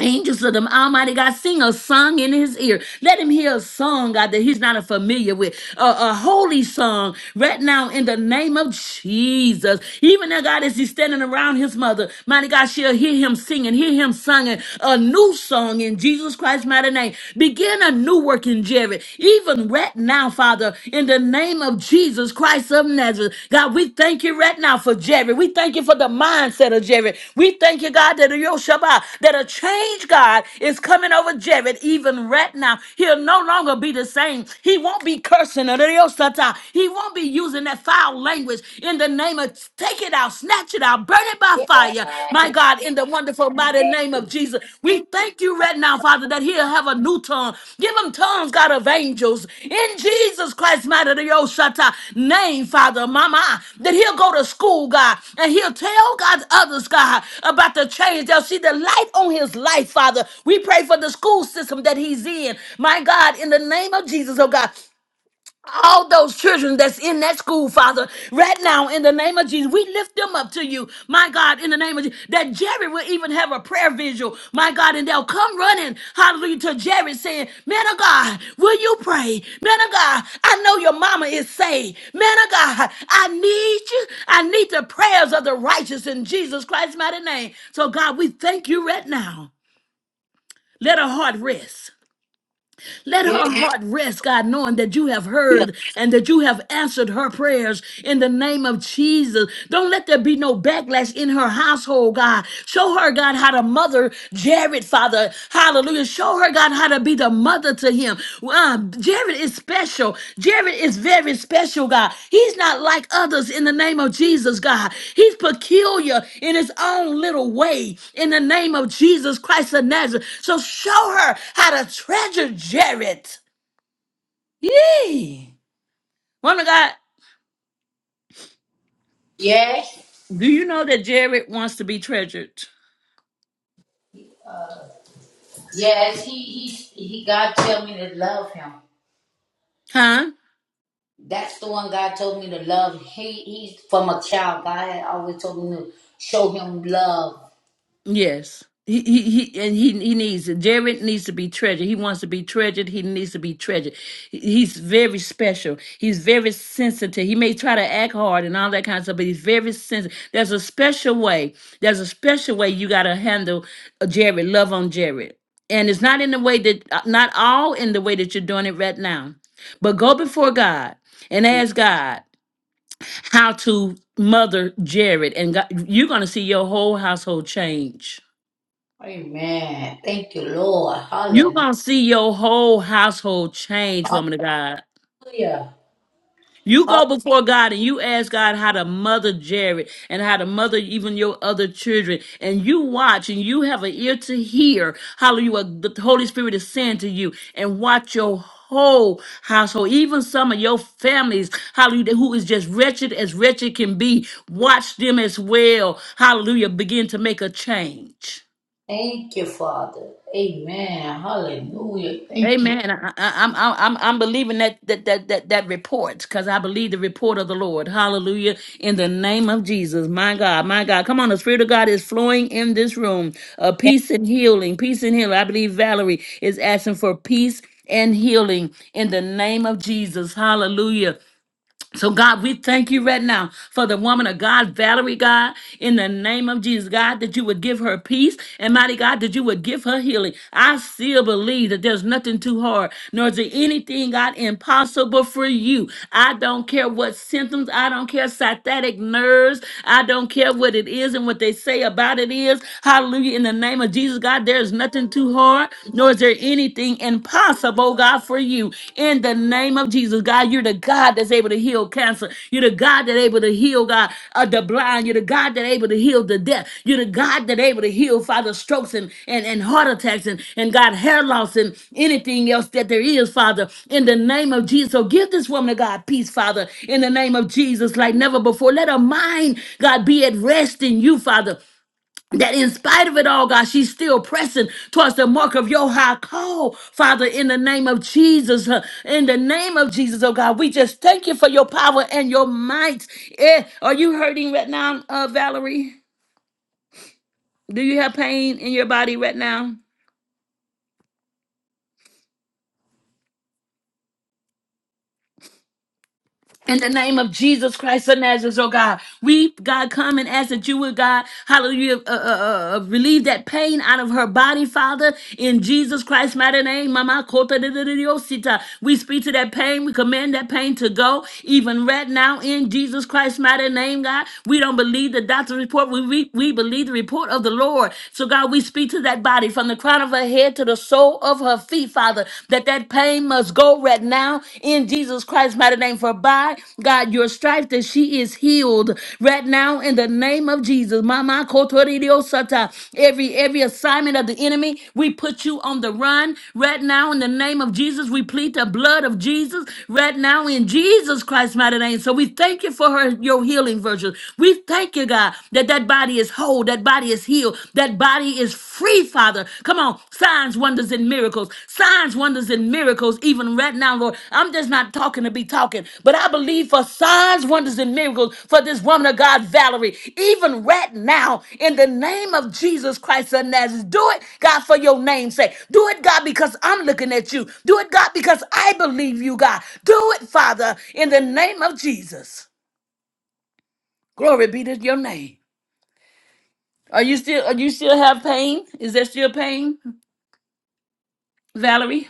Speaker 1: Angels of the Almighty God, sing a song in his ear. Let him hear a song, God, that he's not familiar with. A, a holy song right now in the name of Jesus. Even now, God, as he's standing around his mother, mighty God, she'll hear him singing, hear him singing a new song in Jesus Christ's mighty name. Begin a new work in Jared. Even right now, Father, in the name of name of Jesus Christ of Nazareth. God, we thank you right now for Jerry. We thank you for the mindset of Jerry. We thank you, God, that your Shabbat, that a change, God, is coming over Jerry even right now. He'll no longer be the same. He won't be cursing. or the Yo He won't be using that foul language in the name of take it out, snatch it out, burn it by fire. My God, in the wonderful wonderful mighty name of Jesus. We thank you right now, Father, that he'll have a new tongue. Give him tongues, God, of angels. In Jesus Christ, mighty the old name, Father, Mama, that he'll go to school, God, and he'll tell God others, God, about the change. They'll see the light on his life, Father. We pray for the school system that he's in. My God, in the name of Jesus, oh God, all those children that's in that school, Father, right now in the name of Jesus, we lift them up to you, my God, in the name of Jesus. That Jerry will even have a prayer visual, my God, and they'll come running, hallelujah, to Jerry saying, Man of God, will you pray? Man of God, I know your mama is saved. Man of God, I need you. I need the prayers of the righteous in Jesus Christ's mighty name. So, God, we thank you right now. Let her heart rest. Let her heart rest, God, knowing that you have heard and that you have answered her prayers in the name of Jesus. Don't let there be no backlash in her household, God. Show her, God, how to mother Jared, Father. Hallelujah. Show her, God, how to be the mother to him. Uh, Jared is special. Jared is very special, God. He's not like others in the name of Jesus, God. He's peculiar in his own little way in the name of Jesus Christ of Nazareth. So show her how to treasure Jared. Yee. Wonder God,
Speaker 3: Yes.
Speaker 1: do you know that Jared wants to be treasured?
Speaker 3: Yes, he he he. God tell me to love him.
Speaker 1: Huh?
Speaker 3: That's the one God told me to love. He he's from a child. God had always told me to show him love.
Speaker 1: Yes. He, he he and he he needs it. Jared needs to be treasured. He wants to be treasured. He needs to be treasured. He- He's very special. He's very sensitive. He may try to act hard and all that kind of stuff, but he's very sensitive. There's a special way. There's a special way you gotta handle uh, Jared. Love on Jared, and it's not in the way that uh, not all in the way that you're doing it right now, but go before God and ask God how to mother Jared, and God, you're gonna see your whole household change
Speaker 3: Amen. Thank you, Lord.
Speaker 1: you
Speaker 3: Hallelujah.
Speaker 1: gonna see your whole household change, woman of God. You
Speaker 3: Ha-
Speaker 1: go before God and you ask God how to mother Jared and how to mother even your other children. And you watch and you have an ear to hear, hallelujah, what the Holy Spirit is saying to you and watch your whole household, even some of your families, hallelujah, who is just wretched as wretched can be. Watch them as well, hallelujah, begin to make a change.
Speaker 3: Thank you, Father. Amen. Hallelujah. Thank you.
Speaker 1: Amen. I, I, I'm I'm I'm believing that that that that, that report because I believe the report of the Lord. Hallelujah! In the name of Jesus, my God, my God, come on! The Spirit of God is flowing in this room. Uh, peace and healing, peace and healing. I believe Valerie is asking for peace and healing in the name of Jesus. Hallelujah! So, God, we thank you right now for the woman of God, Valerie, God, in the name of Jesus, God, that you would give her peace and mighty God, that you would give her healing. I still believe that there's nothing too hard, nor is there anything, God, impossible for you. I don't care what symptoms, I don't care satanic nerves, I don't care what it is and what they say about it is. Hallelujah. In the name of Jesus, God, there's nothing too hard, nor is there anything anything impossible, God, for you. In the name of Jesus, God, you're the God that's able to heal cancer. You're the God that's able to heal, God, uh, the blind. You're the God that's able to heal the deaf. You're the God that's able to heal, Father, strokes and, and, and heart attacks and, and God, hair loss and anything else that there is, Father. In the name of Jesus. So give this woman of God peace, Father, in the name of Jesus, like never before. Let her mind, God, be at rest in you, Father that in spite of it all, God, she's still pressing towards the mark of your high call, Father, in the name of Jesus. huh, In the name of Jesus, oh God, we just thank you for your power and your might. Eh, are you hurting right now, uh, Valerie? Do you have pain in your body right now? In the name of Jesus Christ of Nazareth, oh God, we, God, come and ask that you would, God, hallelujah, uh, uh, uh, uh, relieve that pain out of her body, Father, in Jesus Christ's mighty name. Mama kota de de de de osita. We speak to that pain. We command that pain to go, even right now, in Jesus Christ's mighty name, God. We don't believe the doctor's report. We, we, we believe the report of the Lord. So, God, we speak to that body from the crown of her head to the sole of her feet, Father, that that pain must go right now in Jesus Christ's mighty name. For by God, your stripes, that she is healed right now in the name of Jesus. Mama kotoridio sata. Every every assignment of the enemy, we put you on the run right now in the name of Jesus. We plead the blood of Jesus right now in Jesus Christ's mighty name. So we thank you for her your healing virtue. We thank you, God, that that body is whole, that body is healed. That body is free, Father. Come on, signs, wonders, and miracles. Signs, wonders, and miracles, even right now, Lord. I'm just not talking to be talking, but I believe for signs, wonders, and miracles for this woman of God, Valerie, even right now, in the name of Jesus Christ of Nazareth. Do it, God, for your name's sake. Do it, God, because I'm looking at you. Do it, God, because I believe you, God. Do it, Father, in the name of Jesus. Glory be to your name. Are you still are you still have pain? Is there still pain, Valerie?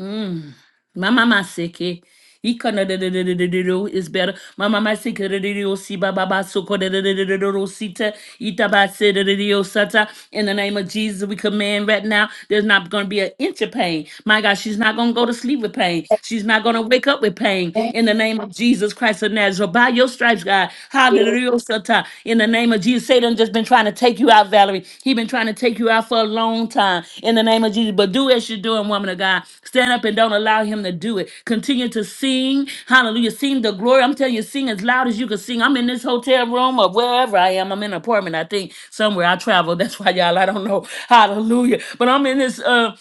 Speaker 1: Mm. My mama sick. eh? He kinda da- da- da- da- da- da- do is better. My mama sick da- da- da- do, si ba ba ba so ko da- da- da- da- da- do, do, si ta, ita ba se da- da- da- do, sa ta. In the name of Jesus, we command right now. There's not going to be an inch of pain. My God, she's not going to go to sleep with pain. She's not going to wake up with pain.
Speaker 3: Thank
Speaker 1: In the name of Jesus Christ of Nazareth, by your stripes, God.
Speaker 3: you.
Speaker 1: Hallelujah. time. In the name of Jesus, Satan just been trying to take you out, Valerie. He been trying to take you out for a long time. In the name of Jesus, but do as you're doing, woman of God. Stand up and don't allow him to do it. Continue to sing. Hallelujah. Sing the glory. I'm telling you, sing as loud as you can sing. I'm in this hotel room or wherever I am. I'm in an apartment, I think, somewhere. I travel. *laughs* That's why y'all, I don't know. Hallelujah. But I'm in this. Uh,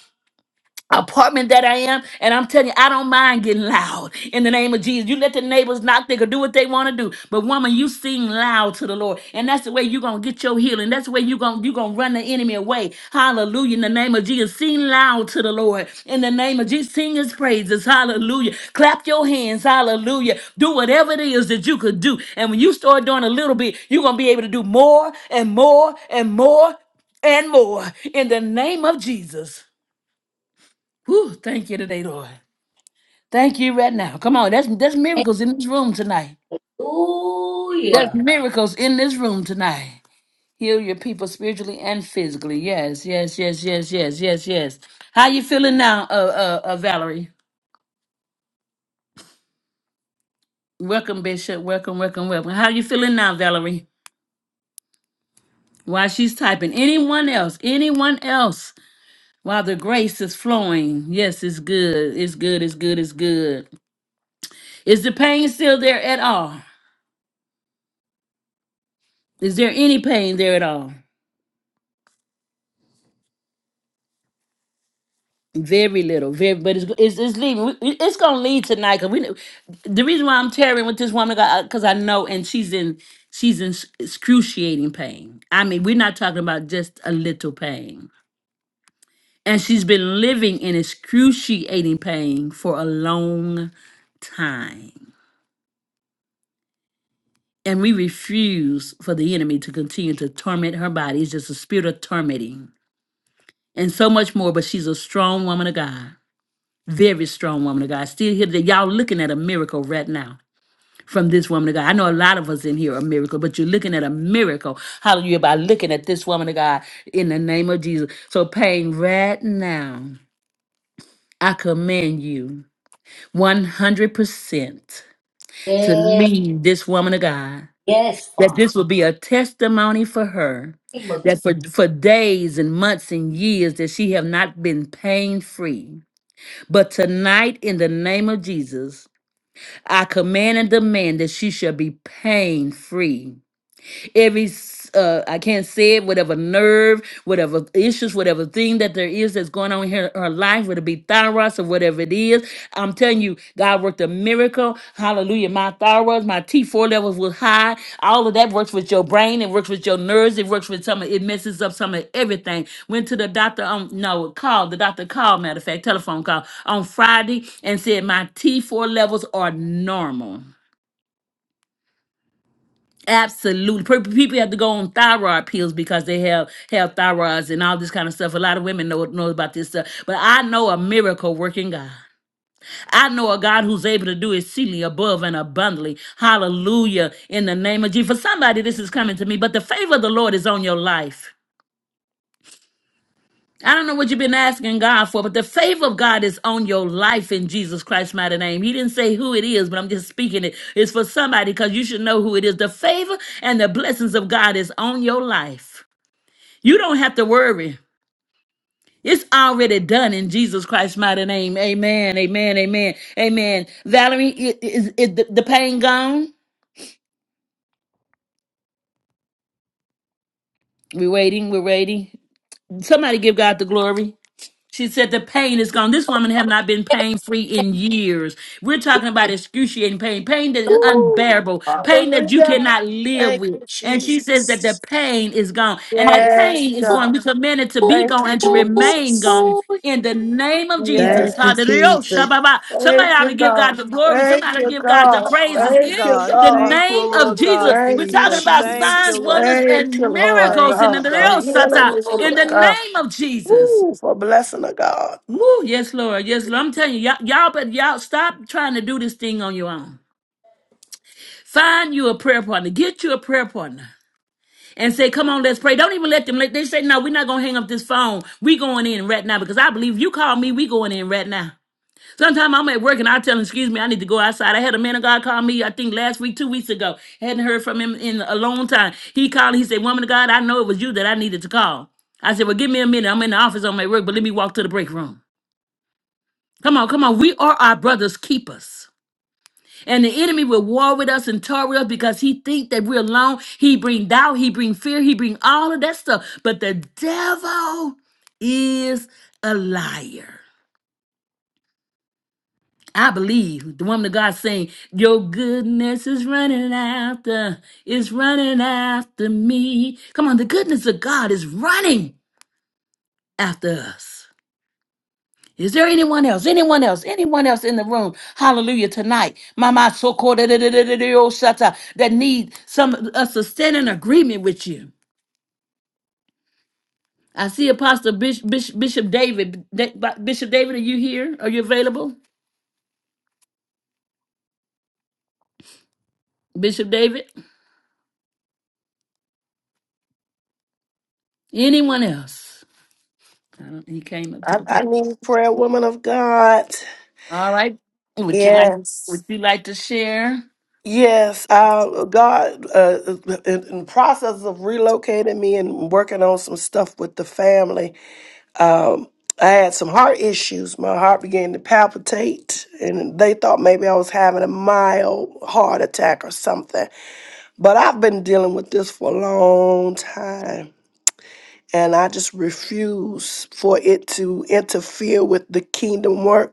Speaker 1: apartment that I am, and I'm telling you, I don't mind getting loud in the name of Jesus. You let the neighbors knock, they can do what they want to do. But woman, you sing loud to the Lord, and that's the way you're gonna get your healing. That's the way you're gonna you gonna run the enemy away. Hallelujah. In the name of Jesus. Sing loud to the Lord. In the name of Jesus, sing his praises. Hallelujah. Clap your hands, hallelujah. Do whatever it is that you could do. And when you start doing a little bit, you're gonna be able to do more and more and more and more in the name of Jesus. Whew, thank you today, Lord. Thank you right now. Come on, that's that's miracles in this room tonight. There's
Speaker 3: Hallelujah.
Speaker 1: miracles in this room tonight. Heal your people spiritually and physically. Yes, yes, yes, yes, yes, yes, yes. How you feeling now, uh, uh, uh Valerie? Welcome, Bishop. Welcome, welcome, welcome. How you feeling now, Valerie? While she's typing, anyone else? Anyone else? While the grace is flowing. Yes, it's good. It's good. It's good. It's good. Is the pain still there at all? Is there any pain there at all? Very little, very, but it's it's, it's leaving. We- we- It's gonna lead tonight. Cause we, kn- the reason why I'm tearing with this woman, because I know, and she's in she's in s- excruciating pain. I mean, we're not talking about just a little pain, and she's been living in excruciating pain for a long time. And we refuse for the enemy to continue to torment her body. It's just a spirit of tormenting and so much more. But she's a strong woman of God Very strong woman of God. Still here today. Y'all looking at a miracle right now from this woman of God. I know a lot of us in here are a miracle, but you're looking at a miracle. Hallelujah. By looking at this woman of God in the name of Jesus. So pain right now. I command you 100% to
Speaker 3: Yes,
Speaker 1: leave this woman of God,
Speaker 3: yes,
Speaker 1: that
Speaker 3: Father.
Speaker 1: this will be a testimony for her, that for, for days and months and years that she have not been pain free. But tonight, in the name of Jesus, I command and demand that she shall be pain free every s- uh, I can't say it, whatever nerve, whatever issues, whatever thing that there is that's going on in her, her life, whether it be thyroid or whatever it is. I'm telling you, God worked a miracle. Hallelujah. My thyroids, my T4 levels was high. All of that works with your brain. It works with your nerves. It works with some of it messes up some of everything. Went to the doctor on no call. The doctor called, matter of fact, telephone call on Friday and said my T4 levels are normal. Absolutely. Pe- People have to go on thyroid pills because they have have thyroids and all this kind of stuff. A lot of women know know about this stuff. But I know a miracle working God. I know a God who's able to do exceedingly above and abundantly. Hallelujah. In the name of Jesus. For somebody, this is coming to me, but the favor of the Lord is on your life. I don't know what you've been asking God for, but the favor of God is on your life in Jesus Christ's mighty name. He didn't say who it is, but I'm just speaking it. It's for somebody because you should know who it is. The favor and the blessings of God is on your life. You don't have to worry. It's already done in Jesus Christ's mighty name. Amen. Amen. Amen. Amen. Valerie, i- is, is the the pain gone? We're waiting. We're waiting. Somebody give God the glory. She said the pain is gone. This woman have not been pain free in years. We're talking about excruciating pain, pain that is
Speaker 4: Woo.
Speaker 1: unbearable, pain that you
Speaker 4: Hallelujah.
Speaker 1: cannot live
Speaker 4: Thank
Speaker 1: with.
Speaker 4: you,
Speaker 1: And she says that the
Speaker 4: Jesus.
Speaker 1: pain is gone. And that
Speaker 4: Yes,
Speaker 1: pain is going,
Speaker 4: God.
Speaker 1: we command it to be
Speaker 4: Thank
Speaker 1: gone
Speaker 4: you,
Speaker 1: and to remain
Speaker 4: Jesus.
Speaker 1: gone in the name of Jesus.
Speaker 2: Thank you,
Speaker 4: Yes.
Speaker 1: Hallelujah.
Speaker 2: Jesus.
Speaker 1: Shabbat. Somebody
Speaker 4: Thank
Speaker 1: ought
Speaker 4: you,
Speaker 1: to give God
Speaker 4: God.
Speaker 1: the glory. Somebody
Speaker 4: Thank
Speaker 1: ought to
Speaker 4: you,
Speaker 1: give God the
Speaker 4: God.
Speaker 1: praises
Speaker 4: Thank
Speaker 1: in
Speaker 4: you,
Speaker 2: God,
Speaker 1: the
Speaker 4: God.
Speaker 2: thank you,
Speaker 1: name of
Speaker 2: Lord
Speaker 1: Jesus.
Speaker 2: God,
Speaker 1: We're
Speaker 4: Thank you,
Speaker 1: talking
Speaker 2: Jesus.
Speaker 1: about
Speaker 2: Thank you,
Speaker 1: signs,
Speaker 4: Jesus.
Speaker 2: Lord.
Speaker 1: wonders,
Speaker 4: Thank
Speaker 1: and
Speaker 4: you, Lord
Speaker 1: miracles
Speaker 2: Thank
Speaker 1: in the,
Speaker 2: you,
Speaker 4: God, for
Speaker 2: God.
Speaker 4: healing the
Speaker 1: in
Speaker 4: woman
Speaker 1: the
Speaker 4: of God.
Speaker 1: name of Jesus.
Speaker 4: Ooh, for blessing of God.
Speaker 1: Woo, yes, Lord. Yes, Lord. I'm telling you, y'all, y'all but y'all stop trying to do this thing on your own. Find you a prayer partner. Get you a prayer partner. And say, come on, let's pray. Don't even let them let they say, no, we're not gonna hang up this phone. We going in right now because I believe you call me, we going in right now. Sometimes I'm at work and I tell him, excuse me, I need to go outside. I had a man of God call me, I think last week, two weeks ago. Hadn't heard from him in a long time. He called, he said, Woman of God, I know it was you that I needed to call. I said, Well, give me a minute. I'm in the office on my work, but let me walk to the break room. Come on, come on. We are our brother's keepers. And the enemy will war with us and tar with us because he think that we're alone. He bring doubt, he bring fear, he bring all of that stuff. But the devil is a liar. I believe the woman of God saying, Your goodness is running after, is running after me. Come on, the goodness of God is running after us. Is there anyone else? Anyone else? Anyone else in the room? Hallelujah tonight. Mama so called that need some of us to stand in agreement with you. I see Apostle Bishop, Bishop, Bishop David. Da- Bishop David, are you here? Are you available? Bishop David? Anyone else? I don't, he came up to
Speaker 4: I,
Speaker 1: the
Speaker 4: I
Speaker 1: top.
Speaker 4: need prayer, woman of God.
Speaker 1: All right. Would you like would
Speaker 4: Yes.
Speaker 1: you like to share?
Speaker 4: Yes, uh, God, uh, in, in process of relocating me and working on some stuff with the family, Um, I had some heart issues. My heart began to palpitate, and they thought maybe I was having a mild heart attack or something. But I've been dealing with this for a long time, and I just refuse for it to interfere with the kingdom work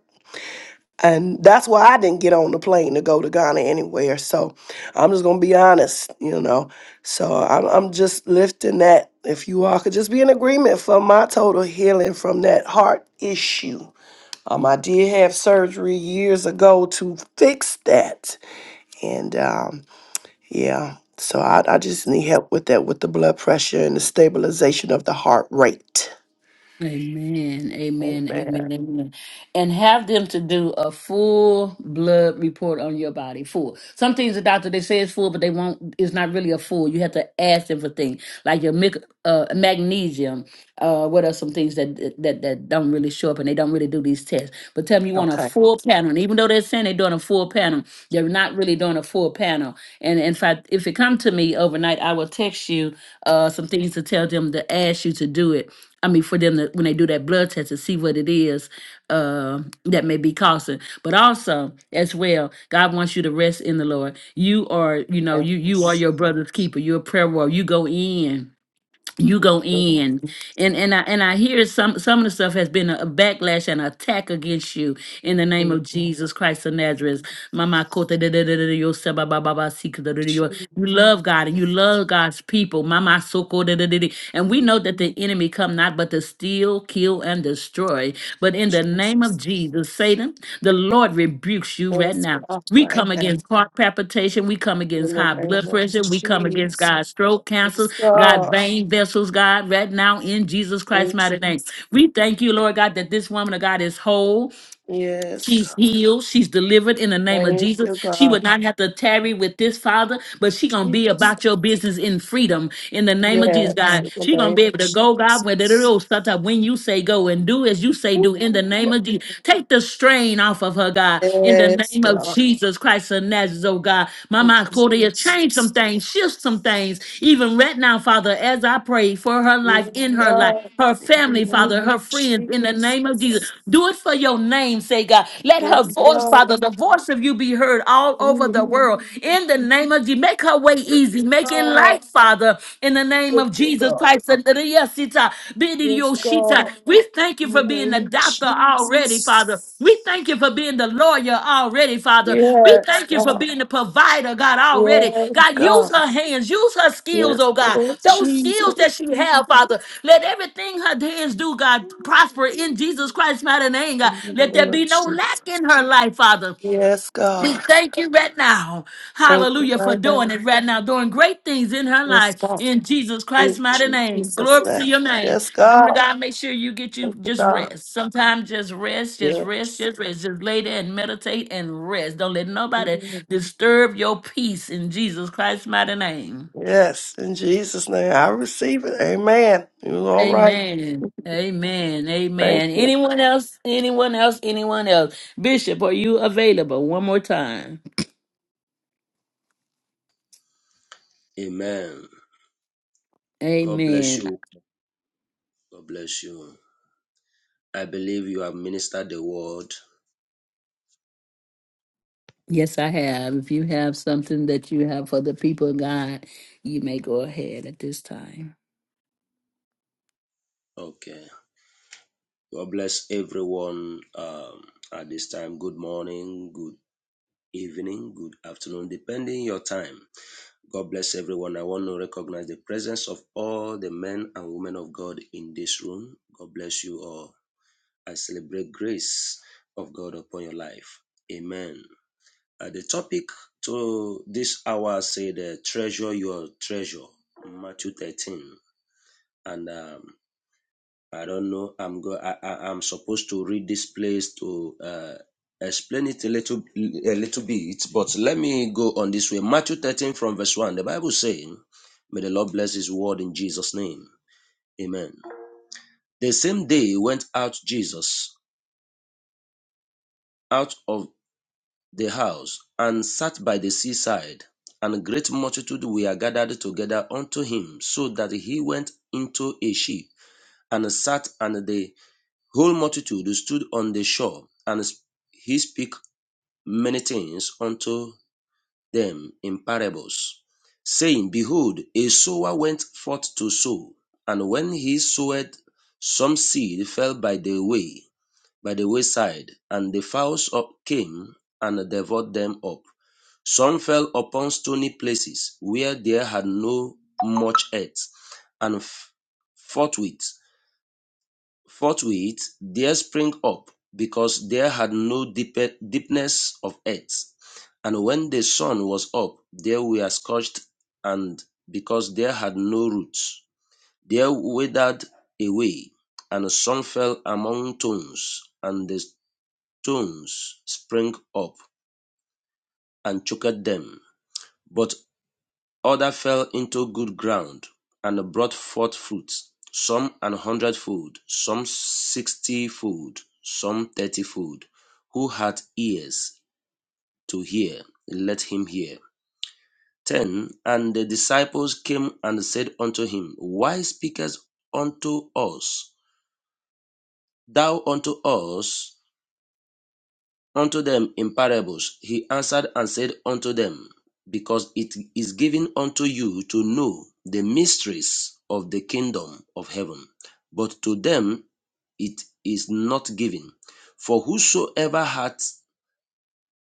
Speaker 4: and that's why I didn't get on the plane to go to Ghana anywhere. So I'm just going to be honest, you know. So I'm, I'm just lifting that. If you all could just be in agreement for my total healing from that heart issue. Um, I did have surgery years ago to fix that. And um, yeah, so I, I just need help with that, with the blood pressure and the stabilization of the heart rate.
Speaker 1: Amen. Amen. Amen.
Speaker 4: Amen.
Speaker 1: Amen. And have them to do a full blood report on your body. Full. Some things the doctor they say is full, but they won't. It's not really a full. You have to ask them for things like your mic- uh, magnesium. Uh, what are some things that that that don't really show up and they don't really do these tests? But tell them you want a
Speaker 4: Okay.
Speaker 1: full panel. And even though they're saying they're doing a full panel, they're not really doing a full panel. And in fact, if it come to me overnight, I will text you uh, some things to tell them to ask you to do it I mean, for them to, when they do that blood test to see what it is uh, that may be causing. But also, as well, God wants you to rest in the Lord. You are, you know,
Speaker 4: And
Speaker 1: you you are your brother's keeper. You're a prayer warrior. You go in you
Speaker 4: we
Speaker 1: go
Speaker 4: will
Speaker 1: in and and i and i hear some some of the stuff has been a backlash and attack against you in the name
Speaker 4: be
Speaker 1: of jesus christ of nazareth mama kota de- de- de- de- de- yo, sa- ba- ba- ba- ba- si- ka- da- da- da- yo. you love god and you love god's people mama soko de- de- de- de. and we know that the enemy come not but to steal steal, kill, and destroy. But in the name of Jesus, Satan, the Lord rebukes you right
Speaker 4: blessed
Speaker 1: now.
Speaker 4: off
Speaker 1: We
Speaker 4: right
Speaker 1: come
Speaker 4: now
Speaker 1: against heart palpitation. We come against
Speaker 4: in the
Speaker 1: high
Speaker 4: name
Speaker 1: blood
Speaker 4: of
Speaker 1: pressure. We come against
Speaker 4: Jesus.
Speaker 1: God's stroke, cancer,
Speaker 4: Yes,
Speaker 1: God,
Speaker 4: God.
Speaker 1: vein vessels, God, right now in Jesus
Speaker 4: Thank
Speaker 1: Christ's mighty
Speaker 4: you,
Speaker 1: name.
Speaker 4: Jesus.
Speaker 1: We thank you, Lord God, that this woman of God is whole.
Speaker 4: Yes,
Speaker 1: She's
Speaker 4: God.
Speaker 1: healed. She's delivered in the name of
Speaker 4: Thank
Speaker 1: Jesus.
Speaker 4: you,
Speaker 1: She
Speaker 4: God.
Speaker 1: would not have to tarry with this father, but she gonna be
Speaker 4: Jesus.
Speaker 1: about your business in freedom in the name of Jesus,
Speaker 4: Yes,
Speaker 1: God.
Speaker 4: in
Speaker 1: She
Speaker 4: the
Speaker 1: gonna
Speaker 4: name
Speaker 1: be
Speaker 4: of
Speaker 1: able to go, God, where the
Speaker 4: Jesus.
Speaker 1: little stuff up, when you say go and do as you say do in the
Speaker 4: Ooh.
Speaker 1: name of Jesus. Take the strain off of her, God, in the name of Jesus Christ of Nazareth, oh God. Mama Cordia, change some things things, shift some things, even right now, Father, as I pray for her life, in her life, her family, Father, her friends, in the name of Jesus. Do it for your name, say God. Let her voice, Father, the voice of you be heard all over the world. In the name of Jesus, make her way easy. Make it light, Father, in the name of Jesus Christ. Shita. We thank you for being the doctor already, Father. We thank you for being the lawyer already, Father. We thank you for being the provider, God, already. God, use her hands, use her skills, oh God. Those skills that she have, Father. Let everything her hands do, God, prosper in Jesus Christ's mighty name, God. Let there be no lack in her life, Father.
Speaker 4: Yes,
Speaker 1: We
Speaker 4: God.
Speaker 1: thank you right now. Hallelujah for doing it right now, doing great things in her life in Jesus Christ's
Speaker 4: In
Speaker 1: mighty name.
Speaker 4: Jesus'
Speaker 1: Glory to
Speaker 4: name.
Speaker 1: your name.
Speaker 4: Yes,
Speaker 1: Woman of
Speaker 4: God.
Speaker 1: God, make sure you get you just rest. Sometimes just rest, just rest, just rest. Just lay there and meditate and rest. Don't let nobody disturb your peace in Jesus Christ's mighty name.
Speaker 4: Yes, in Jesus' name. I receive it. Amen. It was all right.
Speaker 1: Amen. Amen. Amen. Anyone else? Anyone else? Anyone else? Bishop, are you available? One more time.
Speaker 10: Amen. God bless
Speaker 1: Amen.
Speaker 10: you. God bless you. I believe you have ministered the word.
Speaker 1: Yes, I have. If you have something that you have for the people of God, you may go ahead at this time.
Speaker 10: Okay. God bless everyone um, at this time. Good morning, good evening, good afternoon, depending your time. God bless everyone. I want to recognize the presence of all the men and women of God in this room. God bless you all. I celebrate grace of God upon your life. Amen. Uh, the topic to this hour said, uh, Treasure Your Treasure, Matthew 13. And um, I don't know, I'm, go- I, I, I'm supposed to read this place to uh, explain it a little, a little bit, but let me go on this way. Matthew 13 from verse 1, the Bible saying, May the Lord bless his word in Jesus' name. Amen. The same day went out Jesus out of the house, and sat by the seaside. And a great multitude were gathered together unto him, so that he went into a ship, and sat, and the whole multitude stood on the shore. And he spake many things unto them in parables, saying, Behold, a sower went forth to sow, and when he sowed, some seed fell by the way by the wayside, and the fowls up came and devoured them up. Some fell upon stony places where there had no much earth, and forthwith, forthwith there sprang up, because there had no deep- deepness of earth. And when the sun was up, they were scorched, and because there had no roots, they withered away. And some fell among thorns, and the Stones sprang up and choked them, but other fell into good ground, and brought forth fruit, some an hundredfold, some sixtyfold, some thirtyfold. Who hath ears to hear, let him hear. 10 And the disciples came and said unto him, Why speakest unto us, thou unto us? unto them in parables. He answered and said unto them, Because it is given unto you to know the mysteries of the kingdom of heaven, but to them it is not given. For whosoever hath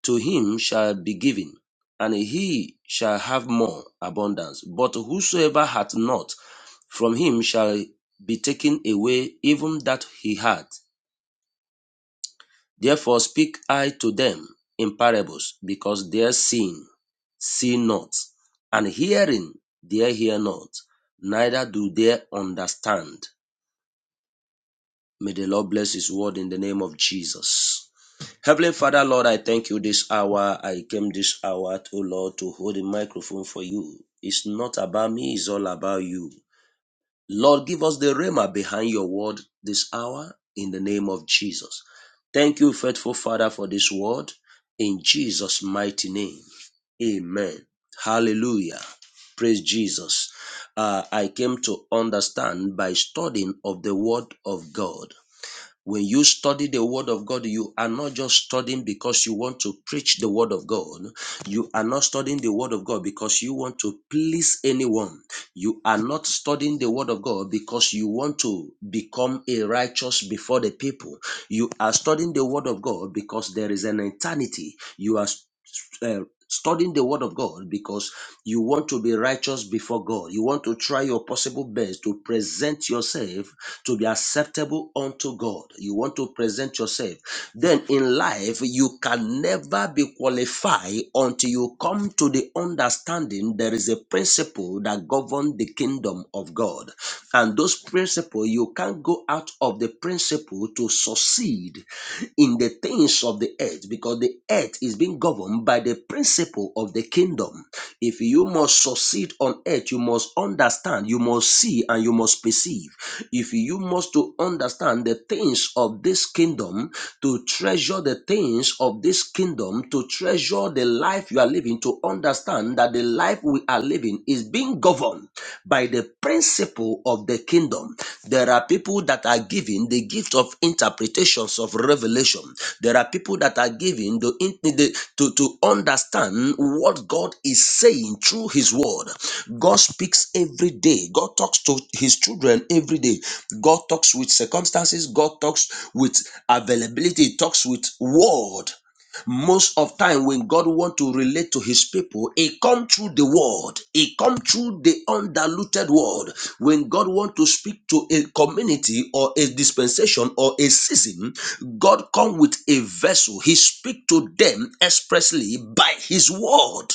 Speaker 10: to him shall be given, and he shall have more abundance. But whosoever hath not, from him shall be taken away even that he had. Therefore speak I to them in parables, because their seeing see not, and hearing they hear not, neither do they understand. May the Lord bless His word in the name of Jesus. Heavenly Father, Lord, I thank you this hour. I came this hour, O Lord, to hold the microphone for you. It's not about me, it's all about you. Lord, give us the rhema behind your word this hour in the name of Jesus. Thank you, faithful Father, for this word in Jesus' mighty name. Amen. Hallelujah. Praise Jesus. Uh, I came to understand by studying of the word of God. When you study the word of God, you are not just studying because you want to preach the word of God. You are not studying the word of God because you want to please anyone. You are not studying the word of God because you want to become a righteous before the people. You are studying the word of God because there is an eternity. You are uh, studying the word of God because you want to be righteous before God. You want to try your possible best to present yourself to be acceptable unto God. You want to present yourself then in life you can never be qualified until you come to the understanding there is a principle that governs the kingdom of god and those principles you can't go out of the principle to succeed in the things of the earth because the earth is being governed by the principle of the kingdom if you must succeed on earth, you must understand, you must see, and you must perceive. If you must to understand the things of this kingdom, to treasure the things of this kingdom, to treasure the life you are living, to understand that the life we are living is being governed by the principle of the kingdom. The there are people that are given the gift of interpretations of revelation. There are people that are given the, the- to, to understand what God is saying through His word. God speaks every day. God talks to His children every day. God talks with circumstances. God talks with availability. He talks with word most of time when god want to relate to his people it come through the word it come through the undiluted word when god want to speak to a community or a dispensation or a season god come with a vessel he speak to them expressly by his word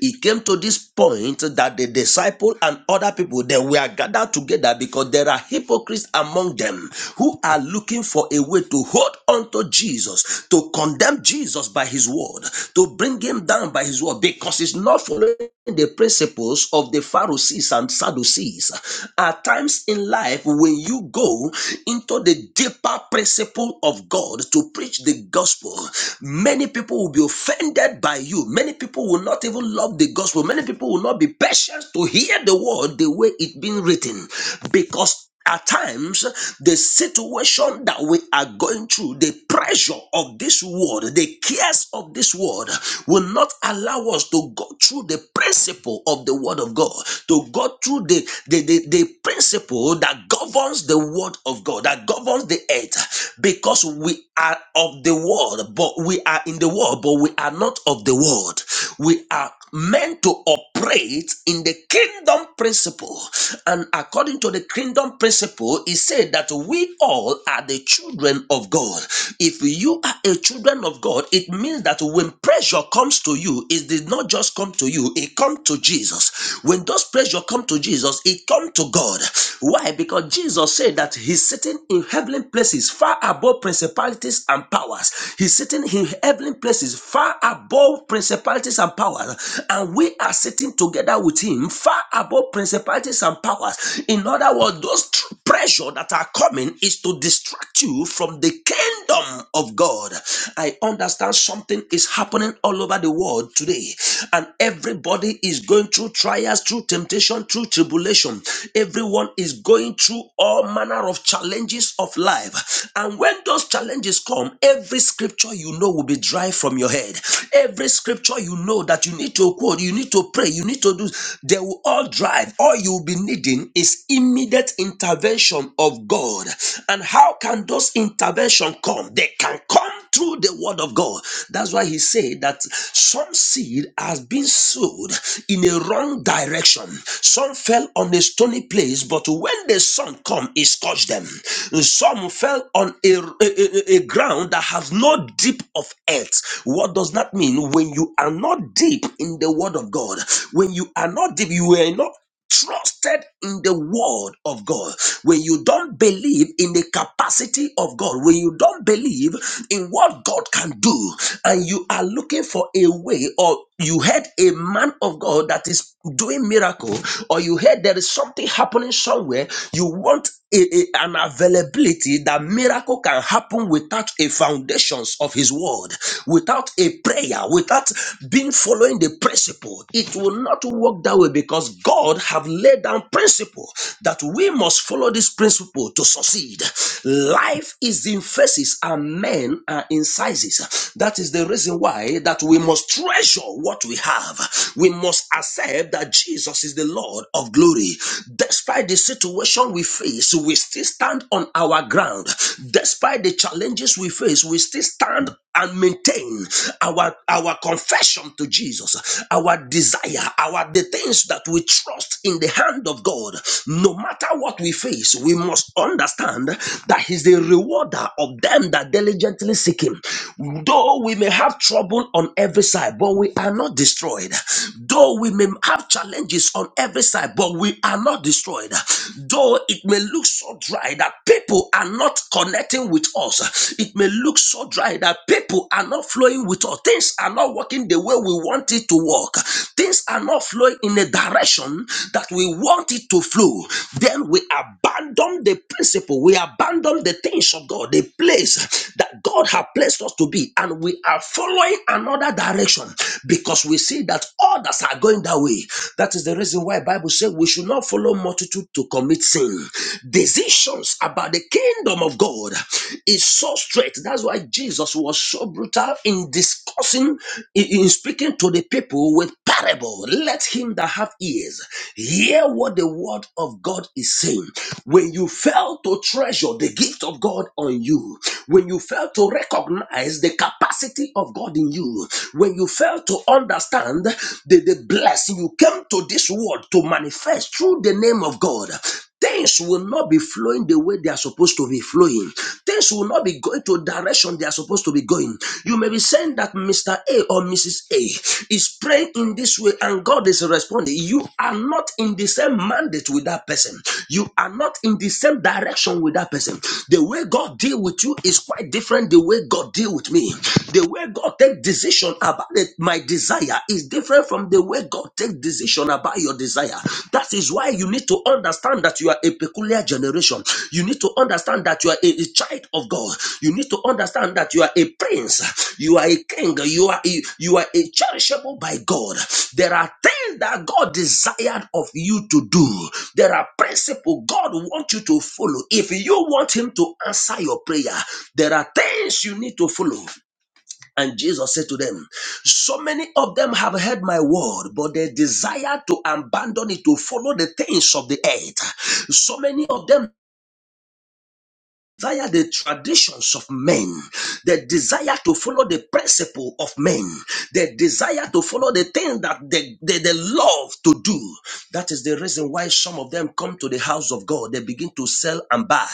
Speaker 10: it came to this point that the disciple and other people they were gathered together because there are hypocrites among them who are looking for a way to hold on to Jesus, to condemn Jesus by his word, to bring him down by his word, because he's not following the principles of the Pharisees and Sadducees. At times in life, when you go into the deeper principle of God to preach the gospel, many people will be offended by you. Many people will not even love the gospel. Many people will not be patient to hear the word the way it's been written because at times the situation that we are going through the pressure of this world the cares of this world will not allow us to go through the principle of the word of god to go through the the, the, the principle that governs governs the word of God, that governs the earth, because we are of the world, but we are in the world, but we are not of the world. We are meant to operate in the kingdom principle. And according to the kingdom principle, it said that we all are the children of God. If you are a children of God, it means that when pressure comes to you, it did not just come to you, it comes to Jesus. Jesus. When those pressure come to Jesus, it come to God. Why? Because Jesus said that he's sitting in heavenly places far above principalities and powers. He's sitting in heavenly places far above principalities and powers. And we are sitting together with him far above principalities and powers. In other words, those tr- pressure that are coming is to distract you from the kingdom of God. I understand something is happening all over the world today, and everybody is going through trials, through temptation, through tribulation. Everyone is going through all manner of challenges of life. And when those challenges come, every scripture you know will be dry from your head. Every scripture you know that you need to quote, you need to pray, you need to do, they will all drive. All you'll be needing is immediate intervention intervention of God. And how can those intervention come? They can come through the word of God. That's why he said that some seed has been sowed in a wrong direction. Some fell on a stony place, but when the sun come, it scorched them. Some fell on a, a, a- a ground that has no deep of earth. What does that mean? When you are not deep in the word of God, when you are not deep, you are not trusted in the word of God, when you don't believe in the capacity of God, when you don't believe in what God can do, and you are looking for a way, or you heard a man of God that is doing miracle, or you heard there is something happening somewhere, you want a, a- an availability that miracle can happen without a foundations of his word, without a prayer, without being following the principle it will not work that way because god have laid down principle that we must follow this principle to succeed life is in faces and men are in sizes that is the reason why that we must treasure what we have we must accept that jesus is the lord of glory despite the situation we face we still stand on our ground despite the challenges we face we still stand and maintain our our confession to Jesus, our desire, our the things that we trust in the hand of God. No matter what we face, we must understand that He's the rewarder of them that diligently seek Him. Though we may have trouble on every side, but we are not destroyed. Though we may have challenges on every side, but we are not destroyed. Though it may look so dry that people are not connected connecting with us, it may look so dry that people are not flowing with us. Things are not working the way we want it to work. Things are not flowing in a direction that we want it to flow. Then we abandon the principle, we abandon the things of God, the place that God has placed us to be, and we are following another direction because we see that others are going that way. That is the reason why Bible says we should not follow multitude to commit sin influencing decisions about the kingdom of God is so straight. That's why Jesus was so brutal in discussing, in in speaking to the people with parable. Let him that have ears hear what the word of God is saying. When you fail to treasure the gift of God on you, when you fail to recognize the capacity of God in you, when you fail to understand the, the blessing you came to this world to manifest through the name of God. Things will not be flowing the way they are supposed to be flowing. Things will not be going to direction they are supposed to be going. You may be saying that Mr. A or Mrs. A is praying in this way and God is responding. You are not in the same mandate with that person. You are not in the same direction with that person. The way God deal with you is quite different the way God deal with me. The way God take decision about it, my desire is different from the way way God takes decision about your desire. That is why you need to understand that you are a peculiar generation. You need to understand that you are a, a child of God. You need to understand that you are a prince. You are a king. You are a, you are a cherishable by God. There are things that God desired of you to do. There are principles God wants you to follow. If you want Him to answer your prayer, there are things you need to follow. And Jesus said to them, So many of them have heard my word, but they desire to abandon it to follow the things of the earth. So many of them desire the traditions of men. They desire to follow the principle of men. They desire to follow the thing that they, they, they love to do. That is the reason why some of them come to the house of God. They begin to sell and buy.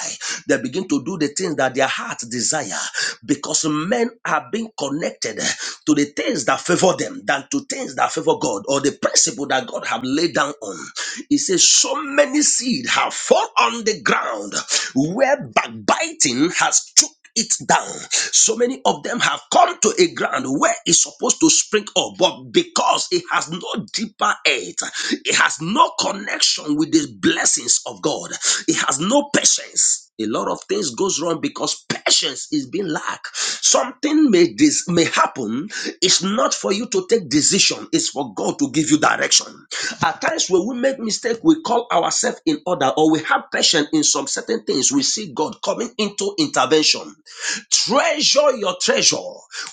Speaker 10: They begin to do the things that their heart desire because men are being connected to the things things that favor them than to things that favor God or the principle that God have laid down on. He says, So many seed have fallen on the ground where backbiting has took it down. So many of them have come to a ground where it's supposed to spring up, but because it has no deeper earth, it has no connection with the blessings of God, it has no patience a lot of things goes wrong because patience is being lack something may this may happen it's not for you to take decision it's for god to give you direction at times when we make mistake we call ourselves in order or we have patience in some certain things we see god coming into intervention treasure your treasure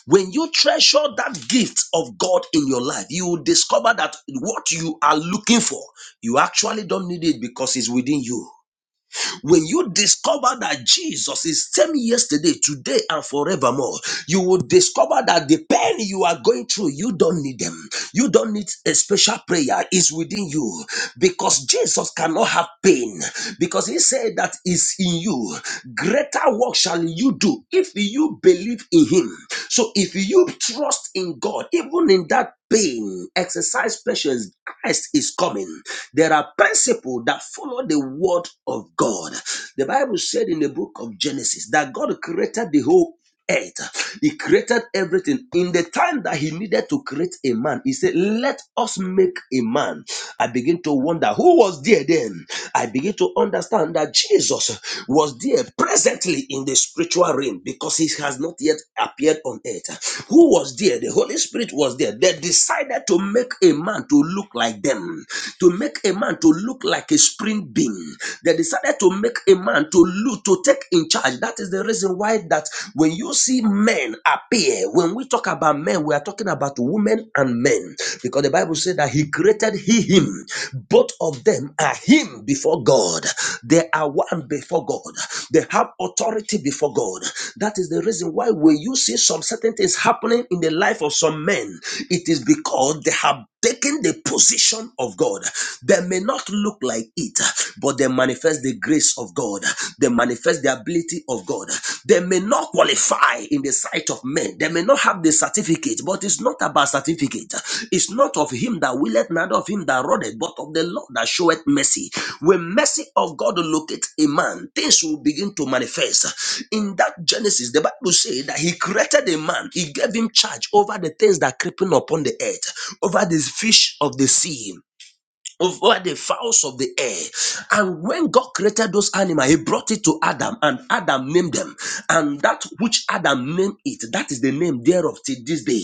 Speaker 10: when you treasure that gift of god in your life you will discover that what you are looking for you actually don't need it because it's within you when you discover that Jesus is same yesterday, today, and forevermore, you will discover that the pain you are going through, you don't need them. You don't need a special prayer. It's within you because Jesus cannot have pain because he said that is in you. Greater work shall you do if you believe in him. So if you trust in God, even in that pain, exercise patience. Christ is coming. There are principles that follow the word of God. The Bible said in the book of Genesis that God created the whole earth. He created everything. In the time that he needed to create a man, he said, Let us make a man. I begin to wonder who was there then. I begin to understand that Jesus was there appeared presently in the spiritual realm because he has not yet appeared on earth. Who was there? The Holy Spirit was there. They decided to make a man to look like them, to make a man to look like a spring being. They decided to make a man to look to take in charge. That is the reason why that when you see men appear, when we talk about men, we are talking about women and men because the Bible. Bible said that he created he him. Both of them are him before God. They are one before God. They have authority before God. That is the reason why when you see some certain things happening in the life of some men, it is because they have taken the position of God. They may not look like it, but they manifest the grace of God. They manifest the ability of God. They may not qualify in the sight of men. They may not have the certificate, but it's not about certificate. It's not of him that willeth, neither of him that runneth, but of the Lord that showeth mercy. When mercy of God locate a man, things will begin to manifest. In that Genesis, the Bible says that he created a man. He gave him charge over the things that creeping upon the earth, over the fish of the sea, over the fowls of the air. And when God created those animals, He brought it to Adam, and Adam named them. And that which Adam named it, that is the name thereof till this day.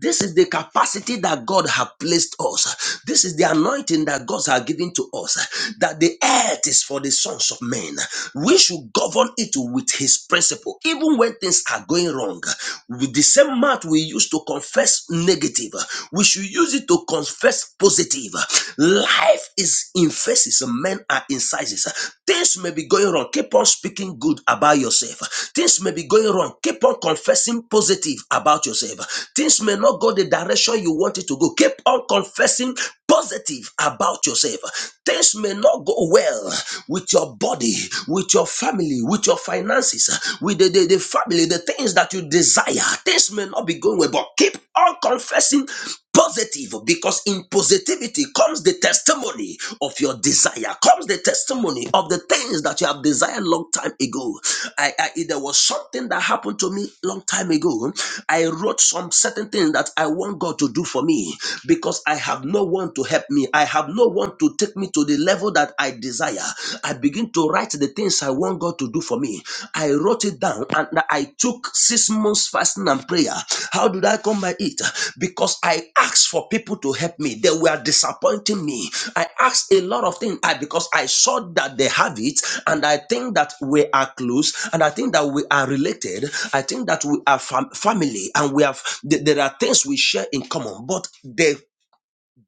Speaker 10: This is the capacity that God has placed us. This is the anointing that God has given to us. That the earth is for the sons of men. We should govern it with His principle, even when things are going wrong. With the same mouth we used to confess confess negative, we should use it to confess positive. Life is in phases, men are in sizes. Things may be going wrong. Keep on speaking good about yourself. Things may be going wrong. Keep on confessing positive about yourself. Things may not go the direction you want it to go. Keep on confessing positive about yourself. Things may not go well with your body, with your family, with your finances with the, the, the family, the things that you desire. Things may not be going well, but keep on confessing positive because in positivity comes the testimony of your desire, comes the testimony of the things that you have desired long time ago. I, I there was something that happened to me long time ago. I wrote some certain things that I want God to do for me because I have no one to help me. I have no one to take me to the level that I desire. I begin to write the things I want God to do for me. I wrote it down and I took six months fasting and prayer. How did I come by it? Because I asked for people to help me. They were disappointing me. I asked a lot of things I, because I saw that they have it and I think that we are close and I think that we are related. I think that we are fam- family and we have th- there are things we share in common. But the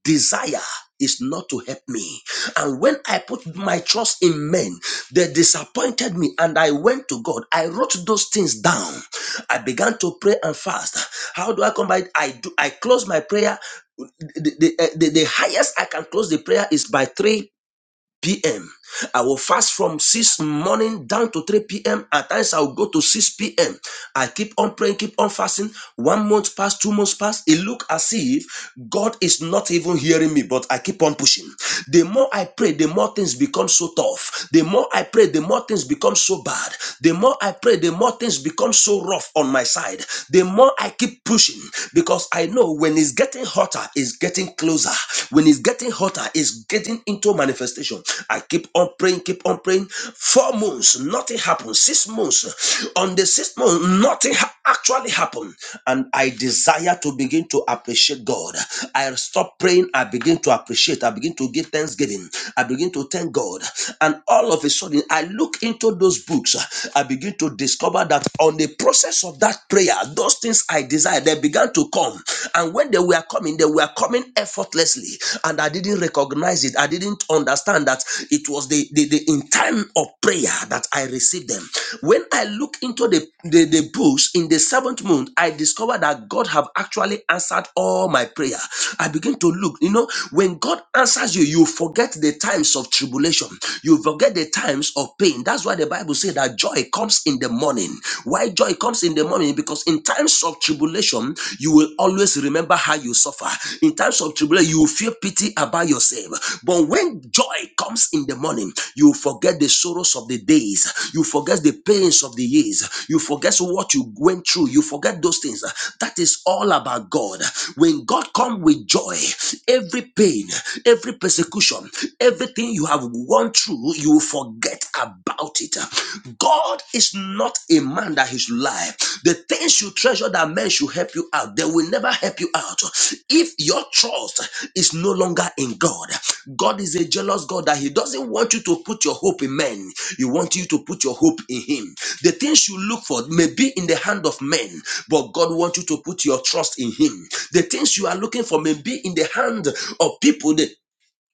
Speaker 10: desire is not to help me. And when I put my trust in men, they disappointed me and I went to God. I wrote those things down. I began to pray and fast. How do I come by? it? I do I close my prayer. The, the, the, eh, the highest I can close the prayer is by 3 p.m. I will fast from 6 morning down to 3 p.m. At times I will go to 6 p.m. I keep on praying, keep on fasting. One month passed, two months passed. It looked as if God is not even hearing me, but I keep on pushing. The more I pray, the more things become so tough. The more I pray, the more things become so bad. The more I pray, the more things become so rough on my side. The more I keep pushing because I know when it's getting hotter, it's getting closer. When it's getting hotter, it's getting into manifestation manifestation. I keep on praying, keep on praying. Four months, nothing happened. Six months, on the sixth month, nothing ha- actually happened. And I desire to begin to appreciate God. I stop praying, I begin to appreciate, I begin to give thanksgiving, I begin to thank God. And all of a sudden, I look into those books, I begin to discover that on the process of that prayer, those things I desired, they began to come. And when they were coming, they were coming effortlessly. And I didn't recognize it. I didn't didn't understand that it was the, the, the in time of prayer that I received them. When I look into the, the, the bush in the seventh month, I discovered that God have actually answered all my prayer. I begin to look, you know, when God answers you, you forget the times of tribulation, you forget the times of pain. That's why the Bible says that joy comes in the morning. Why joy comes in the morning? Because in times of tribulation, you will always remember how you suffer. In times of tribulation, you will feel pity about yourself. But when joy comes in the morning, you forget the sorrows of the days, you forget the pains of the years, you forget what you went through, you forget those things. That is all about God. When God comes with joy, every pain, every persecution, everything you have gone through, you forget about it. God is not a man that he should lie. The things you treasure that men should help you out, they will never help you out. If your trust is no longer in God, God is a jealous God that He doesn't want you to put your hope in men. He wants you to put your hope in Him. The things you look for may be in the hand of men, but God wants you to put your trust in Him. The things you are looking for may be in the hand of people. the,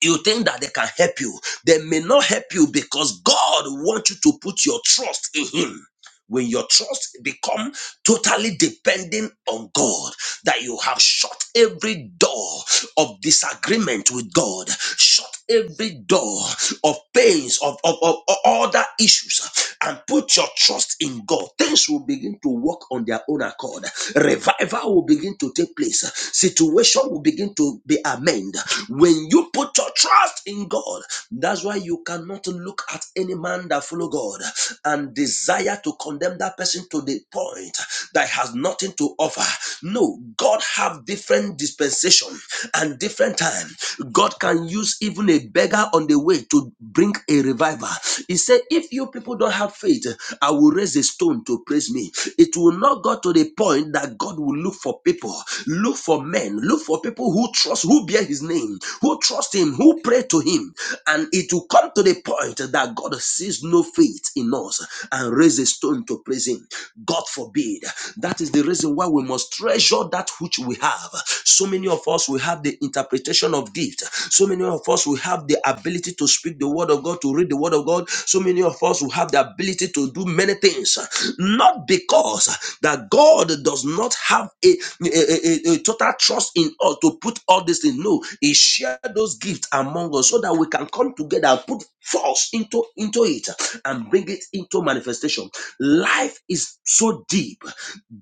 Speaker 10: you think that they can help you. They may not help you because God wants you to put your trust in Him. When your trust become totally dependent on God, that you have shut every door of disagreement with God, shut every door of pains, of, of, of other issues, and put your trust in God, things will begin to work on their own accord. Revival will begin to take place. Situation will begin to be amended. When you put your trust in God, that's why you cannot look at any man that follow God and desire to condemn that person to the point that has nothing to offer. No, God have different dispensation and different time. God can use even a beggar on the way to bring a revival. He said, if you people don't have faith, I will raise a stone to praise me. It will not go to the point that that God will look for people, look for men, look for people who trust, who bear his name, who trust him, who pray to him. And it will come to the point that God sees no faith in us and raise a stone to praise him. God forbid. That is the reason why we must treasure that which we have. So many of us we have the interpretation of gift. So many of us we have the ability to speak the word of God, to read the word of God. So many of us we have the have the ability to do many things, not because that God does not have a, a, a- a total trust in us to put all these things. No, He shared those gifts among us so that we can come together and put force into, into it and bring it into manifestation. Life is so deep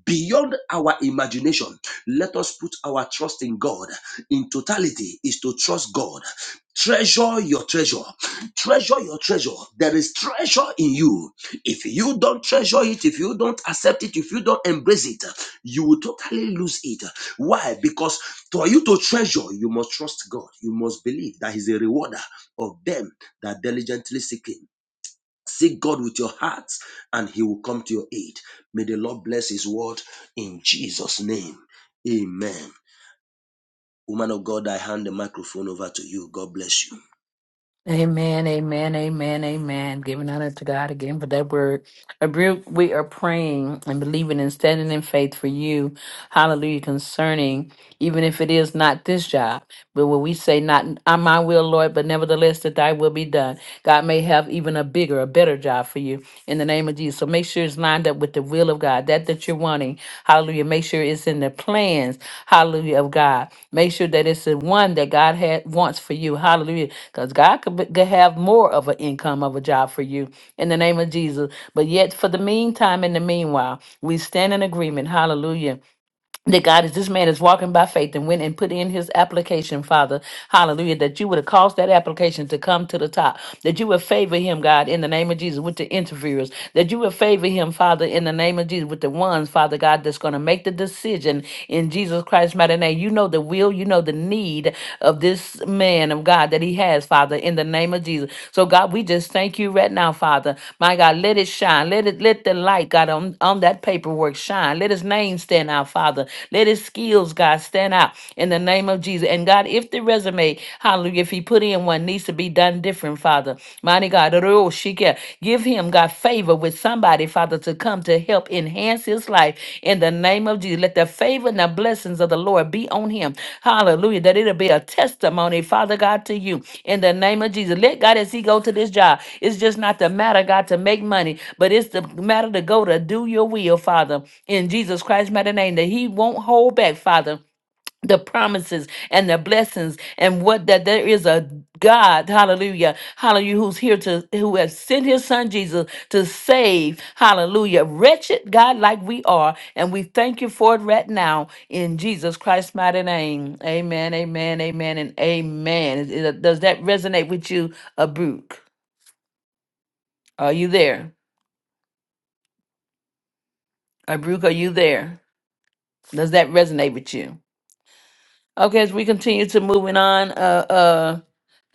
Speaker 10: beyond our imagination. Let us put our trust in God. In totality, is to trust God. Treasure your treasure. Treasure your treasure. There is treasure in you. If you don't treasure it, if you don't accept it, if you don't embrace it, you will totally lose it. Why? Because for you to treasure, you must trust God. You must believe that He's a rewarder of them that diligently seek Him. Seek God with your heart and He will come to your aid. May the Lord bless His word in Jesus' name. Amen. Woman of God, I hand the microphone over to you. God bless you.
Speaker 1: Amen, amen, amen, amen. Giving honor to God again for that word. Abru- We are praying and believing and standing in faith for you. Hallelujah. Concerning, even if it is not this job, but when we say, Not uh, my will, Lord, but nevertheless that thy will be done, God may have even a bigger, a better job for you in the name of Jesus. So make sure it's lined up with the will of God. God, that that you're wanting. Hallelujah. Make sure it's in the plans, hallelujah, of God. Make sure that it's the one that God had wants for you. Hallelujah. Because God could, be- could have more of an income of a job for you in the name of Jesus. But yet, for the meantime, in the meanwhile, we stand in agreement. Hallelujah that God is this man is walking by faith and went and put in his application, Father. Hallelujah. That you would have caused that application to come to the top. That you would favor him, God, in the name of Jesus, with the interviewers. That you would favor him, Father, in the name of Jesus, with the ones, Father God, that's going to make the decision in Jesus Christ's mighty name. You know the will, you know the need of this man of God that he has, Father, in the name of Jesus. So, God, we just thank you right now, Father. My God, let it shine. Let it let the light, God, on, on that paperwork shine. Let his name stand out, Father. Let his skills, God, stand out in the name of Jesus. And God, if the resume, hallelujah, if he put in one needs to be done different, Father. Mighty God, give him, God, favor with somebody somebody, Father, to come to help enhance his life in the name of Jesus. Let the favor and the blessings of the Lord be on him. Hallelujah. That it'll be a testimony, Father God, to you in the name of Jesus. Let God, as he go to this job, it's just not the matter, God, to make money, but it's the matter to go to do your will, Father, in Jesus Christ's mighty name, that he won't hold back, Father the promises and the blessings and what that there is a God, hallelujah, hallelujah, who's here to who has sent his son Jesus to save, hallelujah, wretched God like we are, and we thank you for it right now in Jesus Christ's mighty name. Amen, amen, amen, and amen. Is- is- Does that resonate with you, Abruk? Are you there? Abruk, are you there? Does that resonate with you? Okay, as we continue to moving on, uh uh,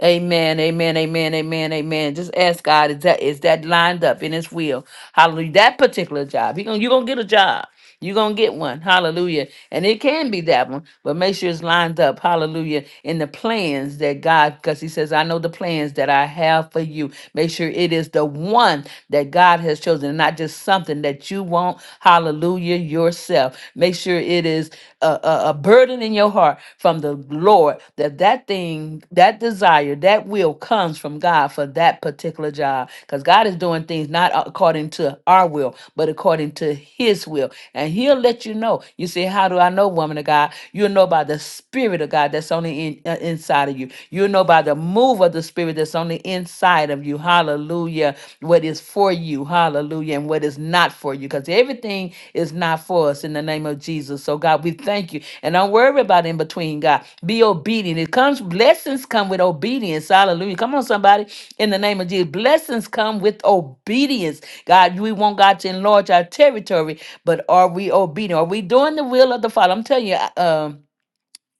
Speaker 1: Amen, amen, amen, amen, amen. Just ask God, is that is that lined up in His will? Hallelujah. That particular job, he gonna, you're gonna get a job. You're gonna get one. Hallelujah. And it can be that one, but make sure it's lined up. Hallelujah. In the plans that God, because He says, I know the plans that I have for you. Make sure it is the one that God has chosen, and not just something that you want. Hallelujah. Yourself yourself. Make sure it is a, a, a burden in your heart from the Lord that that thing, that desire, that will comes from God for that particular job. Because God is doing things not according to our will, but according to His will. And He'll let you know. You say, How do I know, woman of God? You'll know by the Spirit of God that's only in, uh, inside of you. You'll know by the move of the Spirit that's on the inside of you you. Hallelujah. What is for you. Hallelujah. And what is not for you. Because everything is not for us in the name of Jesus. So, God, we thank you. And don't worry about in between, God. Be obedient. It comes, blessings come with obedience. Hallelujah. Come on, somebody. In the name of Jesus. Blessings come with obedience. God, we want God to enlarge our territory, but are we obedient? Are we doing the will of the Father? I'm telling you, I- um,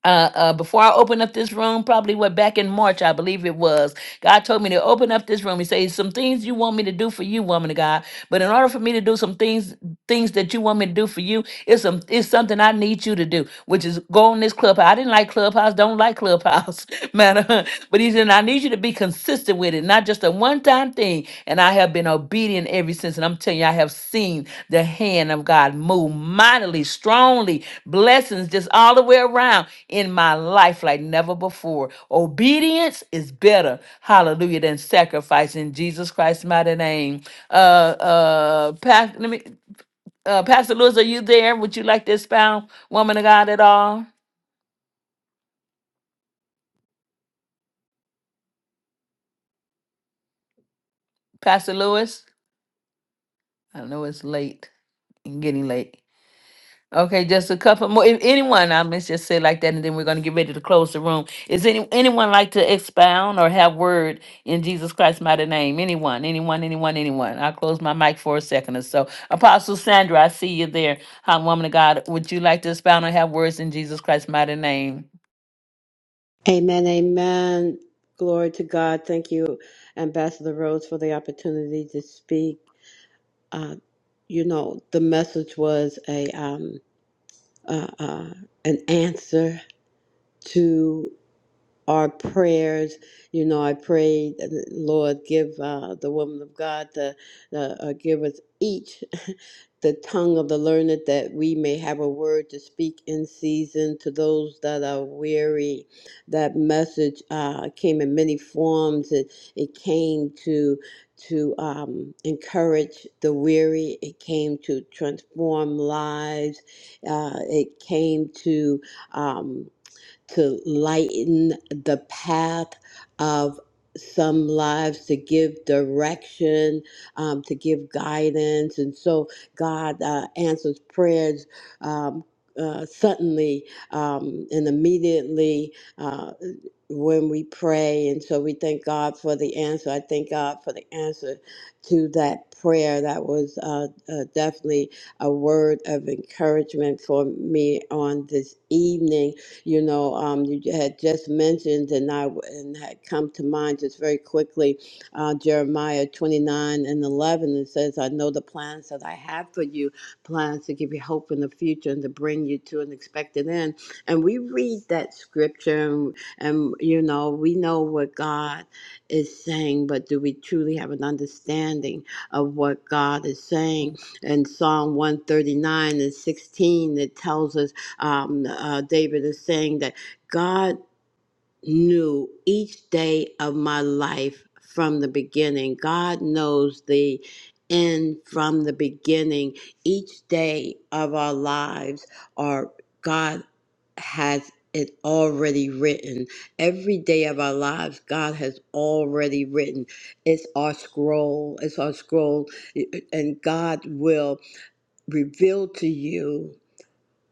Speaker 1: uh, uh, before I opened up this room, probably what back in March, I believe it was. God told me to open up this room. He says some things you want me to do for you, woman of God. But in order for me to do some things, things that you want me to do for you, it's some it's something I need you to do, which is go on this clubhouse. I didn't like clubhouse, don't like clubhouse, *laughs* matter. But he said I need you to be consistent with it, not just a one time thing. And I have been obedient ever since. And I'm telling you, I have seen the hand of God move mightily, strongly, blessings just all the way around in my life like never before. Obedience is better, hallelujah, than sacrifice in Jesus Christ's mighty name. Uh, uh, pa- let me, uh, Pastor Lewis, are you there? Would you like to expound, woman of God, at all? Pastor Lewis, I know it's late and getting late. Okay, just a couple more. If anyone, I must just say like that, and then we're going to get ready to close the room. Is any anyone like to expound or have word in Jesus Christ's mighty name? Anyone, anyone, anyone, anyone. I'll close my mic for a second or so. Apostle Sandra, I see you there. Hi, woman of God. Would you like to expound or have words in Jesus Christ's mighty name?
Speaker 2: Amen, amen. Glory to God. Thank you, Ambassador Rose, for the opportunity to speak. Uh, you know, the message was a um, uh, uh, an answer to. our prayers. You know, I prayed, Lord, give uh, the woman of God the, the uh, give us each *laughs* the tongue of the learned that we may have a word to speak in season to those that are weary. That message uh, came in many forms. It it came to to um, encourage the weary. It came to transform lives. Uh, it came to um, to lighten the path of some lives to give direction, um, to give guidance. And so God uh, answers prayers um, uh, suddenly um, and immediately. Uh, when we pray. And so we thank God for the answer. I thank God for the answer to that prayer. That was uh, uh, definitely a word of encouragement for me on this evening you know, um, you had just mentioned, and I and had come to mind just very quickly, uh, Jeremiah 29 and 11. It says, I know the plans that I have for you, plans to give you hope in the future and to bring you to an expected end. And we read that scripture, and, and you know, we know what God is saying, but do we truly have an understanding of what God is saying? In Psalm 139 and 16, it tells us um, uh, David is saying that God knew each day of my life from the beginning. God knows the end from the beginning. Each day of our lives are God has it already written. Every day of our lives, God has already written. It's our scroll. It's our scroll. And God will reveal to you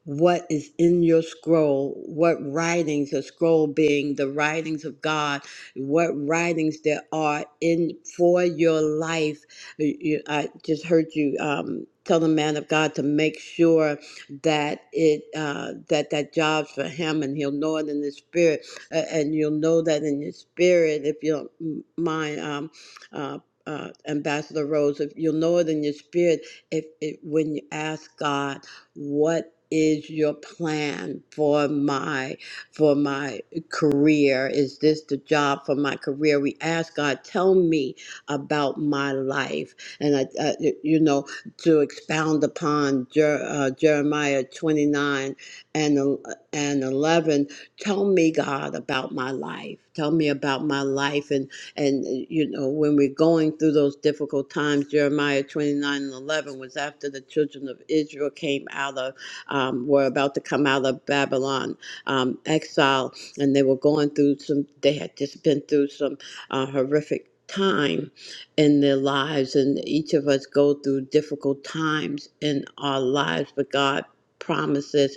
Speaker 2: what is in your scroll, what writings, a scroll being the writings of God, what writings there are in for your life. You- you- I just heard you um, tell the man of God to make sure that it uh, that that job's for him, and he'll know it in his spirit, uh, and you'll know that in your spirit if you don't m- mind. Um, uh, uh, Ambassador Rose, if you'll know it in your spirit, if, if when you ask God, what is your plan for my for my career? Is this the job for my career? We ask God, tell me about my life, and I, I you know to expound upon Jer, uh, Jeremiah twenty nine and el- and eleven. Tell me, God, about my life. Tell me about my life, and and uh, you know when we're going through those difficult times. Jeremiah twenty nine and eleven was after the children of Israel came out of um, were about to come out of Babylon um, exile, and they were going through some. They had just been through some uh, horrific time in their lives, and each of us go through difficult times in our lives, but God promises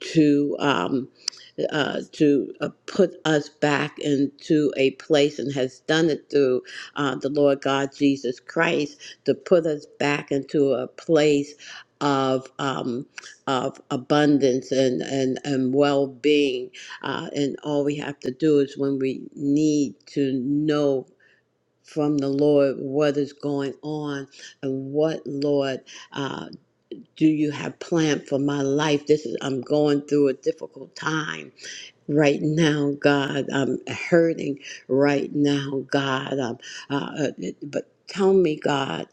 Speaker 2: to um, uh, to uh, put us back into a place and has done it through uh, the Lord God Jesus Christ to put us back into a place of um, of abundance and and, and well being. Uh, and all we have to do is when we need to know from the Lord what is going on and what Lord. uh, do you have planned for my life? This is I'm going through a difficult time right now, God. I'm hurting right now, God. Um, uh, uh, but tell me, God,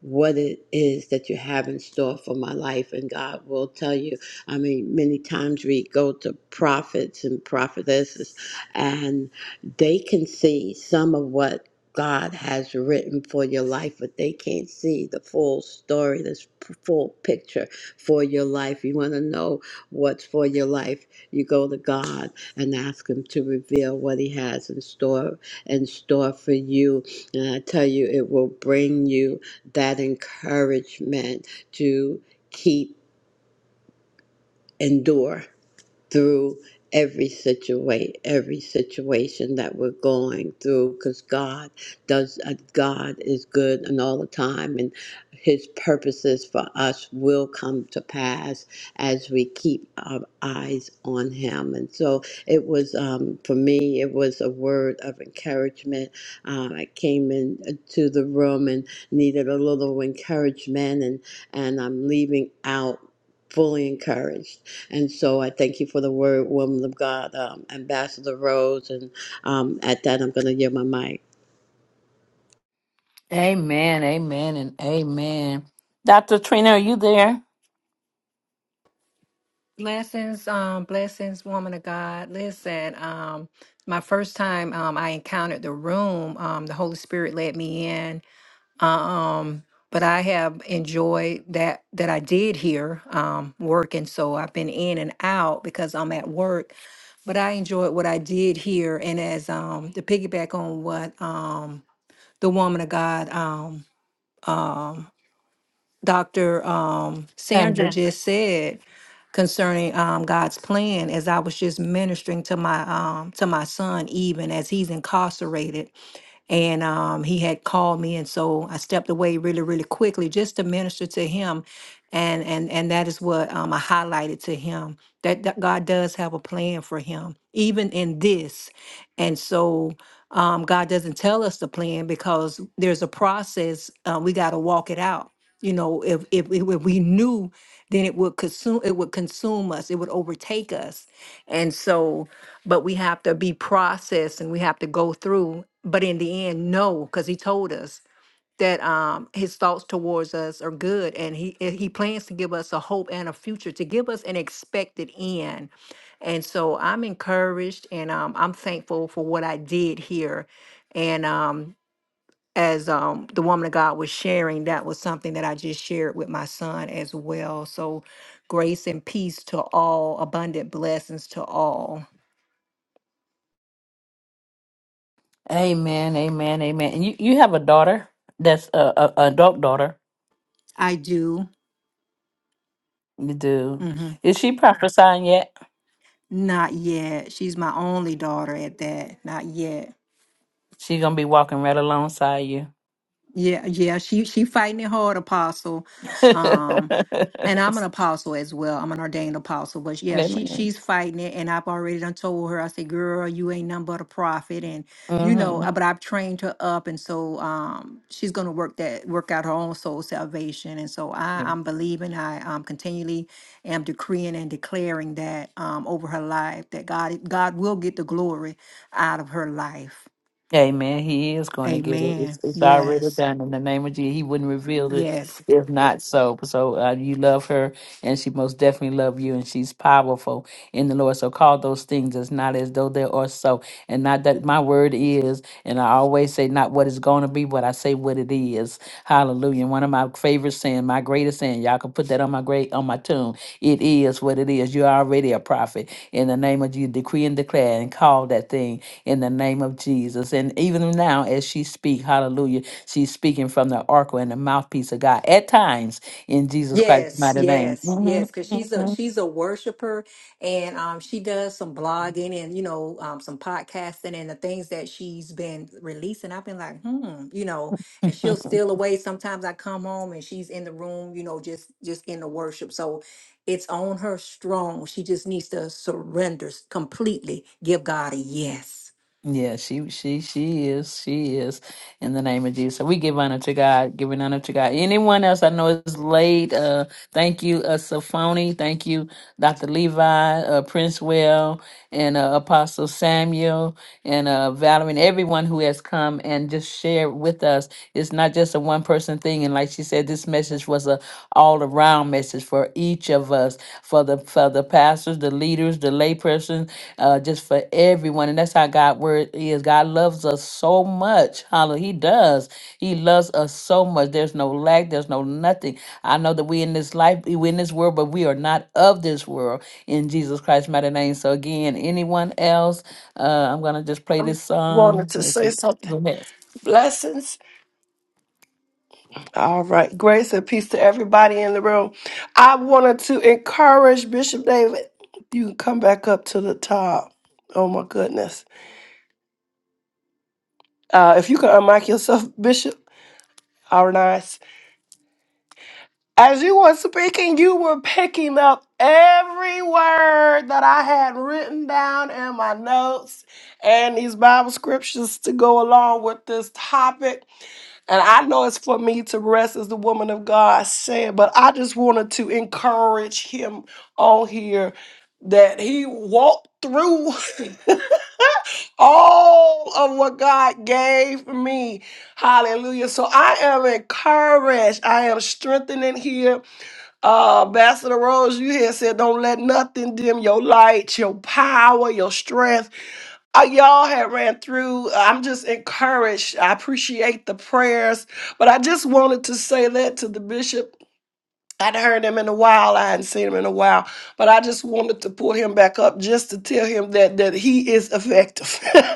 Speaker 2: what it is that you have in store for my life, and God will tell you. I mean, many times we go to prophets and prophetesses, and they can see some of what. God has written for your life, but they can't see the full story, this p- full picture for your life. You want to know what's for your life you go to God and ask him to reveal what he has in store in store for you and i tell you it will bring you that encouragement to keep endure through every situation every situation that we're going through because god does uh, god is good and all the time and his purposes for us will come to pass as we keep our eyes on him and so it was um, for me it was a word of encouragement uh, i came into the room and needed a little encouragement and and i'm leaving out fully encouraged. And so I thank you for the word, woman of God, um, Ambassador Rose. And um, at that, I'm going to give my mic.
Speaker 1: Amen, amen, and amen. Dr. Trina, are you there?
Speaker 8: Blessings, um, blessings, woman of God. Listen, um, my first time um, I encountered the room, um, the Holy Spirit led me in. Um, but I have enjoyed that that I did here um, working, so I've been in and out because I'm at work. But I enjoyed what I did here, and as um, to piggyback on what um, the woman of God um, um, Dr. Um, Sandra Sandra.
Speaker 1: Sandra.
Speaker 8: just said concerning um, God's plan as I was just ministering to my um, to my son even as he's incarcerated and um, he had called me, and so I stepped away really, really quickly just to minister to him, and and and that is what um, I highlighted to him that, that God does have a plan for him, even in this. And so um, God doesn't tell us the plan because there's a process. Uh, we got to walk it out. You know, if, if if we knew, then it would consume. It would consume us. It would overtake us. And so but we have to be processed and we have to go through but in the end no because he told us that um his thoughts towards us are good and he and he plans to give us a hope and a future to give us an expected end and so i'm encouraged and um, i'm thankful for what i did here and um as um the woman of god was sharing that was something that i just shared with my son as well so grace and peace to all abundant blessings to all
Speaker 1: Amen, amen, amen. And you, you have a daughter that's a, a, a adult daughter.
Speaker 8: i do
Speaker 1: You do.
Speaker 8: hmm
Speaker 1: Is she prophesying yet?
Speaker 8: Not yet. She's my only daughter at that. Not yet.
Speaker 1: She gonna be walking right alongside you.
Speaker 8: Yeah, yeah. She she fighting it hard, Apostle.
Speaker 1: *laughs*
Speaker 8: Um, and I'm an apostle as well. I'm an ordained apostle, but yeah, she
Speaker 1: Amen.
Speaker 8: she's fighting it, and I've already done told her. I said, "Girl, you ain't nothing but a prophet," and you know.
Speaker 1: Mm-hmm.
Speaker 8: uh, But I've trained her up, and so um, she's gonna work that work out her own soul salvation. And so I, I'm believing. I um, continually am decreeing and declaring that um, over her life that God God will get the glory out of her life.
Speaker 1: Amen. He is going to get it. It's,
Speaker 8: Amen.
Speaker 1: it's already
Speaker 8: Yes.
Speaker 1: done in the name of Jesus. He wouldn't reveal it
Speaker 8: Yes.
Speaker 1: if not so. So uh, you love her, and she most definitely love you, and she's powerful in the Lord. So call those things as not as though they are so, and not that my word is. And I always say not what it's going to be, but I say what it is. Hallelujah. one of my favorite saying, my greatest saying, y'all can put that on my great on my tomb. It is what it is. You're already a prophet in the name of Jesus. Decree and declare and call that thing in the name of Jesus. And even now, as she speak, hallelujah, she's speaking from the oracle and the mouthpiece of God at times in Jesus Christ's
Speaker 8: Yes,
Speaker 1: mighty name.
Speaker 8: yes, yes, because she's
Speaker 1: *laughs*
Speaker 8: a she's a worshiper, and um, she does some blogging and you know um, some podcasting and the things that she's been releasing. I've been like, hmm, you know, and she'll steal away. Sometimes I come home and she's in the room, you know, just just in the worship. So it's on her strong. She just needs to surrender s- completely, give God a yes.
Speaker 1: Yeah, she she she is. She is in the name of Jesus. We give honor to God, giving honor to God. Anyone else I know is late. Uh thank you, uh Sophoni. Thank you, Dr. Levi, uh Prince Well, and uh, Apostle Samuel and uh Valerie and everyone who has come and just shared with us. It's not just a one person thing. And like she said, this message was a all around message for each of us, for the for for the pastors, the leaders, the layperson, uh, just for everyone. And that's how God word is. God loves us so much. Hallelujah. He does. He loves us so much. There's no lack. There's no nothing. I know that we in this life, we in this world, but we are not of this world in Jesus Christ's mighty name. So again, anyone else, uh, I'm gonna just play
Speaker 4: I
Speaker 1: this
Speaker 4: wanted
Speaker 1: song.
Speaker 4: to
Speaker 1: Let's see.
Speaker 4: say something.
Speaker 1: Go ahead.
Speaker 4: Blessings. All right. Grace and peace to everybody in the room. I wanted to encourage Bishop David. You can come back up to the top. Oh my goodness. Uh, if you can unmic yourself, *laughs* Bishop. All nice. As you were speaking, you were picking up every word that I had written down in my notes and these Bible scriptures to go along with this topic. And I know it's for me to rest as the woman of God said, but I just wanted to encourage him on here that he walked through *laughs* all of what God gave me. Hallelujah. So I am encouraged. I am strengthening here. Uh, Ambassador Rose, you here said, don't let nothing dim your light, your power, your strength. Uh, y'all had ran through. uh, I'm just encouraged. I appreciate the prayers, but I just wanted to say that to the bishop I would heard him in a while. I hadn't seen him in a while, but I just wanted to pull him back up just to tell him that that he is effective. *laughs* ah,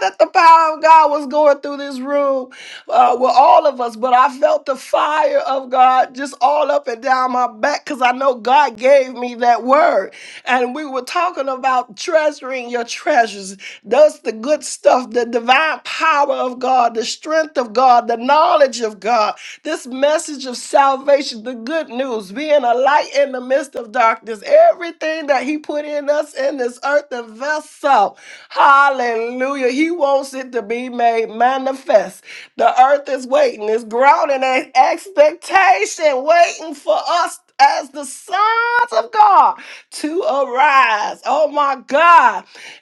Speaker 4: that the power of God was going through this room uh, with all of us, but I felt the fire of God just all up and down my back because I know God gave me that word, and we were talking about treasuring your treasures. That's the good stuff, the divine power of God, the strength of God, the knowledge of God. This message of salvation, the good news, being a light in the midst of darkness, everything that He put in us in this earthen vessel. Hallelujah. He wants it to be made manifest. The earth is waiting, it's grounding in expectation, waiting for us as the sons of God to arise. Oh my God.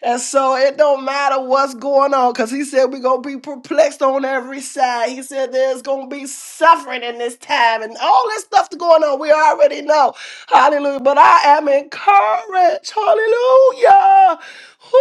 Speaker 4: And so it don't matter what's going on, because he said we're gonna be perplexed on every side. He said there's gonna be suffering in this time and all this stuff going on. We already know. Hallelujah. But I am encouraged. Hallelujah. Who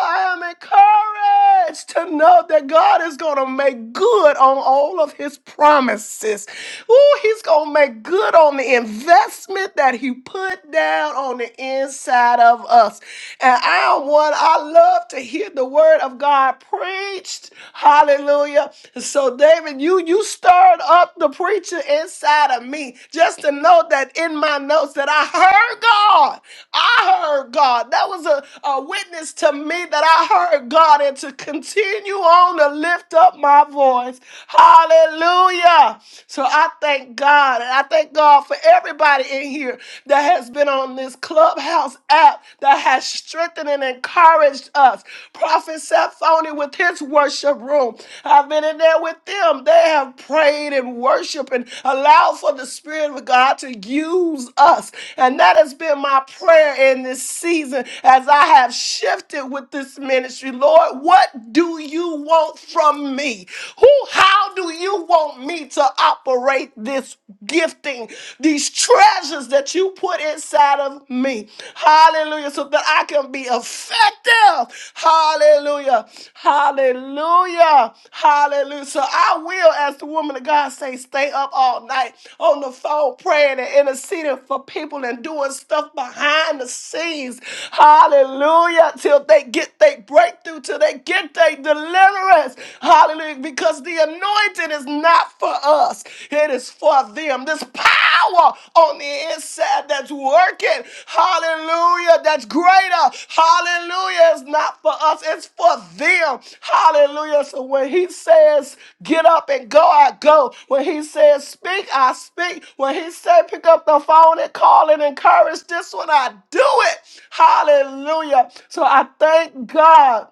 Speaker 4: I am encouraged to know that God is gonna make good on all of his promises. Ooh, he's gonna make good on the investment that he put down on the inside of us. And I want, I love to hear the word of God preached. Hallelujah. So, David, you you stirred up the preacher inside of me just to know that in my notes that I heard God. I heard God. That was a, a witness to me that I heard God and to continue on to lift up my voice. Hallelujah. So I thank God and I thank God for everybody in here that has been on this Clubhouse app that has strengthened and encouraged us. Prophet Seth Phony with his worship room. I've been in there with them. They have prayed and worshiped and allowed for the Spirit of God to use us. And that has been my prayer in this season as I have shifted with this ministry. Lord, what do you want from me? Who, how do you want me to operate this gifting, these treasures that you put inside of me? Hallelujah. Hallelujah. So that I can be effective. Hallelujah. Hallelujah. Hallelujah. So I will, as the woman of God say, stay up all night on the phone praying and interceding for people and doing stuff behind the scenes. Hallelujah. Till they get their breakthrough, till they get their deliverance. Hallelujah. Because the anointing is not for us. It is for them. This power on the inside that's working. Hallelujah. That's greater. Hallelujah. It's not for us, it's for them. Hallelujah. So when he says, get up and go, I go. When he says, speak, I speak. When he said, pick up the phone and call and encourage this one, I do it. Hallelujah. So I thank God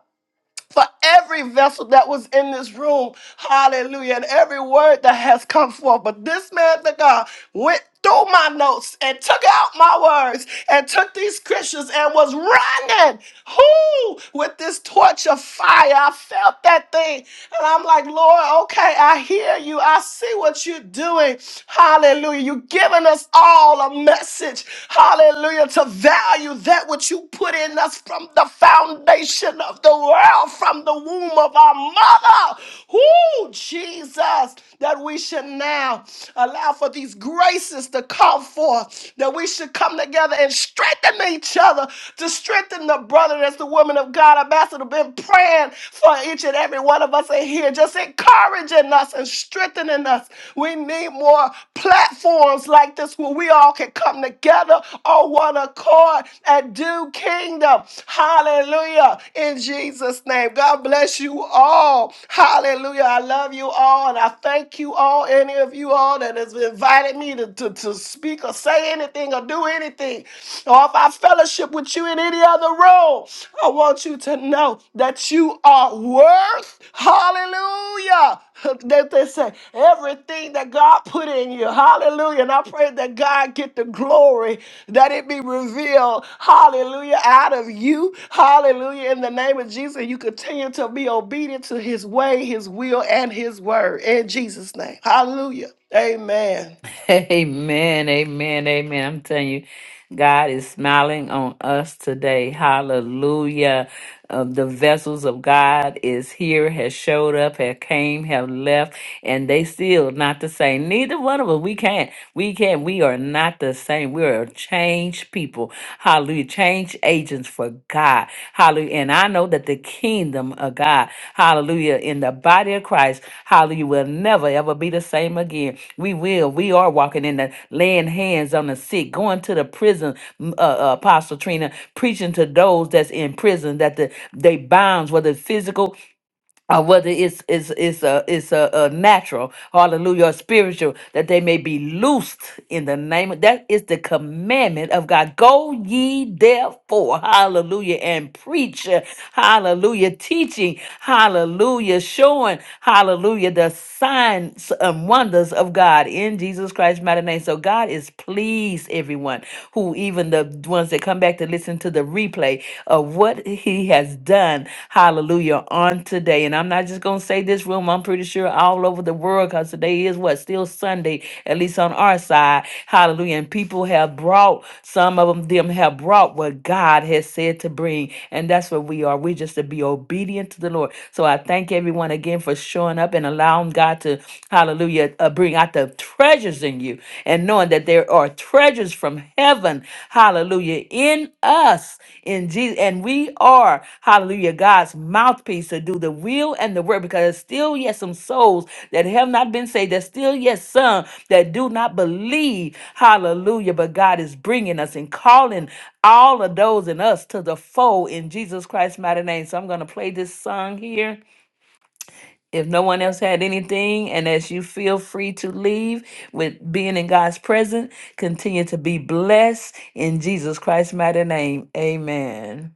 Speaker 4: for every vessel that was in this room. Hallelujah. And every word that has come forth. But this man, the God, went through my notes and took out my words and took these scriptures and was running who with this torch of fire i felt that thing and i'm like lord okay i hear you i see what you're doing hallelujah you're giving us all a message message, hallelujah, to value that which you put in us from the foundation of the world, from the womb of our mother. Who, Jesus, that we should now allow for these graces to come forth, that we should come together and strengthen each other, to strengthen the brother as the woman of God, Ambassador, been praying for each and every one of us in here, just encouraging encouraging us and strengthening us. We need more platforms like this where we all can come together on one accord and do kingdom. Hallelujah. In Jesus' name. God bless you all. Hallelujah. I love you all and I thank you all, any of you all that has invited me to, to, to speak or say anything or do anything. Or if I fellowship with you you in any other role. I want you to know that you are worth, hallelujah. *laughs* That they say everything that God put in you, hallelujah. And I pray that God get the glory, that it be revealed, hallelujah, out of you, hallelujah. In the name of Jesus, you continue to be obedient to his way, his will, and his word. In Jesus' name, hallelujah. Amen.
Speaker 1: *laughs* Amen, amen, amen. I'm telling you, God is smiling on us today. Hallelujah. Uh, the vessels of God is here, has showed up, have came, have left, and they still not the same. Neither one of us. We can't. We can't. We are not the same. We are changed people. Hallelujah. Change agents for God. God. Hallelujah. And I know that the kingdom of God, hallelujah, in the body of Christ, hallelujah, will never ever be the same again. We will. We are walking in the laying hands on the sick, going to the prison, m- uh, uh, Apostle Trina, preaching to those that's in prison that the they bounds, whether physical or whether it's it's it's a it's a, a natural hallelujah or spiritual that they may be loosed in the name of that is the commandment of god go ye therefore hallelujah and preach uh, hallelujah teaching hallelujah showing hallelujah the signs and wonders of god in jesus christ's mighty name so god is pleased everyone who even the ones that come back to to listen to the replay of what he has done, hallelujah, on today. And I'm not just going to say this room, I'm pretty sure all over the world, because today is what? Still Sunday, at least on our side, hallelujah. And people have brought, some of 'em- them have brought what God has said to bring. And that's what we are. We're just to be obedient to the Lord. So I thank everyone again for showing up and allowing God to, hallelujah, uh, bring out the treasure treasures in you and knowing that there are treasures from heaven, hallelujah, in us, in Jesus. And we are, hallelujah, God's mouthpiece to do the will and the work because there's still yet some souls that have not been saved. There's still yet some that do not believe, hallelujah, but God is bringing us and calling all of those in us to the fold in Jesus Christ's mighty name. So I'm going to play this song here. If no one else had anything, and as you feel free to leave with being in God's presence, continue to be blessed in Jesus Christ's mighty name. Amen.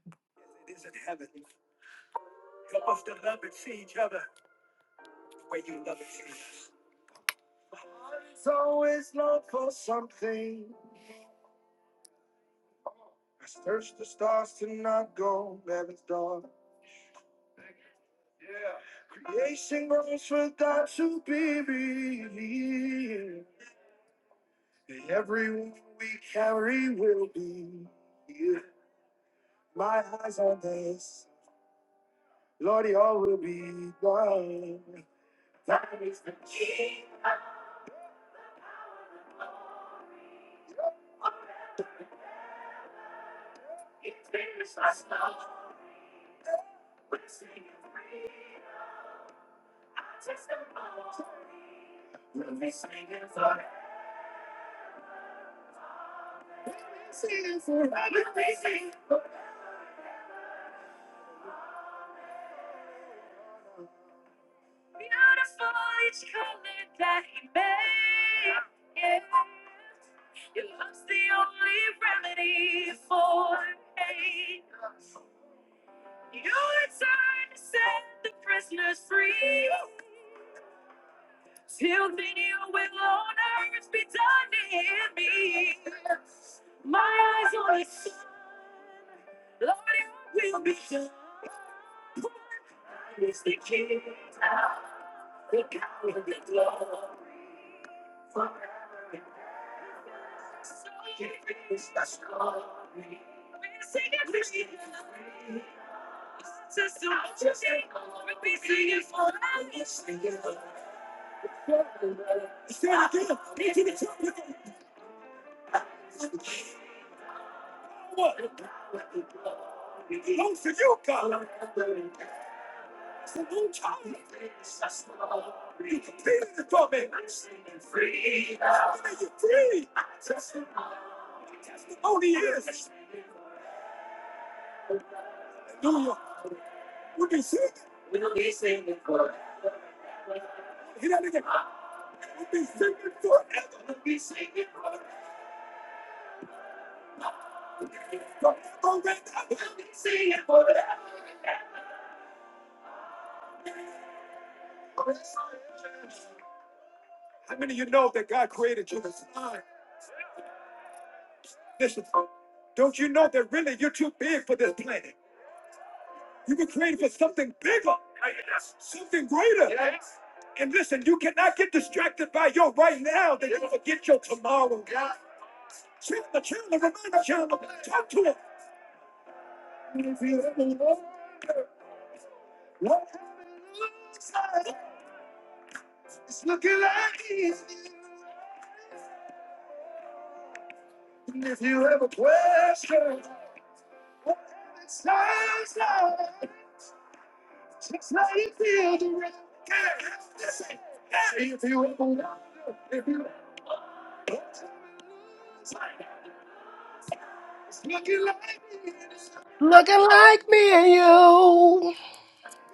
Speaker 4: Looking like me and you.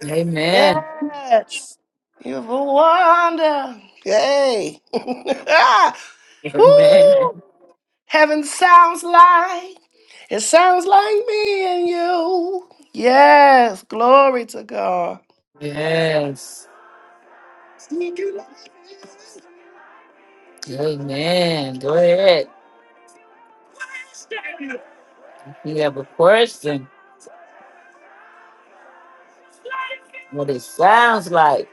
Speaker 1: Amen.
Speaker 4: Yes. You're a wonder. Hey. *laughs* Woo.
Speaker 1: Amen.
Speaker 4: Heaven sounds like, it sounds like me and you. Yes. Glory to God.
Speaker 1: Yes. Amen. Go ahead. If you have a question, what it sounds like.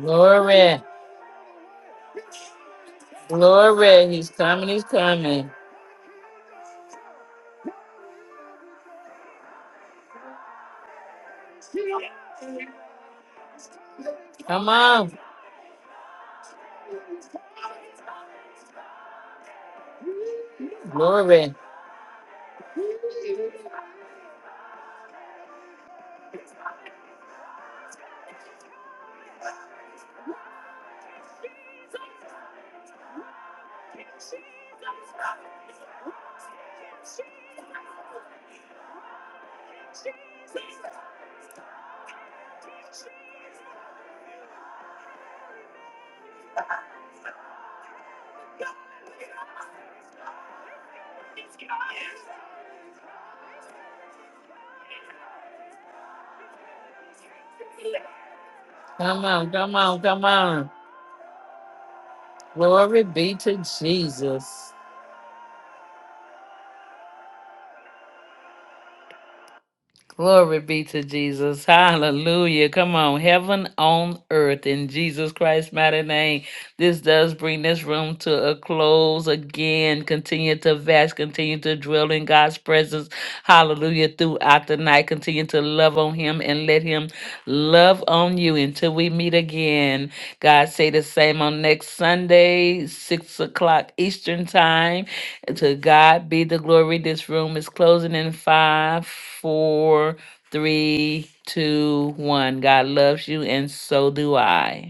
Speaker 1: Glory. Glory. He's coming. He's coming. Come on. Glory. Come on. Come on. Come on. Glory be to Jesus. Glory be to Jesus. Hallelujah. Come on. Heaven on earth in Jesus Christ's mighty name. This does bring this room to a close again. Continue to fast. Continue to dwell in God's presence. Hallelujah. Throughout the night. Continue to love on Him and let Him love on you until we meet again. God say the same on next Sunday, 6 o'clock Eastern Time. And to God be the glory. This room is closing in five, four, three, two, one. God loves you, and so do I.